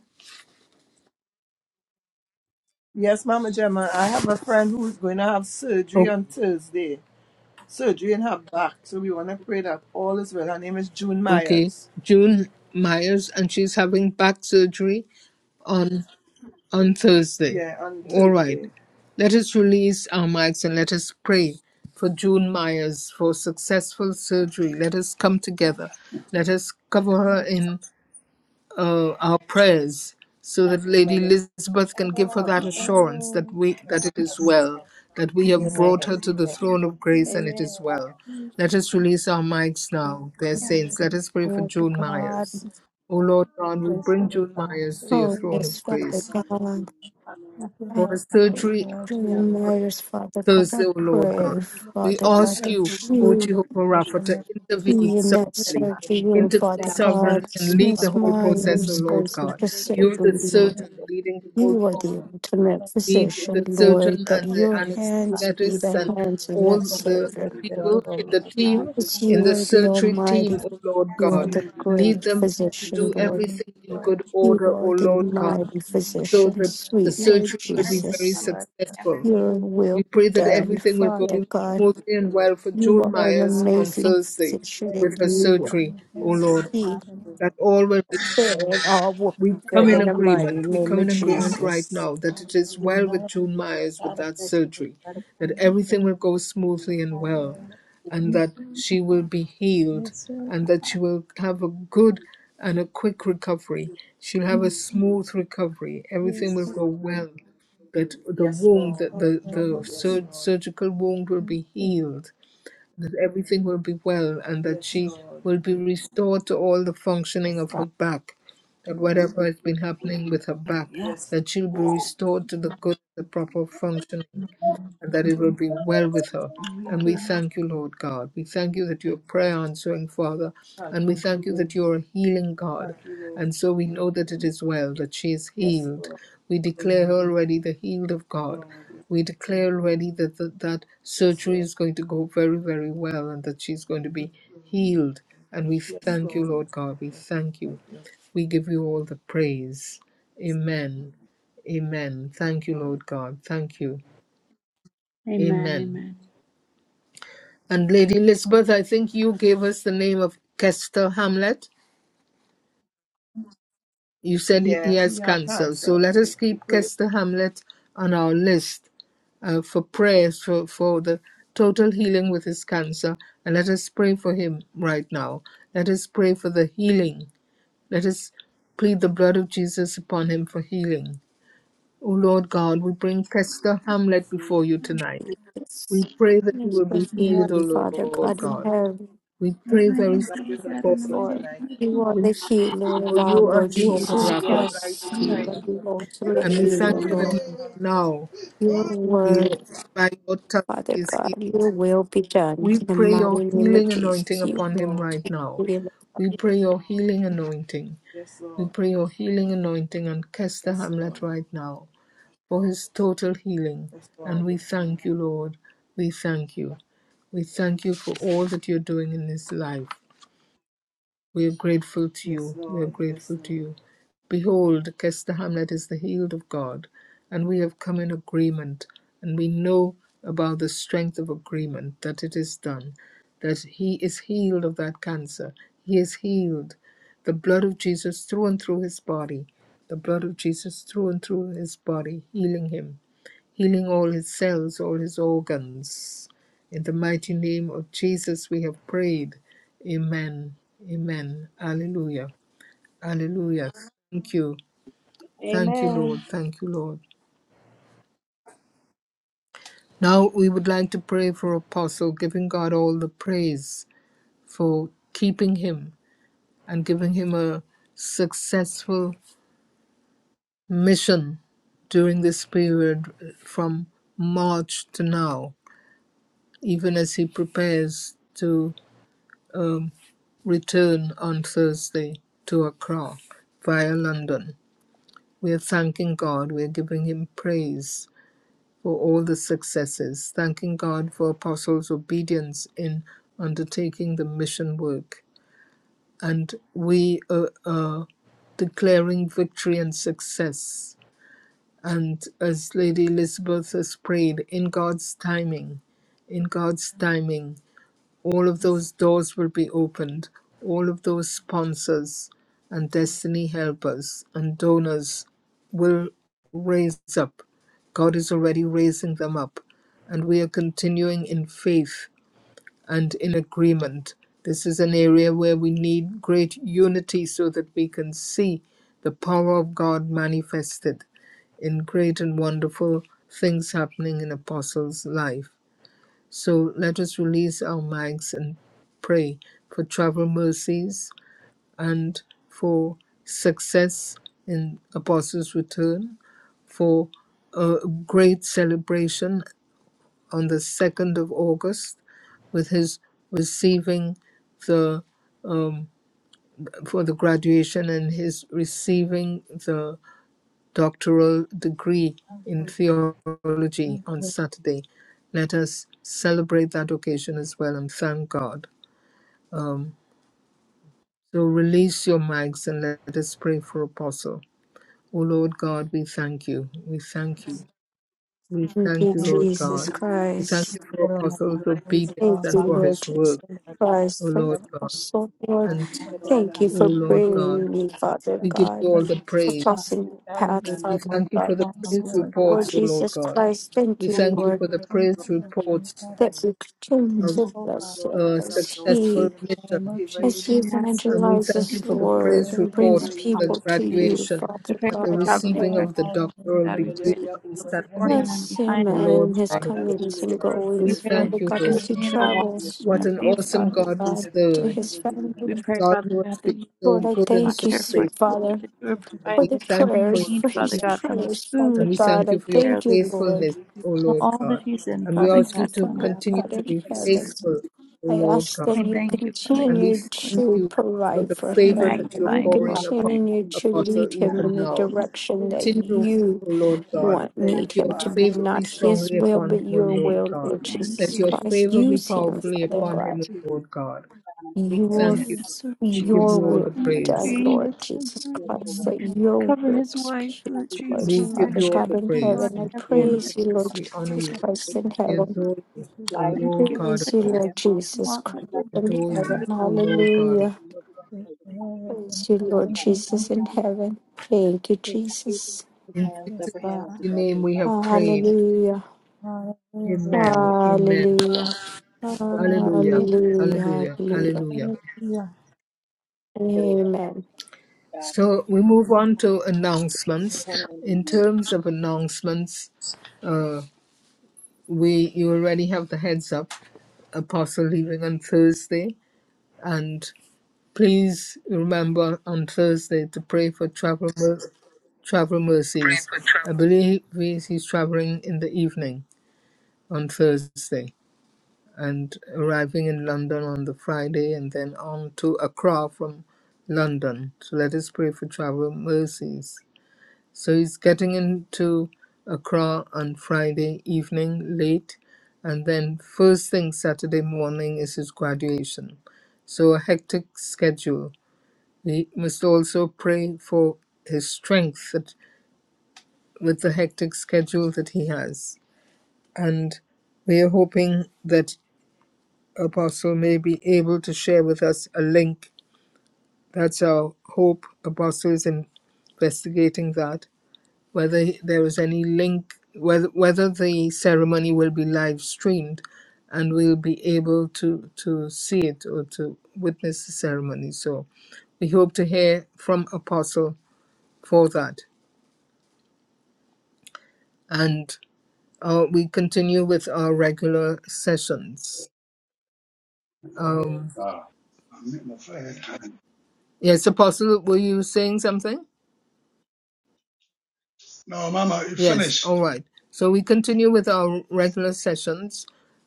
Speaker 5: Yes, Mama Gemma, I have a friend who's going to have surgery
Speaker 1: Okay.
Speaker 5: on Thursday. Surgery in her back. So we want to pray that all is well. Her name is June
Speaker 1: Okay.
Speaker 5: Myers.
Speaker 1: June Myers, and she's having back surgery on on Thursday.
Speaker 5: Yeah, on
Speaker 1: All right.
Speaker 5: Thursday.
Speaker 1: Let us release our mics and let us pray for June Myers for successful surgery. Let us come together. Let us cover
Speaker 10: we
Speaker 1: her
Speaker 10: have.
Speaker 1: in. uh, our prayers so that Lady
Speaker 5: Blood of
Speaker 1: Elizabeth can give her that
Speaker 5: cover her.
Speaker 1: assurance that
Speaker 9: Amen.
Speaker 1: we that it is well, that we have
Speaker 10: Yes,
Speaker 2: Yes,
Speaker 1: brought her to the
Speaker 2: yes,
Speaker 1: throne of
Speaker 9: Amen.
Speaker 1: grace and it
Speaker 9: Amen.
Speaker 1: is well. Let us release our mics now, dear
Speaker 10: yes,
Speaker 1: saints. Let us pray for
Speaker 4: Lord
Speaker 1: Joan
Speaker 4: God,
Speaker 1: Myers. O Lord God, we
Speaker 2: yes,
Speaker 1: bring
Speaker 2: Lord
Speaker 1: Joan
Speaker 2: God.
Speaker 1: Myers to your
Speaker 4: oh
Speaker 1: throne
Speaker 4: yes,
Speaker 9: Amen.
Speaker 1: of
Speaker 4: Father
Speaker 1: grace
Speaker 4: God,
Speaker 2: Thank you,
Speaker 1: for
Speaker 4: I
Speaker 1: her
Speaker 2: Lord God. You
Speaker 4: pray.
Speaker 2: can
Speaker 1: surgery.
Speaker 2: want to have more
Speaker 4: Reminders, Father God,
Speaker 1: Thursday,
Speaker 4: I
Speaker 1: O
Speaker 2: people,
Speaker 1: Lord
Speaker 2: God.
Speaker 1: God.
Speaker 4: pray,
Speaker 10: Lord,
Speaker 2: You
Speaker 1: We
Speaker 10: we
Speaker 4: Father
Speaker 2: touch
Speaker 4: God,
Speaker 1: ask you,
Speaker 4: that
Speaker 10: thank you
Speaker 1: O
Speaker 2: my
Speaker 4: you
Speaker 1: Jehovah
Speaker 2: special
Speaker 1: Rapha, to
Speaker 2: nurse,
Speaker 4: be
Speaker 10: just
Speaker 2: Lord
Speaker 1: intervene
Speaker 2: God.
Speaker 4: in that
Speaker 1: sovereignly.
Speaker 10: God,
Speaker 4: surgery room,
Speaker 1: Intervene
Speaker 4: Father
Speaker 2: That
Speaker 10: for
Speaker 4: God.
Speaker 1: sovereignly
Speaker 10: her,
Speaker 1: and lead
Speaker 2: want
Speaker 1: the
Speaker 4: Miss
Speaker 2: to
Speaker 1: whole
Speaker 2: be with
Speaker 1: process, O
Speaker 4: Myers
Speaker 10: for her
Speaker 1: Lord
Speaker 4: goes
Speaker 1: God.
Speaker 4: into
Speaker 10: surgery.
Speaker 1: You're the
Speaker 4: surgery, Lord.
Speaker 1: surgeon leading the whole
Speaker 4: You are
Speaker 1: process.
Speaker 4: the ultimate
Speaker 1: Lead
Speaker 4: physician,
Speaker 1: the
Speaker 4: Lord,
Speaker 1: surgeon
Speaker 4: that
Speaker 1: and the
Speaker 4: your
Speaker 2: you.
Speaker 4: hands be
Speaker 1: anesthetists
Speaker 4: the
Speaker 1: and
Speaker 2: Thank
Speaker 4: hands of
Speaker 1: all
Speaker 2: you
Speaker 4: that
Speaker 2: for
Speaker 1: the
Speaker 2: the
Speaker 10: We
Speaker 2: faithful
Speaker 4: surgeon.
Speaker 1: people in the
Speaker 2: Lord
Speaker 1: team,
Speaker 2: God.
Speaker 4: Because
Speaker 10: thank you
Speaker 1: in
Speaker 4: you
Speaker 1: the
Speaker 4: are the
Speaker 1: surgery team,
Speaker 10: for
Speaker 4: Almighty,
Speaker 10: the
Speaker 1: O Lord
Speaker 4: you
Speaker 10: hands
Speaker 4: are
Speaker 10: of
Speaker 4: the
Speaker 1: God. Lead
Speaker 4: great
Speaker 1: them to
Speaker 10: the
Speaker 4: physician,
Speaker 1: do
Speaker 10: Son of
Speaker 4: Lord.
Speaker 1: everything in
Speaker 2: Lord
Speaker 10: God.
Speaker 1: good
Speaker 10: We
Speaker 4: You
Speaker 1: order, O
Speaker 4: are the
Speaker 1: Lord God
Speaker 4: mighty
Speaker 1: so
Speaker 4: physician,
Speaker 1: that the
Speaker 4: sweet
Speaker 10: pray
Speaker 4: Lord
Speaker 1: surgery
Speaker 10: for
Speaker 1: will be
Speaker 2: Jesus,
Speaker 10: nurses,
Speaker 1: very
Speaker 4: Jesus.
Speaker 10: Father
Speaker 2: Lord God,
Speaker 1: successful.
Speaker 10: everyone.
Speaker 4: Your
Speaker 1: We
Speaker 4: will be
Speaker 1: pray that
Speaker 4: done,
Speaker 1: everything will go
Speaker 4: Father
Speaker 2: yes, Lord God,
Speaker 4: God.
Speaker 1: smoothly and
Speaker 2: it is
Speaker 1: well for
Speaker 4: You
Speaker 1: June
Speaker 2: the
Speaker 4: are an
Speaker 1: Myers on
Speaker 4: amazing
Speaker 1: Thursday
Speaker 4: physician,
Speaker 1: with
Speaker 2: greatest
Speaker 4: and
Speaker 1: her
Speaker 4: you
Speaker 2: honor
Speaker 4: are
Speaker 1: surgery,
Speaker 2: and
Speaker 1: O
Speaker 2: thanks
Speaker 1: Lord.
Speaker 2: for
Speaker 4: the
Speaker 2: God and
Speaker 1: That all will be
Speaker 2: for
Speaker 4: and all will
Speaker 1: we
Speaker 4: be
Speaker 1: come
Speaker 4: good
Speaker 1: in
Speaker 2: God.
Speaker 4: in the mighty
Speaker 1: agreement. We
Speaker 4: name
Speaker 1: come
Speaker 4: of
Speaker 1: in agreement right
Speaker 4: Jesus.
Speaker 1: now that it is
Speaker 2: We
Speaker 1: well with
Speaker 2: know
Speaker 1: June Myers
Speaker 2: the
Speaker 1: with
Speaker 2: side
Speaker 1: that
Speaker 2: effects of
Speaker 1: surgery,
Speaker 2: anybody.
Speaker 1: that
Speaker 2: can
Speaker 1: everything will go
Speaker 2: take.
Speaker 1: smoothly and
Speaker 2: Mighty
Speaker 1: well,
Speaker 2: name of
Speaker 1: and that she will be healed,
Speaker 2: Jesus, Lord.
Speaker 1: and that she will have a good and a quick recovery. She'll have a smooth recovery. Everything
Speaker 2: yes,
Speaker 1: will
Speaker 2: Lord,
Speaker 1: go well. That the
Speaker 2: yes,
Speaker 1: wound, the,
Speaker 2: Lord,
Speaker 1: the,
Speaker 2: and
Speaker 1: the sur- surgical wound will
Speaker 2: thank
Speaker 1: be
Speaker 2: you,
Speaker 1: healed that everything will be well and that she
Speaker 2: Jesus.
Speaker 1: will be restored to all the functioning
Speaker 2: yes,
Speaker 1: of her
Speaker 2: God.
Speaker 1: back, that whatever has been happening with her back, that she will be restored to the good, the proper functioning, and that it will be well with her. And we thank you, Lord God. We thank you that you're prayer answering, Father. And we thank you that you're a healing God. And so we know that it is well, that she is healed. We declare her already the healed of God. We declare already that that, that surgery is going to go very, very well and that she's going to be healed. And we thank you, Lord God. We thank you. We give you all the praise. Amen. Amen. Thank you, Lord God. Thank you.
Speaker 10: Amen,
Speaker 1: Amen.
Speaker 10: amen.
Speaker 1: And Lady Elizabeth, I think you gave us the name of Kester Hamlet. You said he
Speaker 5: Yeah,
Speaker 1: has
Speaker 5: he had
Speaker 1: cancer. So
Speaker 5: cancer.
Speaker 1: let
Speaker 5: So
Speaker 1: us keep
Speaker 5: keep praying.
Speaker 1: Kester Hamlet on our list uh, for prayers for, for the total healing with his cancer. And let us pray for him right now. Let us pray for the healing. Let us plead the blood of Jesus upon him for healing. O Lord God, we bring Kester Hamlet before you tonight. We
Speaker 4: Yes,
Speaker 1: pray that he
Speaker 4: yes,
Speaker 1: will
Speaker 4: my
Speaker 1: be
Speaker 10: Yes,
Speaker 1: healed,
Speaker 4: feeling,
Speaker 1: O
Speaker 4: Father
Speaker 1: Lord
Speaker 4: God in
Speaker 1: God.
Speaker 4: heaven.
Speaker 1: We
Speaker 10: in
Speaker 1: pray
Speaker 10: the
Speaker 1: very
Speaker 10: name of
Speaker 1: strongly
Speaker 10: God,
Speaker 1: for
Speaker 10: in the
Speaker 1: you.
Speaker 10: mighty name
Speaker 4: Lord.
Speaker 10: of- Jesus.
Speaker 4: You are
Speaker 1: We
Speaker 4: the
Speaker 1: thank you
Speaker 4: healer of
Speaker 1: for
Speaker 4: our
Speaker 1: you are
Speaker 4: Lord
Speaker 1: Jehovah
Speaker 4: Jesus
Speaker 1: Rapha
Speaker 4: Christ. You are
Speaker 1: healing.
Speaker 4: the ultimate
Speaker 1: And we
Speaker 4: healer,
Speaker 1: thank you that
Speaker 4: Lord.
Speaker 1: even now,
Speaker 4: Your
Speaker 1: you-
Speaker 4: word,
Speaker 1: by your touch,
Speaker 4: Father
Speaker 1: he is
Speaker 4: God, your
Speaker 1: healed.
Speaker 4: will be done.
Speaker 1: We
Speaker 4: In the
Speaker 1: pray your
Speaker 4: mighty name of
Speaker 1: healing anointing
Speaker 4: Jesus, you
Speaker 1: upon him right
Speaker 4: are the
Speaker 1: now. We
Speaker 4: healer.
Speaker 1: pray your healing anointing. We pray your healing anointing on Kester Hamlet right now for his total healing. And we thank you, Lord. We thank you. We thank you for all that you're doing in his life. We are grateful to you. We are grateful to you. Behold, Kester Hamlet is the healed of God, and we have come in agreement, and we know about the strength of agreement that it is done, that he is healed of that cancer. He is healed. The blood of Jesus through and through his body, the blood of Jesus through and through his body, healing him healing all his cells, all his organs. In the mighty name of Jesus, we have prayed. Amen. Amen. Alleluia. Alleluia. Thank you. Thank you, Lord.
Speaker 9: Amen.
Speaker 1: Thank you, Lord. Now we would like to pray for Apostle, giving God all the praise for keeping him and giving him a successful mission during this period uh, from March to now, even as he prepares to uh, return on Thursday to Accra via London. We're thanking God, we're giving Him praise for all the successes, thanking God for apostles' obedience in undertaking the mission work. And we are, are declaring victory and success. And as Lady Elizabeth has prayed, in God's timing, in God's timing. All of those doors will be opened, all of those sponsors and destiny helpers and donors will raise up. God is already raising them up, and we are continuing in faith and in agreement. This is an area where we need great unity so that we can see the power of God manifested in great and wonderful things happening in Apostles' life. So let us release our minds and pray for travel mercies and for success in Apostles' Return, for a great celebration on the 2nd of August with his receiving the um, for the graduation and his receiving doctoral degree in theology
Speaker 2: Thank
Speaker 1: on
Speaker 2: you,
Speaker 1: Saturday. Let us celebrate that occasion as well and thank God. Um, so release your mics and let us pray for Apostle. O Lord God, we thank you. We thank you. We
Speaker 4: Thank
Speaker 1: thank
Speaker 4: you,
Speaker 1: you,
Speaker 2: thank
Speaker 1: Lord
Speaker 2: you,
Speaker 4: Jesus
Speaker 1: God. We thank you
Speaker 4: Christ.
Speaker 1: for
Speaker 2: Lord God.
Speaker 1: Apostle's
Speaker 2: Thank you for
Speaker 1: obedience
Speaker 2: all
Speaker 4: Thank you,
Speaker 2: of
Speaker 1: and
Speaker 2: us,
Speaker 1: for
Speaker 4: Lord
Speaker 1: his
Speaker 4: Jesus
Speaker 1: work,
Speaker 2: Lord God.
Speaker 1: O
Speaker 4: Christ, for
Speaker 1: Lord
Speaker 2: Thank you,
Speaker 1: God.
Speaker 4: also, Lord.
Speaker 1: And,
Speaker 2: Lord God.
Speaker 4: Thank you
Speaker 1: O
Speaker 4: for
Speaker 1: Lord
Speaker 2: Jesus.
Speaker 1: God,
Speaker 4: bringing me, Father
Speaker 2: God.
Speaker 1: we give you
Speaker 4: God,
Speaker 1: all
Speaker 2: Thank you,
Speaker 1: the
Speaker 4: for
Speaker 1: praise.
Speaker 2: God,
Speaker 4: crossing
Speaker 2: for
Speaker 4: the path,
Speaker 2: celebrating
Speaker 1: We
Speaker 4: Father
Speaker 2: mercy
Speaker 1: thank you for
Speaker 4: God.
Speaker 1: the
Speaker 2: upon our
Speaker 1: praise
Speaker 2: Lord
Speaker 4: Lord
Speaker 1: reports,
Speaker 2: God.
Speaker 1: O
Speaker 2: Jesus,
Speaker 1: Lord
Speaker 4: Jesus
Speaker 1: God.
Speaker 4: Christ, thank
Speaker 1: We
Speaker 4: you,
Speaker 1: thank you
Speaker 4: Lord.
Speaker 1: for
Speaker 2: the
Speaker 1: the
Speaker 2: Son of
Speaker 1: praise
Speaker 2: God, and the
Speaker 1: reports
Speaker 2: Son of God, I
Speaker 4: that returns
Speaker 1: of
Speaker 4: of
Speaker 2: pray, Father,
Speaker 4: bless
Speaker 2: Lord,
Speaker 1: a
Speaker 4: as
Speaker 1: successful
Speaker 4: he
Speaker 2: in the name
Speaker 1: mission.
Speaker 2: of
Speaker 4: as
Speaker 2: Jesus.
Speaker 4: he
Speaker 10: Yes,
Speaker 1: And
Speaker 10: Father
Speaker 1: we
Speaker 10: God,
Speaker 1: thank you
Speaker 4: evangelizes,
Speaker 1: for the
Speaker 4: Lord,
Speaker 1: praise
Speaker 4: and
Speaker 2: In
Speaker 10: we pray
Speaker 1: report
Speaker 10: for
Speaker 4: brings
Speaker 2: whom
Speaker 1: of the
Speaker 2: it
Speaker 4: people
Speaker 2: is
Speaker 4: to
Speaker 2: done,
Speaker 10: help.
Speaker 2: God,
Speaker 4: you,
Speaker 1: graduation
Speaker 2: in the
Speaker 10: We
Speaker 4: Father
Speaker 10: pray
Speaker 1: and
Speaker 10: for
Speaker 1: the
Speaker 4: God in
Speaker 10: traveling
Speaker 1: receiving
Speaker 2: name of
Speaker 10: mercies.
Speaker 4: heaven.
Speaker 1: of the
Speaker 2: Jesus,
Speaker 10: Lord
Speaker 1: doctoral
Speaker 10: God, we pray
Speaker 1: degree
Speaker 10: that you
Speaker 1: on
Speaker 10: go before
Speaker 1: Saturday.
Speaker 10: him and
Speaker 4: Bless
Speaker 10: behind
Speaker 2: Lord
Speaker 4: him
Speaker 1: O
Speaker 2: God,
Speaker 10: him and
Speaker 1: Lord
Speaker 4: and his
Speaker 10: beside
Speaker 1: God of
Speaker 2: we thank
Speaker 10: him.
Speaker 2: you, Lord God, and we really thank you,
Speaker 4: comings
Speaker 1: hosts.
Speaker 4: and
Speaker 2: Jesus.
Speaker 1: We
Speaker 10: We
Speaker 4: goings,
Speaker 10: pray that you
Speaker 4: Father
Speaker 1: thank you,
Speaker 10: would
Speaker 4: God, as
Speaker 1: Lord.
Speaker 2: Hallelujah,
Speaker 4: he
Speaker 10: continue to walk
Speaker 2: Lord
Speaker 4: travels
Speaker 10: with him
Speaker 1: What
Speaker 10: and
Speaker 2: God.
Speaker 1: an
Speaker 4: back,
Speaker 10: be with
Speaker 1: awesome
Speaker 10: him,
Speaker 4: Father
Speaker 1: God we
Speaker 4: God, to
Speaker 2: Thank
Speaker 1: serve.
Speaker 10: Lord.
Speaker 2: you,
Speaker 4: his
Speaker 2: Jesus.
Speaker 1: A
Speaker 10: We
Speaker 4: family.
Speaker 10: pray,
Speaker 1: God
Speaker 10: Father
Speaker 1: who
Speaker 10: God,
Speaker 1: has been
Speaker 10: that you would
Speaker 1: so
Speaker 4: Lord,
Speaker 10: be
Speaker 4: I
Speaker 1: good and
Speaker 4: thank
Speaker 1: so
Speaker 4: you,
Speaker 10: provider for
Speaker 4: sweet
Speaker 10: him,
Speaker 1: faithful.
Speaker 4: Father,
Speaker 10: that you would
Speaker 2: Thank you,
Speaker 1: And
Speaker 10: provide
Speaker 4: for
Speaker 1: we
Speaker 4: the
Speaker 10: his
Speaker 1: thank you
Speaker 10: every
Speaker 1: for
Speaker 4: prayers,
Speaker 1: your
Speaker 10: need,
Speaker 4: for
Speaker 10: Father
Speaker 4: his
Speaker 1: goodness
Speaker 2: Lord God.
Speaker 10: God, from his
Speaker 4: prayers, Father
Speaker 1: And
Speaker 10: food
Speaker 1: we
Speaker 10: to
Speaker 4: God.
Speaker 10: his
Speaker 1: thank you
Speaker 4: I
Speaker 1: for your
Speaker 10: care,
Speaker 4: thank you,
Speaker 10: Lord.
Speaker 4: Lord.
Speaker 1: faithfulness, O
Speaker 10: To
Speaker 1: Lord
Speaker 10: all
Speaker 1: God.
Speaker 10: that he's in,
Speaker 1: And we
Speaker 10: Father
Speaker 1: ask
Speaker 4: Thank
Speaker 1: you
Speaker 4: you,
Speaker 10: God, in
Speaker 1: to
Speaker 10: the name
Speaker 4: Father
Speaker 1: continue
Speaker 11: Bless
Speaker 4: God
Speaker 10: of
Speaker 1: to
Speaker 4: in
Speaker 1: be
Speaker 11: the good
Speaker 10: Jesus.
Speaker 4: heaven.
Speaker 11: and
Speaker 1: faithful, O
Speaker 4: I
Speaker 1: Lord
Speaker 4: ask
Speaker 1: God.
Speaker 4: that
Speaker 10: I
Speaker 4: you
Speaker 10: thank you, Father
Speaker 1: And we
Speaker 4: continue
Speaker 10: God.
Speaker 1: thank
Speaker 4: to
Speaker 1: you for
Speaker 4: provide
Speaker 1: the
Speaker 4: for
Speaker 10: We
Speaker 1: favor
Speaker 4: him, and
Speaker 1: that you
Speaker 4: that
Speaker 1: are
Speaker 10: magnify
Speaker 2: I
Speaker 4: you
Speaker 10: and
Speaker 1: pouring
Speaker 11: healthy
Speaker 1: upon
Speaker 11: and
Speaker 10: glorify
Speaker 4: continue
Speaker 11: loving
Speaker 4: to
Speaker 11: community
Speaker 10: your name,
Speaker 1: Apostle
Speaker 4: lead
Speaker 11: of
Speaker 4: him
Speaker 11: us
Speaker 10: God.
Speaker 1: even
Speaker 4: in the
Speaker 11: who
Speaker 1: now.
Speaker 11: have
Speaker 10: Oh,
Speaker 11: faith
Speaker 4: direction
Speaker 10: yes.
Speaker 2: really thank
Speaker 4: that
Speaker 2: you, Jesus.
Speaker 1: Continue,
Speaker 11: and
Speaker 4: you
Speaker 1: O
Speaker 11: people
Speaker 10: Thank
Speaker 1: Lord
Speaker 11: who
Speaker 10: you.
Speaker 1: God.
Speaker 11: are in
Speaker 4: want,
Speaker 1: Let
Speaker 2: Jesus,
Speaker 4: need
Speaker 11: guiding
Speaker 4: him
Speaker 1: your
Speaker 11: you
Speaker 4: to
Speaker 2: Jesus,
Speaker 4: be,
Speaker 1: favor be
Speaker 4: not his
Speaker 11: together
Speaker 1: strongly
Speaker 4: will,
Speaker 11: from
Speaker 1: upon
Speaker 4: but
Speaker 1: him,
Speaker 11: the
Speaker 1: O
Speaker 4: your
Speaker 11: good and
Speaker 10: Thank
Speaker 1: Lord
Speaker 4: will,
Speaker 11: God and
Speaker 1: God.
Speaker 4: Lord
Speaker 11: the
Speaker 10: you,
Speaker 11: good.
Speaker 10: thank
Speaker 2: thank
Speaker 4: Jesus
Speaker 10: you,
Speaker 1: Let
Speaker 2: you,
Speaker 1: your
Speaker 10: thank
Speaker 2: Jesus,
Speaker 4: Christ.
Speaker 1: favor
Speaker 11: We
Speaker 10: you,
Speaker 1: be
Speaker 4: Use him,
Speaker 11: continue to
Speaker 1: powerfully
Speaker 11: pray
Speaker 4: Father
Speaker 10: thank
Speaker 2: Lord,
Speaker 11: with
Speaker 2: I
Speaker 1: upon
Speaker 11: the
Speaker 4: God.
Speaker 1: him, O
Speaker 11: energy
Speaker 1: Lord
Speaker 11: and
Speaker 1: God.
Speaker 11: to God and to the Lord.
Speaker 1: We
Speaker 2: pray
Speaker 4: Your
Speaker 10: you.
Speaker 1: thank
Speaker 2: for
Speaker 1: you.
Speaker 2: you,
Speaker 10: Yes, Lord
Speaker 1: We give
Speaker 10: Jesus.
Speaker 4: your
Speaker 1: you all
Speaker 2: Lord
Speaker 4: will
Speaker 1: the
Speaker 10: And
Speaker 2: God.
Speaker 4: be
Speaker 10: I
Speaker 4: done,
Speaker 1: praise.
Speaker 10: agree
Speaker 4: Lord
Speaker 10: with
Speaker 4: Jesus
Speaker 2: In
Speaker 4: Christ.
Speaker 2: the
Speaker 4: That
Speaker 2: name of
Speaker 4: your
Speaker 10: Cover his
Speaker 4: words be
Speaker 10: wife,
Speaker 11: I
Speaker 10: Lord
Speaker 4: his
Speaker 11: think there's
Speaker 2: Jesus,
Speaker 10: Jesus,
Speaker 4: words,
Speaker 1: We
Speaker 11: one
Speaker 10: and their
Speaker 1: give
Speaker 4: Father
Speaker 2: Lord
Speaker 1: you all
Speaker 4: God
Speaker 11: else.
Speaker 1: the
Speaker 10: children,
Speaker 4: in
Speaker 10: Lord,
Speaker 1: praise.
Speaker 4: heaven.
Speaker 1: We
Speaker 4: I
Speaker 10: and
Speaker 1: give you
Speaker 10: every
Speaker 1: all the
Speaker 10: endeavor,
Speaker 4: praise you,
Speaker 1: praise.
Speaker 10: Father
Speaker 4: Lord
Speaker 1: We honor
Speaker 4: Jesus
Speaker 1: you.
Speaker 10: God.
Speaker 2: God.
Speaker 4: Christ
Speaker 11: We
Speaker 4: in
Speaker 11: thank
Speaker 1: We
Speaker 11: you
Speaker 4: heaven.
Speaker 11: for
Speaker 1: adore
Speaker 11: this
Speaker 2: Thank
Speaker 1: you,
Speaker 2: you,
Speaker 1: O
Speaker 11: life.
Speaker 10: Thank
Speaker 1: Lord
Speaker 11: We
Speaker 10: you,
Speaker 11: thank
Speaker 1: God
Speaker 11: you
Speaker 1: of
Speaker 4: Praise
Speaker 10: Father
Speaker 4: you,
Speaker 11: for
Speaker 10: God.
Speaker 1: hosts.
Speaker 4: Lord
Speaker 11: him
Speaker 4: Jesus
Speaker 2: Jesus.
Speaker 10: Walk with
Speaker 4: Christ
Speaker 10: us,
Speaker 11: blessing
Speaker 4: in
Speaker 11: us
Speaker 10: be
Speaker 1: Adore
Speaker 10: with
Speaker 4: heaven.
Speaker 1: you,
Speaker 10: her.
Speaker 1: O Lord
Speaker 11: with
Speaker 1: God of
Speaker 4: Hallelujah.
Speaker 11: one
Speaker 1: hosts.
Speaker 11: more
Speaker 2: We
Speaker 11: under the couch.
Speaker 2: glorify
Speaker 4: Praise you,
Speaker 2: and
Speaker 11: This
Speaker 4: Lord
Speaker 2: honor
Speaker 11: time,
Speaker 4: Jesus
Speaker 2: you,
Speaker 11: Father
Speaker 4: in
Speaker 11: God.
Speaker 4: heaven. Thank you,
Speaker 11: We thank you
Speaker 4: Jesus.
Speaker 11: for
Speaker 1: In
Speaker 11: hands
Speaker 1: Jesus'
Speaker 2: yes,
Speaker 11: over him
Speaker 2: God.
Speaker 11: as he
Speaker 1: mighty name
Speaker 11: graduates
Speaker 1: we
Speaker 11: August
Speaker 1: have
Speaker 11: 2nd.
Speaker 1: prayed.
Speaker 11: And
Speaker 4: Hallelujah.
Speaker 11: we
Speaker 2: Hallelujah.
Speaker 1: Amen.
Speaker 11: celebration of his
Speaker 1: Amen.
Speaker 11: faith,
Speaker 4: Hallelujah.
Speaker 11: which is the
Speaker 1: Hallelujah.
Speaker 2: Hallelujah.
Speaker 11: same as
Speaker 4: Hallelujah.
Speaker 1: Hallelujah.
Speaker 11: the
Speaker 4: Hallelujah.
Speaker 11: day,
Speaker 1: Hallelujah.
Speaker 2: Hallelujah.
Speaker 11: the glory of the
Speaker 4: Amen.
Speaker 11: God.
Speaker 1: So we move on to
Speaker 11: And
Speaker 1: announcements.
Speaker 11: you've only been In your holy name,
Speaker 1: In
Speaker 11: amen.
Speaker 1: terms of announcements, uh, we you already have the heads up. Apostle leaving on Thursday, and. Please remember on Thursday to pray for travel, mer- travel mercies. I believe he- he's traveling in the evening on Thursday and arriving in London on the Friday and then on to Accra from London. So let us pray for travel mercies. So he's getting into Accra on Friday evening late and then first thing Saturday morning is his graduation. So a hectic schedule we must also pray for his strength that, with the hectic schedule that he has. And we are hoping that Apostle may be able to share with us a link. That's our hope. Apostle is investigating that, whether there is any link, whether, whether the ceremony will be live streamed and we'll be able to, to see it or to witness the ceremony. So we hope to hear from Apostle for that. and uh, we continue with our regular sessions. Um,
Speaker 12: Ah, I'm in the fire.
Speaker 1: yes, Apostle, were you saying something?
Speaker 12: No, Mama, you
Speaker 1: Yes, all
Speaker 12: finished.
Speaker 1: right. So we continue with our regular sessions.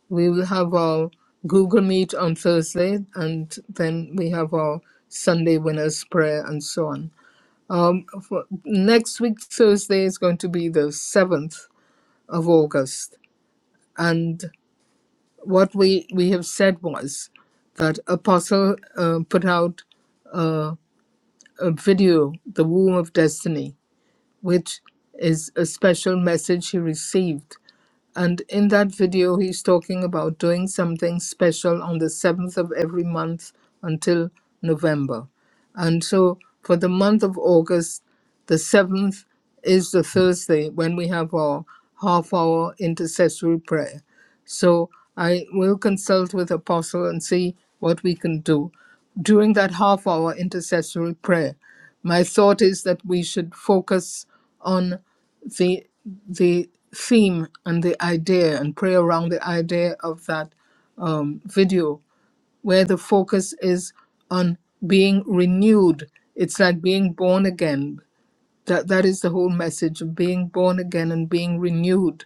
Speaker 1: We will have our Google Meet on Thursday, and then we have our Sunday winners prayer and so on. Um, for next week, Thursday is going to be the 7th of August. And what we, we have said was that Apostle uh, put out a a video, The Womb of Destiny, which is a special message he received. And in that video, he's talking about doing something special on the 7th of every month until November. And so for the month of August, the 7th is the Thursday when we have our half hour intercessory prayer. So I will consult with Apostle and see what we can do. During that half hour intercessory prayer, my thought is that we should focus on the, the theme and the idea and pray around the idea of that um, video where the focus is on being renewed. It's like being born again. That that is the whole message of being born again and being renewed.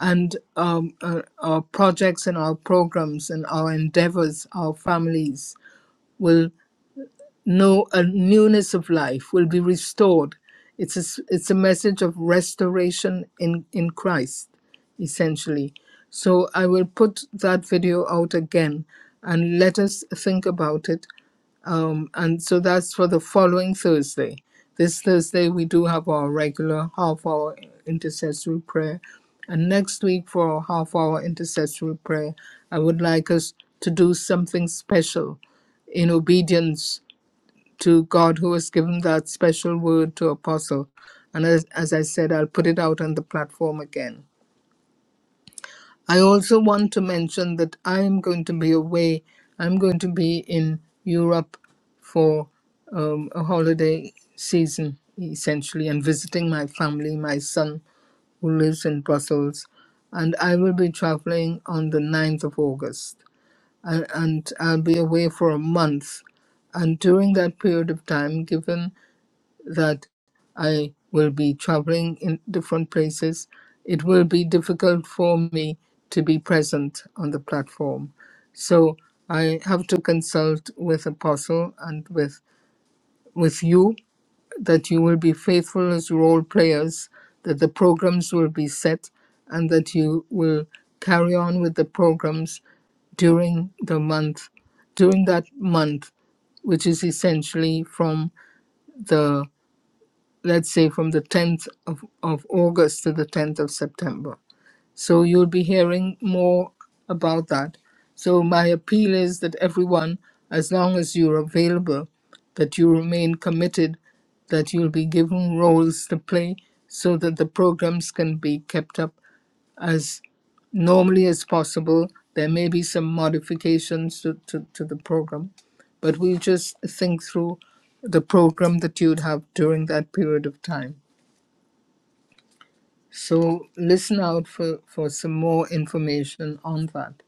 Speaker 1: And um, uh, our projects and our programs and our endeavors, our families will no a newness of life will be restored it's a, s- it's a message of restoration in in christ essentially so i will put that video out again and let us think about it um, and so that's for the following thursday this thursday we do have our regular half hour intercessory prayer and next week for our half hour intercessory prayer i would like us to do something special in obedience to God who has given that special word to Apostle. And as, as I said, I'll put it out on the platform again. I also want to mention that I am going to be away. I'm going to be in Europe for um, a holiday season, essentially, and visiting my family, my son who lives in Brussels. And I will be traveling on the ninth of August. And, and I'll be away for a month. And during that period of time, given that I will be traveling in different places, it will be difficult for me to be present on the platform. So I have to consult with Apostle and with with you that you will be faithful as role players, that the programs will be set, and that you will carry on with the programs during the month, during that month, which is essentially from the let's say from the 10th of, of August to the 10th of September. So you'll be hearing more about that. So my appeal is that everyone, as long as you're available, that you remain committed, that you'll be given roles to play so that the programs can be kept up as normally as possible. There may be some modifications to, to, to the program, but we just think through the program that you'd have during that period of time. So listen out for, for some more information on that.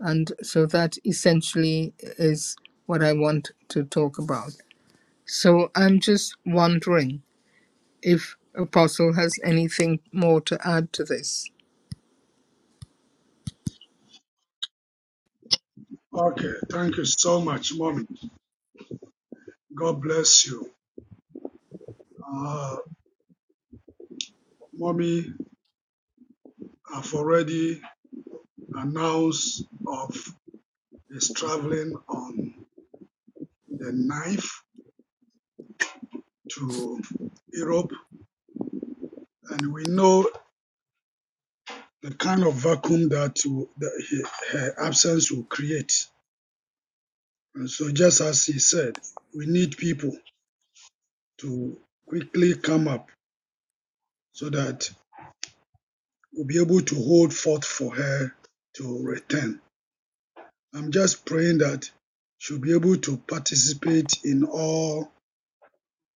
Speaker 1: And so that essentially is what I want to talk about. So I'm just wondering if Apostle has anything more to add to this.
Speaker 12: Okay, thank you so much, Mommy. God bless you. Uh, Mommy have already announced of his traveling on the 9th to Europe, and we know the kind of vacuum that, will, that he- her absence will create. And so, just as he said, we need people to quickly come up so that will be able to hold forth for her to return. I'm just praying that she'll be able to participate in all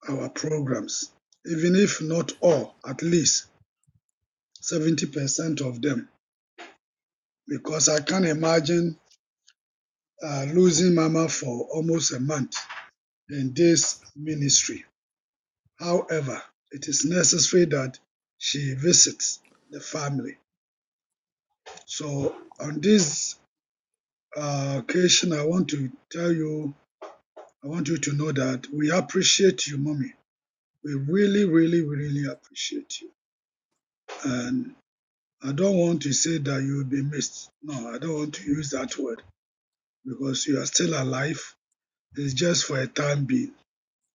Speaker 12: our programs, even if not all, at least 70% of them, because I can't imagine uh, losing Mama for almost a month in this ministry. However, it is necessary that she visits the family. So, on this uh, occasion, I want to tell you I want you to know that we appreciate you, mommy. We really, really, really appreciate you. And I don't want to say that you will be missed. No, I don't want to use that word because you are still alive. It's just for a time being.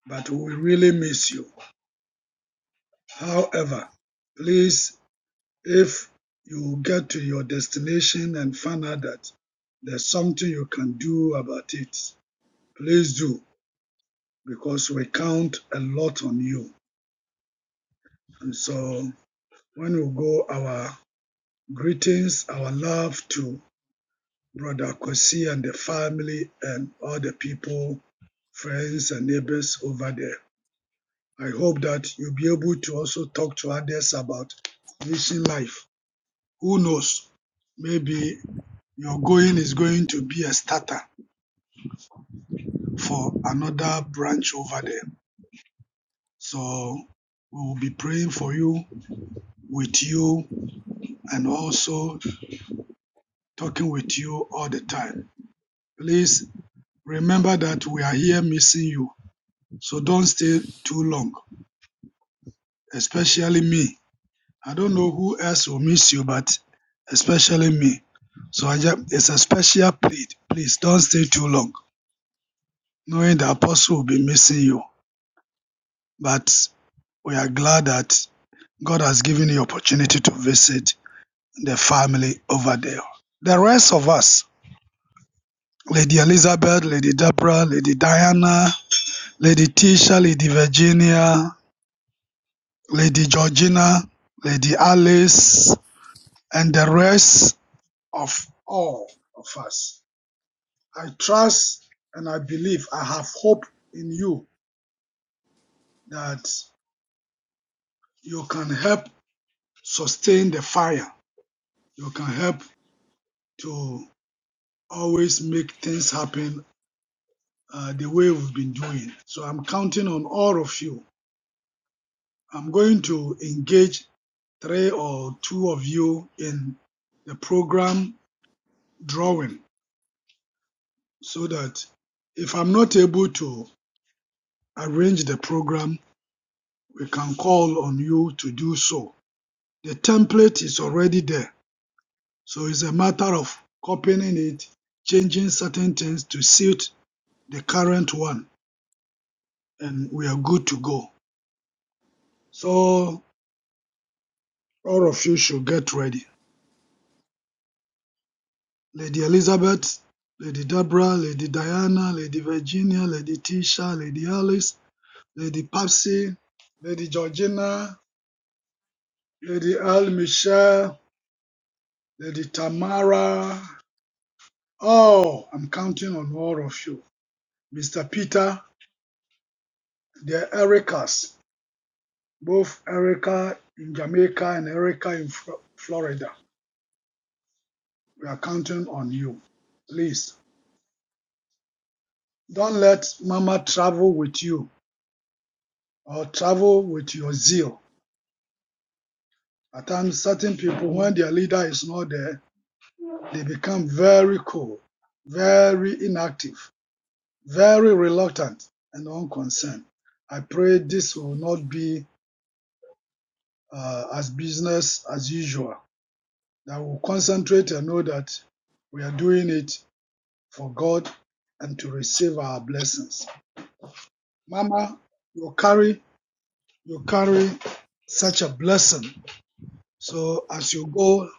Speaker 12: But we really miss you. However, please, if you get to your destination and find out that there's something you can do about it, please do because we count a lot on you. And so When we go, our greetings, our love to Brother Kosi and the family and all the people, friends and neighbors over there. I hope that you'll be able to also talk to others about mission life. Who knows? Maybe your going is going to be a starter for another branch over there. So we will be praying for you, with you, and also talking with you all the time. Please Remember that we are here missing you, so don't stay too long, especially me. I don't know who else will miss you, but especially me. So I just, it's a special plea. Please don't stay too long, knowing the apostle will be missing you. But we are glad that God has given you opportunity to visit the family over there. The rest of us, Lady Elizabeth, Lady Deborah, Lady Diana, Lady Tisha, Lady Virginia, Lady Georgina, Lady Alice, and the rest of all of us. I trust and I believe, I have hope in you that you can help sustain the fire. You can help to always make things happen uh, the way we've been doing. So I'm counting on all of you. I'm going to engage three or two of you in the program drawing so that if I'm not able to arrange the program, we can call on you to do so. The template is already there. So it's a matter of copying it, changing certain things to suit the current one, and we are good to go. So all of you should get ready. Lady Elizabeth, Lady Deborah, Lady Diana, Lady Virginia, Lady Tisha, Lady Alice, Lady Papsy, Lady Georgina, Lady Al Michelle, Lady Tamara. Oh, I'm counting on all of you. Mr. Peter, the Ericas, both Erica in Jamaica and Erica in Flo- Florida. We are counting on you. Please don't let Mama travel with you or travel with your zeal. At times, certain people, when their leader is not there, they become very cool, very inactive, very reluctant, and unconcerned. I pray this will not be uh, as business as usual, that we concentrate and know that we are doing it for God and to receive our blessings. Mama, you carry, you carry such a blessing. So as you go,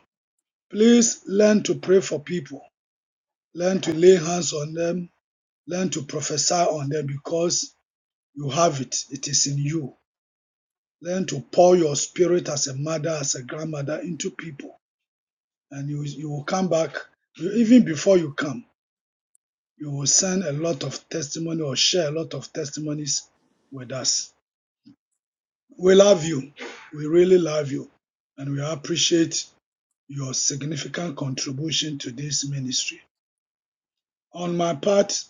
Speaker 12: please learn to pray for people. Learn to lay hands on them. Learn to prophesy on them because you have it. It is in you. Learn to pour your spirit as a mother, as a grandmother into people and you you will come back you, even before you come you will send a lot of testimony or share a lot of testimonies with us we love you we really love you and we appreciate your significant contribution to this ministry on my part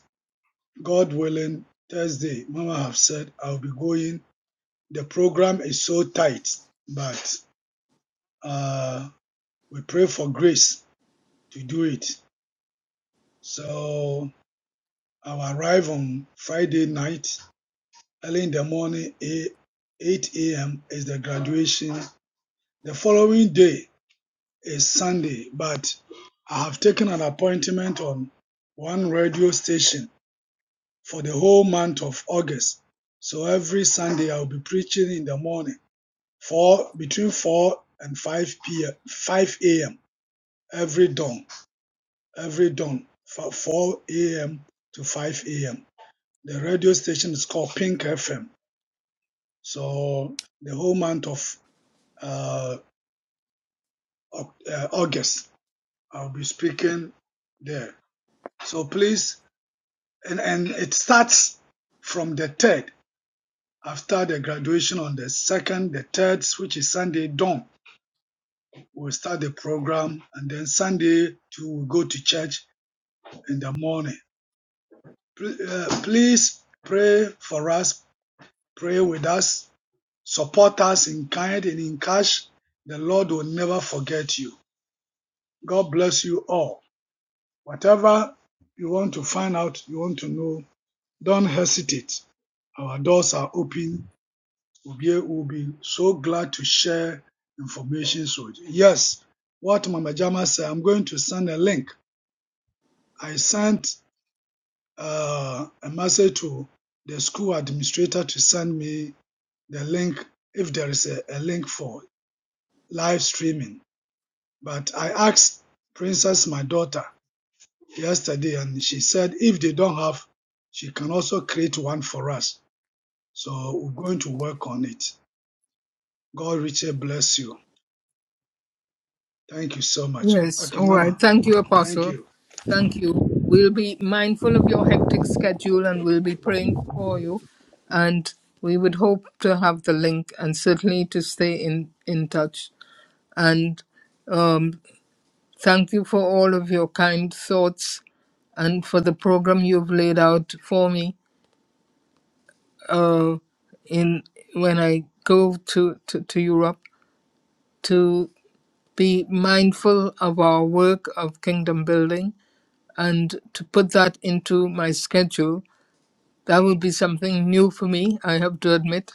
Speaker 12: god willing thursday mama have said i'll be going the program is so tight but uh we pray for grace to do it so I'll arrive on Friday night early in the morning, 8 a.m. is the graduation. The following day is Sunday, but I have taken an appointment on one radio station for the whole month of August. So every Sunday I'll be preaching in the morning, four between 4 and 5 p.m. 5 a.m. every dawn, every dawn, fro- 4 a.m. to 5 a.m. The radio station is called Pink FM. So the whole month of uh, uh, August. I'll be speaking there. So please, and, and it starts from the third. After the graduation on the second, the third, which is Sunday dawn, we'll start the program, and then Sunday to we go to church in the morning. uh, please pray for us, pray with us, support us in kind and in cash. The Lord will never forget you. God bless you all. Whatever you want to find out, you want to know, don't hesitate. Our doors are open. We will be so glad to share information with you. Yes, what Mama Jama said, I'm going to send a link. I sent uh, a message to the school administrator to send me the link if there is a, a link for live streaming. But I asked Princess, my daughter, yesterday and she said if they don't have, she can also create one for us. So we're going to work on it. God richly bless you. Thank you so much.
Speaker 1: Yes,
Speaker 12: Okay,
Speaker 1: all right.
Speaker 12: Mama,
Speaker 1: Thank you,
Speaker 12: thank
Speaker 1: Apostle.
Speaker 12: you.
Speaker 1: Thank you. We'll be mindful of your hectic schedule and we'll be praying for you. And we would hope to have the link and certainly to stay in, in touch. And thank you for all of your kind thoughts and for the program you've laid out for me uh, in when I go to, to, to Europe to be mindful of our work of kingdom building and to put that into my schedule that would be something new for me i have to admit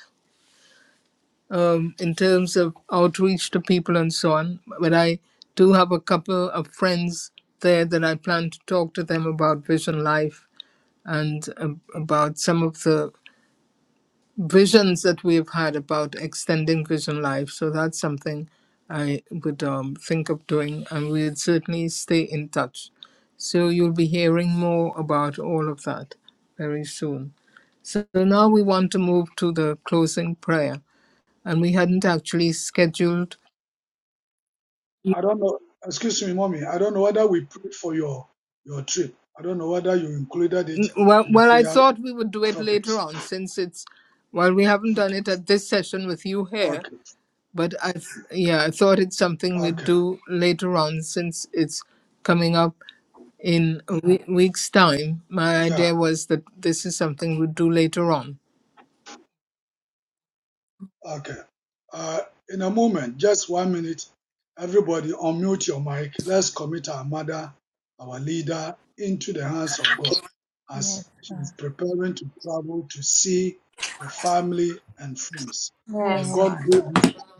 Speaker 1: um, in terms of outreach to people and so on but i do have a couple of friends there that i plan to talk to them about vision life and um, about some of the visions that we've had about extending vision life. So that's something I would um, think of doing, and we'd certainly stay in touch. So you'll be hearing more about all of that very soon. So now we want to move to the closing prayer, and we hadn't actually scheduled.
Speaker 12: I don't know. Excuse me, Mommy. I don't know whether we prayed for your your trip. I don't know whether you included
Speaker 1: n-
Speaker 12: it
Speaker 1: Well,
Speaker 12: in the
Speaker 1: well, I
Speaker 12: prayer
Speaker 1: thought we would do it later
Speaker 12: topics.
Speaker 1: on, since it's. While we haven't done it at this session with you here,
Speaker 12: Okay,
Speaker 1: But I, th- yeah, I thought it's something we'd
Speaker 12: okay.
Speaker 1: do later on since it's coming up in a we- week's time. My
Speaker 12: Yeah.
Speaker 1: idea was that this is something we'd do later on.
Speaker 12: Okay. Uh, in a moment, just one minute, everybody unmute your mic. Let's commit our mother, our leader, into the hands of God
Speaker 2: Yes,
Speaker 12: as she's
Speaker 2: God.
Speaker 12: preparing to travel to see the family and friends. May
Speaker 2: Yes.
Speaker 12: God go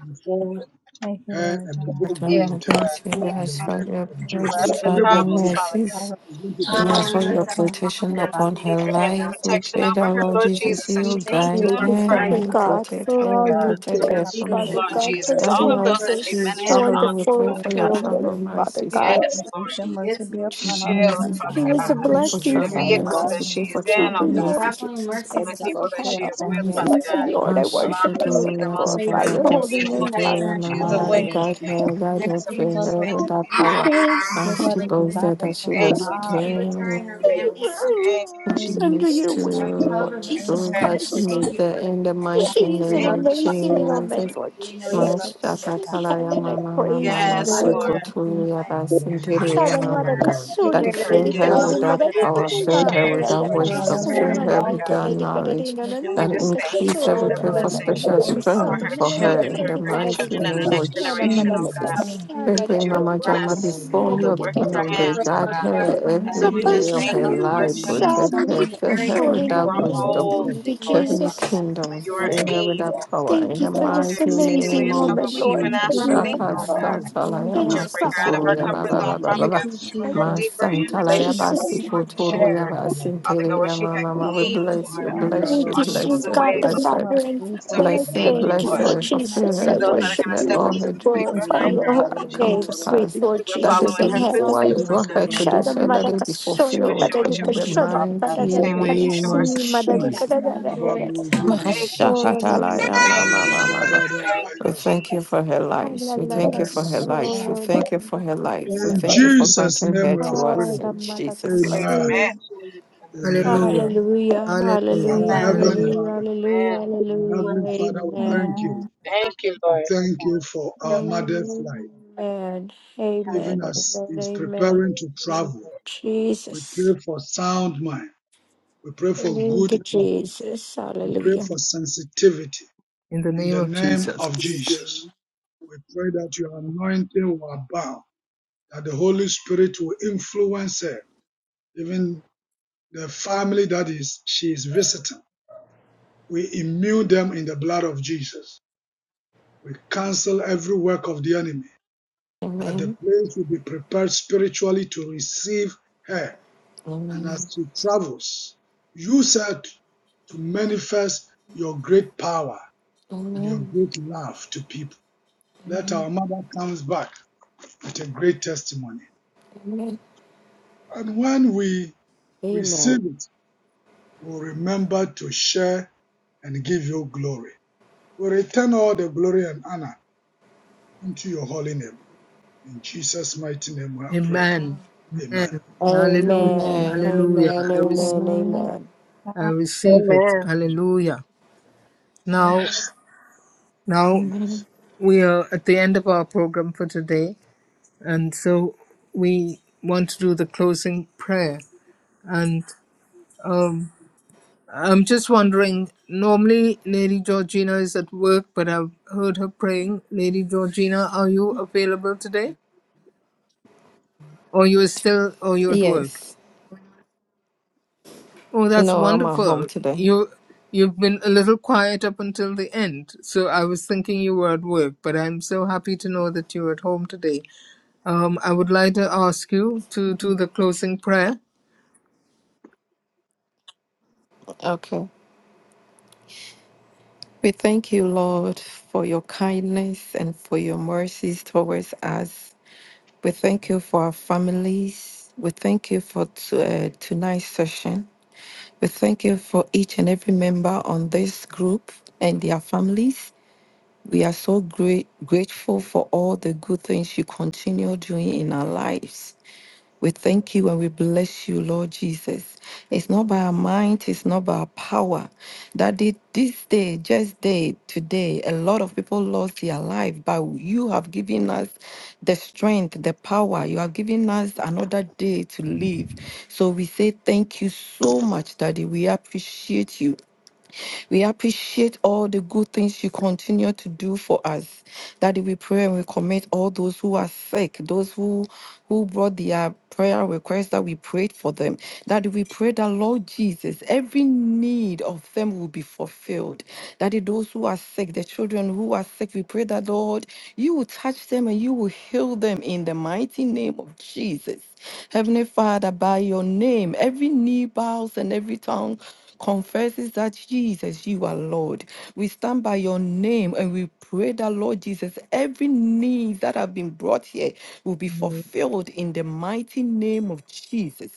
Speaker 12: before
Speaker 2: Thank you,
Speaker 12: her
Speaker 2: Lord
Speaker 12: and may
Speaker 2: God.
Speaker 12: God go
Speaker 7: Eternal
Speaker 12: with her.
Speaker 7: grace, we
Speaker 12: In the
Speaker 7: ask for
Speaker 12: name
Speaker 7: your
Speaker 12: of
Speaker 2: We
Speaker 7: praise,
Speaker 12: Jesus.
Speaker 2: promise that
Speaker 11: Yes,
Speaker 7: traveling
Speaker 12: Everybody
Speaker 2: God
Speaker 7: mercies.
Speaker 2: will
Speaker 12: begin
Speaker 2: bless
Speaker 12: to
Speaker 2: the
Speaker 11: we
Speaker 7: We
Speaker 12: pray
Speaker 11: pray
Speaker 7: ask
Speaker 11: for
Speaker 2: mercy
Speaker 7: for
Speaker 2: be
Speaker 11: all
Speaker 7: your
Speaker 11: the
Speaker 2: upon us
Speaker 11: Lord's
Speaker 2: and
Speaker 7: protection
Speaker 2: our
Speaker 7: upon
Speaker 2: bodies.
Speaker 7: her
Speaker 2: We go out
Speaker 7: life.
Speaker 2: and
Speaker 7: We pray
Speaker 2: back
Speaker 7: that
Speaker 2: to
Speaker 7: Lord
Speaker 2: our God. Lord God.
Speaker 7: Jesus,
Speaker 11: teachers and
Speaker 7: you
Speaker 11: just
Speaker 7: guide
Speaker 4: Thank
Speaker 2: Thank
Speaker 4: you,
Speaker 7: her
Speaker 2: you,
Speaker 7: and
Speaker 4: Father
Speaker 2: Lord God.
Speaker 7: you
Speaker 4: God,
Speaker 7: protect
Speaker 4: for
Speaker 2: Lord
Speaker 7: her,
Speaker 4: all
Speaker 2: God,
Speaker 4: you
Speaker 7: protect
Speaker 2: we
Speaker 4: do.
Speaker 7: her
Speaker 2: have a
Speaker 7: family.
Speaker 4: Father
Speaker 2: great
Speaker 4: God,
Speaker 2: memories, Lord
Speaker 7: Daddy,
Speaker 4: protect
Speaker 2: God.
Speaker 7: as she
Speaker 4: this
Speaker 7: is traveling, we
Speaker 2: Thank
Speaker 7: pray
Speaker 2: you,
Speaker 4: wonderful
Speaker 7: for
Speaker 2: Lord
Speaker 7: your
Speaker 2: God.
Speaker 4: woman.
Speaker 7: travel
Speaker 2: Thank you,
Speaker 4: Father
Speaker 10: We
Speaker 7: mercies,
Speaker 4: God.
Speaker 2: God.
Speaker 10: thank
Speaker 2: for your Grace and mercy be upon
Speaker 7: travel
Speaker 2: our Lord
Speaker 7: mercies.
Speaker 2: God.
Speaker 7: We
Speaker 4: He was a
Speaker 7: pray for
Speaker 4: blessing,
Speaker 10: you.
Speaker 7: travel
Speaker 4: Father
Speaker 2: Yes,
Speaker 4: God.
Speaker 7: mercies.
Speaker 2: Lord,
Speaker 7: We pray
Speaker 4: Thank
Speaker 2: I
Speaker 7: for
Speaker 2: thank
Speaker 7: travel
Speaker 4: you,
Speaker 10: May
Speaker 4: Lord
Speaker 7: mercies.
Speaker 10: traveling
Speaker 2: you
Speaker 4: Jesus
Speaker 2: for
Speaker 10: mercies
Speaker 2: able to
Speaker 4: Christ
Speaker 10: cover
Speaker 4: in
Speaker 2: go
Speaker 4: heaven.
Speaker 2: through our
Speaker 4: I
Speaker 2: family and my
Speaker 7: Jesus.
Speaker 4: praise you,
Speaker 2: life.
Speaker 4: Lord. I
Speaker 2: Name my
Speaker 4: worship
Speaker 2: Jesus.
Speaker 4: you and I
Speaker 7: Mashukotoroya
Speaker 10: May
Speaker 7: Baba
Speaker 2: Thank
Speaker 4: glorify
Speaker 2: you,
Speaker 4: your
Speaker 2: Lord.
Speaker 7: Baba
Speaker 4: holy
Speaker 2: God.
Speaker 4: name, Father
Speaker 7: Sikotoroya
Speaker 10: God
Speaker 2: You
Speaker 4: God.
Speaker 7: Mama
Speaker 2: are so
Speaker 7: Daddy
Speaker 2: faithful, Lord
Speaker 7: guide
Speaker 2: God.
Speaker 7: her,
Speaker 2: Thank
Speaker 7: guide
Speaker 2: you,
Speaker 7: her,
Speaker 2: Jesus,
Speaker 7: fill
Speaker 2: oh,
Speaker 7: her
Speaker 2: Lord
Speaker 7: with
Speaker 2: God.
Speaker 7: that power.
Speaker 2: And give
Speaker 4: Yes.
Speaker 7: As
Speaker 2: her
Speaker 7: she
Speaker 2: the
Speaker 7: goes there
Speaker 2: desires
Speaker 7: that she
Speaker 2: of her
Speaker 7: was
Speaker 2: heart,
Speaker 10: be with
Speaker 2: Lord.
Speaker 10: her
Speaker 7: pierced
Speaker 10: and her.
Speaker 11: the listeners
Speaker 4: Savior, Lord,
Speaker 2: Praise
Speaker 4: under
Speaker 7: forgiveness
Speaker 4: your wing,
Speaker 7: to
Speaker 4: Lord
Speaker 2: the
Speaker 4: Jesus
Speaker 7: those
Speaker 2: name of
Speaker 7: that should
Speaker 4: Christ.
Speaker 10: Thank
Speaker 7: make
Speaker 10: you
Speaker 7: the
Speaker 10: for her.
Speaker 7: in the
Speaker 2: God.
Speaker 7: mighty
Speaker 4: She is
Speaker 10: We
Speaker 7: name
Speaker 4: an
Speaker 10: love
Speaker 7: of
Speaker 10: her.
Speaker 2: Amen.
Speaker 4: amazing woman,
Speaker 7: Jesus.
Speaker 4: Lord
Speaker 10: We know
Speaker 2: Thank
Speaker 10: you
Speaker 4: Jesus
Speaker 10: love
Speaker 2: you,
Speaker 10: her
Speaker 4: Christ
Speaker 10: more
Speaker 2: God.
Speaker 4: in
Speaker 7: Mashakatalaya
Speaker 4: heaven. I
Speaker 7: mama mama
Speaker 4: praise you,
Speaker 10: than life.
Speaker 4: Lord.
Speaker 2: Hallelujah,
Speaker 10: In the
Speaker 2: Jesus,
Speaker 7: masukotuya
Speaker 10: mighty-
Speaker 11: who are really
Speaker 7: basinteria
Speaker 11: guiding
Speaker 12: for
Speaker 7: mama.
Speaker 4: Shadamaraka
Speaker 12: her.
Speaker 10: We
Speaker 4: Suri
Speaker 7: Daddy,
Speaker 10: pray that
Speaker 11: us.
Speaker 10: it
Speaker 7: fill
Speaker 4: Kadari
Speaker 10: is
Speaker 7: her
Speaker 2: God.
Speaker 10: well
Speaker 7: with
Speaker 4: Kadari
Speaker 10: with
Speaker 7: that
Speaker 10: her
Speaker 4: Madari
Speaker 12: We
Speaker 10: soul.
Speaker 7: power,
Speaker 12: commit
Speaker 7: fill
Speaker 4: Kadala
Speaker 7: her
Speaker 10: That
Speaker 7: with
Speaker 10: it
Speaker 7: that
Speaker 4: Rada
Speaker 10: is
Speaker 4: Kata
Speaker 10: well with
Speaker 7: wisdom,
Speaker 10: her
Speaker 7: fill
Speaker 10: and
Speaker 7: her
Speaker 2: Hallelujah,
Speaker 10: all
Speaker 4: Sadamarari
Speaker 7: with
Speaker 10: that
Speaker 7: that
Speaker 10: she
Speaker 4: Kadari Kadari
Speaker 7: knowledge.
Speaker 4: no no
Speaker 2: Lord
Speaker 10: has.
Speaker 4: no no
Speaker 7: That
Speaker 4: no
Speaker 2: God.
Speaker 7: increase
Speaker 11: We
Speaker 7: every
Speaker 4: Kasho
Speaker 10: Oh
Speaker 11: thank you
Speaker 7: prayer
Speaker 11: for
Speaker 4: Dari
Speaker 7: for
Speaker 10: Lord,
Speaker 11: this
Speaker 10: we just
Speaker 2: Thank
Speaker 4: Kadari
Speaker 7: special
Speaker 11: opportunity
Speaker 4: Kata
Speaker 2: you
Speaker 10: thank you,
Speaker 2: for
Speaker 10: God.
Speaker 2: your
Speaker 7: strength for
Speaker 10: Thank
Speaker 2: Jesus.
Speaker 4: Sadamarari
Speaker 7: her
Speaker 10: you for
Speaker 7: in the
Speaker 4: Kadari
Speaker 7: mighty
Speaker 4: Kadari Kata
Speaker 7: name
Speaker 12: your
Speaker 7: of
Speaker 12: daughter into
Speaker 10: thank you
Speaker 12: your
Speaker 4: Shadamarada
Speaker 10: for
Speaker 7: Jesus.
Speaker 10: the
Speaker 12: hand.
Speaker 2: Hallelujah.
Speaker 4: Kasada
Speaker 7: We
Speaker 10: opportunity for
Speaker 4: Dari
Speaker 7: bring
Speaker 10: her
Speaker 7: Mama
Speaker 11: to
Speaker 10: to
Speaker 7: Jama
Speaker 10: travel.
Speaker 4: Kadari
Speaker 12: Lord, we
Speaker 7: before your
Speaker 12: commit your
Speaker 4: Madari
Speaker 7: throne
Speaker 12: daughter
Speaker 7: of
Speaker 10: We
Speaker 4: Kadari
Speaker 7: grace.
Speaker 11: learn
Speaker 12: into
Speaker 11: and to
Speaker 10: pray,
Speaker 12: your
Speaker 7: Guide
Speaker 10: Father
Speaker 12: hand.
Speaker 11: ask
Speaker 10: God,
Speaker 11: you
Speaker 7: her
Speaker 11: to
Speaker 10: that you
Speaker 2: Hallelujah,
Speaker 11: life.
Speaker 7: every
Speaker 10: be able
Speaker 4: Rapa
Speaker 10: to
Speaker 7: day
Speaker 12: We
Speaker 7: of
Speaker 2: God,
Speaker 10: step
Speaker 7: her
Speaker 12: pray
Speaker 2: in
Speaker 10: up,
Speaker 12: for
Speaker 4: Shuna
Speaker 2: the
Speaker 10: Father
Speaker 7: life.
Speaker 10: God,
Speaker 11: We
Speaker 12: genuine
Speaker 10: and
Speaker 11: know
Speaker 12: mercy.
Speaker 11: that you
Speaker 4: Masada
Speaker 7: Protect
Speaker 2: name
Speaker 10: help
Speaker 2: of
Speaker 7: her.
Speaker 10: in the
Speaker 7: Fill
Speaker 10: area
Speaker 7: her
Speaker 10: of
Speaker 12: We
Speaker 2: Jesus,
Speaker 7: with
Speaker 4: Suri
Speaker 12: pray
Speaker 7: that
Speaker 12: for
Speaker 2: thank
Speaker 4: Madari
Speaker 7: wisdom.
Speaker 12: divine
Speaker 2: you, Lord
Speaker 4: Thank you
Speaker 12: covering.
Speaker 2: Jesus, for
Speaker 7: Heavenly
Speaker 4: Jesus
Speaker 7: kingdom.
Speaker 12: We
Speaker 2: the
Speaker 12: pray
Speaker 10: you
Speaker 7: Fill
Speaker 12: for
Speaker 7: her with
Speaker 12: genuine
Speaker 7: that
Speaker 12: mercy.
Speaker 7: power. In
Speaker 4: Thank
Speaker 7: the
Speaker 4: you
Speaker 10: can
Speaker 4: for
Speaker 10: walk
Speaker 4: this
Speaker 7: mighty name
Speaker 4: amazing
Speaker 7: of
Speaker 4: woman, Lord,
Speaker 2: Thank
Speaker 7: Jesus.
Speaker 4: that
Speaker 12: We
Speaker 2: you,
Speaker 4: you
Speaker 12: pray
Speaker 2: Lord
Speaker 12: for
Speaker 4: have
Speaker 7: Shaka
Speaker 12: divine
Speaker 4: brought
Speaker 2: God.
Speaker 12: covering.
Speaker 2: We have
Speaker 7: Satalaya
Speaker 4: that has
Speaker 2: Lord
Speaker 4: crossed my
Speaker 12: In
Speaker 2: God.
Speaker 12: the
Speaker 7: Masituluya
Speaker 12: name
Speaker 7: Baba
Speaker 12: of
Speaker 7: Baba
Speaker 12: Jesus.
Speaker 2: Thank
Speaker 7: Baba.
Speaker 2: you,
Speaker 4: path.
Speaker 2: Jesus.
Speaker 11: are able to
Speaker 7: Masantalaya
Speaker 4: Jesus,
Speaker 2: Thank you for
Speaker 7: Basiputuluya
Speaker 12: Marabadabadaba.
Speaker 2: thank
Speaker 11: do
Speaker 2: you
Speaker 7: Basintelia
Speaker 11: that.
Speaker 2: for the work
Speaker 7: Mama. We
Speaker 2: that you have
Speaker 7: bless you,
Speaker 2: done, Lord.
Speaker 7: bless you,
Speaker 4: thank you,
Speaker 7: bless
Speaker 4: sweet
Speaker 12: Mandiriarababadaba.
Speaker 7: her,
Speaker 4: God
Speaker 2: Thank
Speaker 4: the
Speaker 2: you
Speaker 7: bless
Speaker 2: for
Speaker 7: her.
Speaker 4: Father
Speaker 2: our
Speaker 4: in heaven. I
Speaker 2: faithfulness,
Speaker 7: Bless her,
Speaker 2: Lord
Speaker 4: thank
Speaker 2: God.
Speaker 4: you,
Speaker 7: bless
Speaker 4: Lord
Speaker 7: her,
Speaker 2: In
Speaker 11: giving
Speaker 12: Mandoroboshaka.
Speaker 11: us
Speaker 2: the
Speaker 11: his
Speaker 2: mighty
Speaker 7: fulfill
Speaker 11: name
Speaker 2: name
Speaker 4: Jesus.
Speaker 2: of
Speaker 7: her
Speaker 4: I
Speaker 11: and
Speaker 7: dreams.
Speaker 4: worship
Speaker 11: his
Speaker 7: Let
Speaker 4: you
Speaker 7: all
Speaker 4: and
Speaker 7: her
Speaker 2: Lord,
Speaker 7: dreams
Speaker 4: glorify
Speaker 7: come
Speaker 11: chief
Speaker 4: your
Speaker 7: pa-
Speaker 11: others,
Speaker 4: holy
Speaker 7: come
Speaker 4: name,
Speaker 7: to
Speaker 12: Iriandarababaraba.
Speaker 4: sweet
Speaker 7: pass.
Speaker 4: Lord
Speaker 2: thank
Speaker 7: That is
Speaker 4: Jesus
Speaker 7: the
Speaker 4: in heaven.
Speaker 7: reason why
Speaker 2: you for
Speaker 7: you
Speaker 2: my
Speaker 7: brought her to
Speaker 4: Shada
Speaker 7: this earth, that
Speaker 12: Bosarababayaka.
Speaker 2: family.
Speaker 7: it
Speaker 4: madaka
Speaker 7: be
Speaker 4: soni
Speaker 7: fulfilled
Speaker 2: In the
Speaker 7: in
Speaker 4: kadavika
Speaker 7: the
Speaker 11: especially
Speaker 2: name
Speaker 4: shoda
Speaker 2: of
Speaker 4: pata
Speaker 2: Jesus,
Speaker 4: kada
Speaker 7: mighty
Speaker 11: him who
Speaker 4: kada
Speaker 11: had
Speaker 7: name
Speaker 11: us,
Speaker 4: si
Speaker 10: home.
Speaker 7: of
Speaker 10: We
Speaker 4: madavika
Speaker 7: Jesus.
Speaker 11: Father
Speaker 4: da da
Speaker 11: God,
Speaker 4: da
Speaker 2: hallelujah.
Speaker 4: da da
Speaker 11: on
Speaker 10: rejoice.
Speaker 11: the
Speaker 4: kada
Speaker 11: internet,
Speaker 4: soni
Speaker 7: Mashakatalaya, ma,
Speaker 4: madavika da
Speaker 7: mama,
Speaker 4: da
Speaker 7: mama.
Speaker 11: and who wanted
Speaker 7: We
Speaker 11: to
Speaker 12: Rababujakata.
Speaker 11: help
Speaker 7: thank you
Speaker 11: us
Speaker 7: for
Speaker 11: in
Speaker 7: her
Speaker 11: the future.
Speaker 7: life.
Speaker 12: In
Speaker 7: We
Speaker 12: the
Speaker 4: Hallelujah,
Speaker 7: thank you
Speaker 2: Yes,
Speaker 11: And
Speaker 7: for
Speaker 12: name
Speaker 7: her
Speaker 12: of
Speaker 7: life.
Speaker 12: Jesus.
Speaker 7: We
Speaker 2: Father,
Speaker 7: thank you for
Speaker 11: ask
Speaker 7: her
Speaker 11: him to
Speaker 7: life. We
Speaker 12: In
Speaker 7: thank you
Speaker 2: Jesus.
Speaker 11: identify
Speaker 7: for
Speaker 12: Jesus'
Speaker 7: granting
Speaker 11: in
Speaker 12: name
Speaker 7: her
Speaker 11: a
Speaker 12: we have
Speaker 7: to
Speaker 11: family.
Speaker 7: us
Speaker 12: prayed.
Speaker 7: in Jesus' mighty name.
Speaker 12: Amen.
Speaker 4: hallelujah,
Speaker 11: Enjoy your family, enjoy
Speaker 12: Amen.
Speaker 11: your
Speaker 1: Hallelujah.
Speaker 2: Amen.
Speaker 11: family, enjoy your
Speaker 1: Hallelujah.
Speaker 12: Our
Speaker 4: hallelujah,
Speaker 2: Amen.
Speaker 12: Heavenly
Speaker 11: family.
Speaker 1: Hallelujah.
Speaker 12: Father,
Speaker 4: hallelujah,
Speaker 12: our
Speaker 11: One
Speaker 4: hallelujah.
Speaker 12: Heavenly
Speaker 11: of us,
Speaker 12: Father, we thank
Speaker 4: Amen.
Speaker 12: you.
Speaker 2: Amen.
Speaker 11: time goes
Speaker 12: We
Speaker 11: by so
Speaker 12: thank you
Speaker 11: fast. It
Speaker 12: for our
Speaker 11: feels like it's
Speaker 12: mother's
Speaker 4: Amen.
Speaker 11: anything
Speaker 12: life.
Speaker 11: else, but the
Speaker 4: Amen.
Speaker 11: the time is
Speaker 4: Amen.
Speaker 12: Even
Speaker 11: in fact
Speaker 12: as he's
Speaker 11: in the
Speaker 4: Amen.
Speaker 12: preparing
Speaker 11: holy
Speaker 12: to
Speaker 11: name.
Speaker 4: Thank
Speaker 12: travel,
Speaker 4: you,
Speaker 12: we
Speaker 4: Jesus.
Speaker 12: pray for sound mind. We pray for
Speaker 4: Thank
Speaker 12: good
Speaker 4: you,
Speaker 12: health.
Speaker 4: Jesus.
Speaker 12: We pray
Speaker 4: Hallelujah.
Speaker 12: for sensitivity.
Speaker 1: In the
Speaker 12: In
Speaker 1: name
Speaker 12: the
Speaker 1: of
Speaker 12: name
Speaker 1: Jesus.
Speaker 12: of Jesus, we pray that your anointing will abound, that the Holy Spirit will influence her, even the family that is she is visiting. We immune them in the blood of Jesus. We cancel every work of the enemy, that the
Speaker 7: Amen.
Speaker 12: place will be prepared spiritually to receive her. And as
Speaker 7: Amen.
Speaker 12: she travels, you said to manifest your great power and your
Speaker 7: Amen.
Speaker 12: great love to people. Let
Speaker 7: Amen.
Speaker 12: our mother comes back with a great testimony.
Speaker 7: Amen.
Speaker 12: And when we receive
Speaker 4: Amen.
Speaker 12: it, we'll remember to share and give you glory. We return all the glory and honor into your holy name. In Jesus' mighty name we have prayed.
Speaker 1: Amen.
Speaker 12: Amen.
Speaker 1: Amen. Hallelujah.
Speaker 4: Amen.
Speaker 7: Amen.
Speaker 1: Hallelujah.
Speaker 4: Amen.
Speaker 1: I, rec-
Speaker 7: Amen.
Speaker 4: Amen.
Speaker 1: I
Speaker 2: Amen.
Speaker 1: receive it.
Speaker 3: Amen.
Speaker 1: Hallelujah. Now, now
Speaker 12: Yes.
Speaker 7: Amen.
Speaker 1: we are at the end of our program for today, and so we want to do the closing prayer. And um, I'm just wondering. Normally, Lady Georgina is at work, but I've heard her praying. Lady Georgina, are you available today, or you're still, or you're at work?
Speaker 7: Yes.
Speaker 1: Oh, that's
Speaker 7: No, I'm at home
Speaker 1: wonderful.
Speaker 7: today.
Speaker 1: You you've been a little quiet up until the end, so I was thinking you were at work. But I'm so happy to know that you're at home today. Um, I would like to ask you to do the closing prayer.
Speaker 7: Okay. We thank you, Lord, for your kindness and for your mercies towards us. We thank you for our families. We thank you for t- uh, tonight's session. We thank you for each and every member on this group and their families. We are so great, grateful for all the good things you continue doing in our lives. We thank you and we bless you, Lord Jesus. It's not by our might, it's not by our power. That did this day, just day, today, a lot of people lost their life, but you have given us the strength, the power. You have given us another day to live. So we say thank you so much, Daddy. We appreciate you. We appreciate all the good things you continue to do for us. Daddy, we pray and we commit all those who are sick, those who who brought their prayer requests that we prayed for them. Daddy, we pray that Lord Jesus, every need of them will be fulfilled. Daddy, those who are sick, the children who are sick, we pray that Lord, you will touch them and you will heal them in the mighty name of Jesus. Heavenly Father, by your name, every knee bows and every tongue confesses that Jesus, you are Lord. We stand by your name and we pray that, Lord Jesus, every need that have been brought here will be fulfilled in the mighty name of Jesus.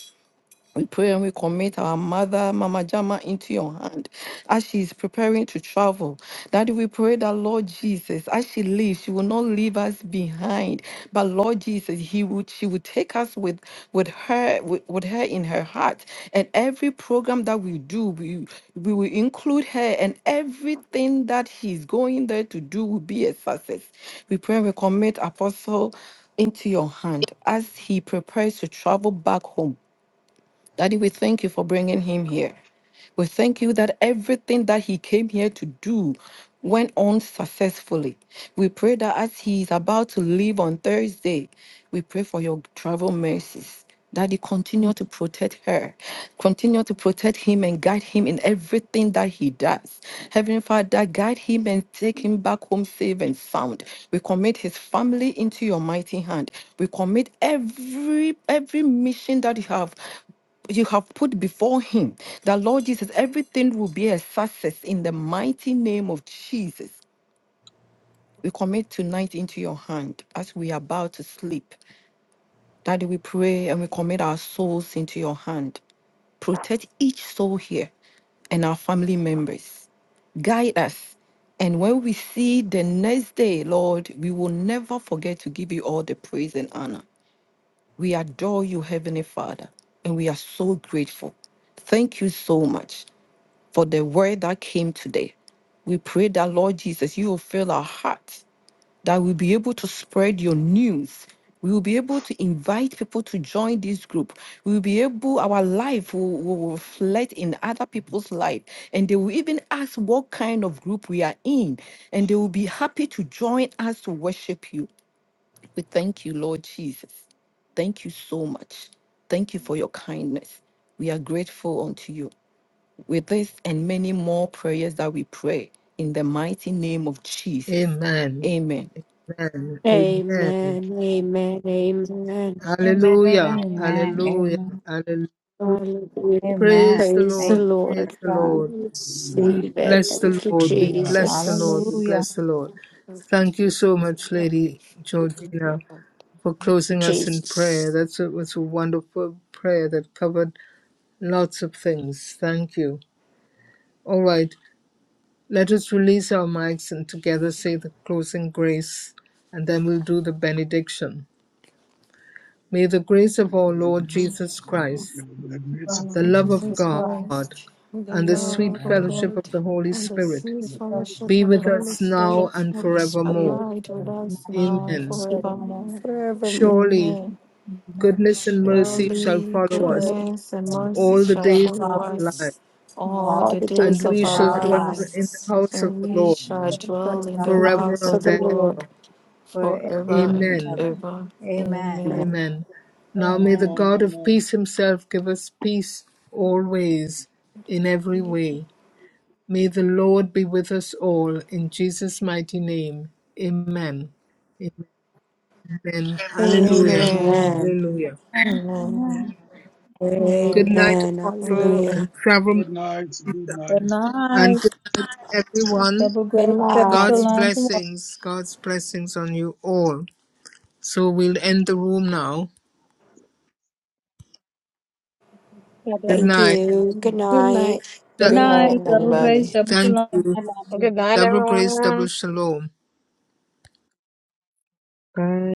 Speaker 7: We pray and we commit our mother, Mama Jama, into your hand as she is preparing to travel. Daddy, we pray that Lord Jesus, as she leaves, she will not leave us behind. But Lord Jesus, He would she would take us with with her with, with her in her heart. And every program that we do, we we will include her and everything that she's going there to do will be a success. We pray and we commit Apostle into your hand as he prepares to travel back home. Daddy, we thank you for bringing him here. We thank you that everything that he came here to do went on successfully. We pray that as he is about to leave on Thursday, we pray for your travel mercies. Daddy, continue to protect her. Continue to protect him and guide him in everything that he does. Heavenly Father, guide him and take him back home safe and sound. We commit his family into your mighty hand. We commit every every mission that you have you have put before him that Lord Jesus, everything will be a success in the mighty name of Jesus. We commit tonight into your hand as we are about to sleep. Daddy, we pray and we commit our souls into your hand. Protect each soul here and our family members. Guide us. And when we see the next day, Lord, we will never forget to give you all the praise and honor. We adore you, Heavenly Father, and we are so grateful. Thank you so much. for the word that came today. We pray that, Lord Jesus, you will fill our hearts, that we'll be able to spread your news. We will be able to invite people to join this group. We will be able, our life will, will reflect in other people's life. And they will even ask what kind of group we are in. And they will be happy to join us to worship you. We thank you, Lord Jesus. Thank you so much. Thank you for your kindness. We are grateful unto you with this and many more prayers that we pray in the mighty name of Jesus.
Speaker 1: Amen.
Speaker 7: Amen.
Speaker 1: Amen. Amen.
Speaker 4: Amen. Amen. Amen. Amen.
Speaker 1: Hallelujah. Hallelujah.
Speaker 2: Amen.
Speaker 1: Hallelujah.
Speaker 4: Hallelujah.
Speaker 2: Amen.
Speaker 1: Praise the
Speaker 4: Praise the
Speaker 2: Thank
Speaker 1: Lord.
Speaker 2: you,
Speaker 1: Praise
Speaker 4: Lord.
Speaker 2: Lord
Speaker 1: the
Speaker 2: God.
Speaker 1: Lord.
Speaker 4: Let's
Speaker 12: Amen.
Speaker 1: We
Speaker 4: Receive it.
Speaker 1: bless the
Speaker 4: Thank you,
Speaker 1: Lord. We
Speaker 12: Amen.
Speaker 1: bless the Lord.
Speaker 7: Amen.
Speaker 1: We
Speaker 4: Jesus.
Speaker 2: Hallelujah.
Speaker 1: bless the Lord.
Speaker 4: Thank
Speaker 7: Thank you,
Speaker 1: Thank you
Speaker 7: Jesus,
Speaker 1: so much,
Speaker 7: we are
Speaker 1: Lady
Speaker 7: grateful. Thank
Speaker 1: Georgina,
Speaker 7: you, Lord.
Speaker 1: for
Speaker 4: you,
Speaker 1: closing us in prayer.
Speaker 4: Jesus.
Speaker 1: That's a, was a wonderful prayer that covered lots of things. Thank you. All right. Let us release our mics and together say the closing grace, and then we'll do the benediction. May the grace of our Lord Jesus
Speaker 12: May
Speaker 1: Christ,
Speaker 12: the
Speaker 7: Our
Speaker 12: grace
Speaker 2: Thank you,
Speaker 12: of
Speaker 1: the
Speaker 12: our
Speaker 7: Lord
Speaker 1: love
Speaker 12: Lord
Speaker 1: of
Speaker 7: Jesus
Speaker 2: Jesus
Speaker 12: Jesus,
Speaker 1: God,
Speaker 2: Christ.
Speaker 7: Christ, and the
Speaker 1: and the
Speaker 2: Lord,
Speaker 12: the
Speaker 1: sweet
Speaker 7: love
Speaker 12: love of
Speaker 7: of
Speaker 12: God,
Speaker 2: thank
Speaker 1: fellowship
Speaker 7: God,
Speaker 1: of the
Speaker 11: Amen. Amen.
Speaker 1: Holy
Speaker 7: and the
Speaker 1: Spirit
Speaker 7: sweet
Speaker 2: you
Speaker 12: the
Speaker 2: for the
Speaker 7: fellowship
Speaker 1: be
Speaker 12: infinite
Speaker 2: fellowship
Speaker 7: of the
Speaker 2: of
Speaker 12: of
Speaker 1: with
Speaker 2: the
Speaker 7: Holy
Speaker 1: us
Speaker 2: Holy
Speaker 12: God,
Speaker 1: now
Speaker 2: Spirit.
Speaker 7: Spirit
Speaker 1: and
Speaker 4: Holy
Speaker 2: Be
Speaker 4: Spirit,
Speaker 1: forevermore.
Speaker 2: with
Speaker 7: abide with
Speaker 2: us
Speaker 7: us
Speaker 2: now.
Speaker 7: now
Speaker 1: Amen.
Speaker 4: bless you
Speaker 7: forevermore.
Speaker 4: forevermore.
Speaker 1: Surely
Speaker 7: Amen.
Speaker 2: Amen.
Speaker 1: goodness and
Speaker 12: Surely,
Speaker 1: mercy shall
Speaker 7: Surely
Speaker 1: follow us
Speaker 2: Good. and
Speaker 4: Surely,
Speaker 7: goodness and
Speaker 2: faithful
Speaker 12: goodness
Speaker 7: mercy
Speaker 1: all
Speaker 2: We
Speaker 1: the
Speaker 7: shall
Speaker 2: shall
Speaker 1: days
Speaker 7: follow
Speaker 1: of
Speaker 2: follow
Speaker 1: our
Speaker 7: us
Speaker 1: life,
Speaker 4: yes,
Speaker 7: all
Speaker 2: all
Speaker 4: all
Speaker 11: Amen.
Speaker 7: the
Speaker 4: the
Speaker 2: the
Speaker 1: and
Speaker 4: days
Speaker 7: days
Speaker 4: of
Speaker 2: days
Speaker 7: of
Speaker 1: we
Speaker 2: of
Speaker 7: our
Speaker 12: the
Speaker 1: shall
Speaker 12: days
Speaker 4: our
Speaker 2: our
Speaker 1: dwell
Speaker 2: life,
Speaker 7: lives,
Speaker 1: in
Speaker 4: lives.
Speaker 1: the house of
Speaker 7: and
Speaker 1: the
Speaker 2: and
Speaker 7: we
Speaker 1: Lord
Speaker 2: we
Speaker 7: shall
Speaker 2: shall be
Speaker 4: Rejoice
Speaker 7: dwell
Speaker 2: in
Speaker 7: in
Speaker 2: the
Speaker 7: the
Speaker 4: in
Speaker 2: house
Speaker 4: the
Speaker 1: forever
Speaker 2: of
Speaker 7: house
Speaker 4: house
Speaker 7: of
Speaker 4: of
Speaker 1: and
Speaker 7: the
Speaker 2: the
Speaker 4: the
Speaker 2: Lord
Speaker 7: Lord
Speaker 1: ever.
Speaker 4: Lord.
Speaker 2: forever and
Speaker 7: forever and
Speaker 1: Amen.
Speaker 2: ever.
Speaker 7: ever.
Speaker 2: Amen.
Speaker 4: Amen.
Speaker 7: Amen.
Speaker 1: Amen.
Speaker 11: Amen. Amen.
Speaker 1: Now may the
Speaker 11: Amen.
Speaker 2: Amen.
Speaker 1: God of
Speaker 11: Amen.
Speaker 1: peace himself give us peace always, in every
Speaker 7: Amen.
Speaker 1: way. May the Lord be with us all, in Jesus' mighty name. Amen. Amen. Hallelujah.
Speaker 2: Amen.
Speaker 12: Amen.
Speaker 4: Amen.
Speaker 1: Hallelujah.
Speaker 2: Amen.
Speaker 7: Amen.
Speaker 1: Good
Speaker 7: Amen.
Speaker 1: night,
Speaker 4: Amen.
Speaker 1: Apostle,
Speaker 7: Amen.
Speaker 4: Hallelujah.
Speaker 1: and travel,
Speaker 12: Good night. Good
Speaker 2: Good
Speaker 12: night.
Speaker 2: night.
Speaker 1: and good night, to everyone.
Speaker 2: Double
Speaker 4: Good
Speaker 2: grace, double
Speaker 1: God's
Speaker 4: night.
Speaker 2: shalom tomorrow.
Speaker 1: blessings, God's blessings on you all. So we'll end the room now.
Speaker 11: Amen.
Speaker 1: Good
Speaker 4: Thank
Speaker 1: night.
Speaker 11: Amen.
Speaker 4: you. Good
Speaker 7: Good
Speaker 4: night.
Speaker 7: night.
Speaker 2: Good
Speaker 1: Th-
Speaker 4: Good
Speaker 7: Good night,
Speaker 2: night. Double
Speaker 4: night.
Speaker 7: everybody.
Speaker 2: grace, double
Speaker 1: Thank
Speaker 2: shalom.
Speaker 11: Amen.
Speaker 1: you.
Speaker 11: Amen.
Speaker 3: Good night,
Speaker 1: Double grace, double
Speaker 3: everyone.
Speaker 1: shalom.
Speaker 3: Good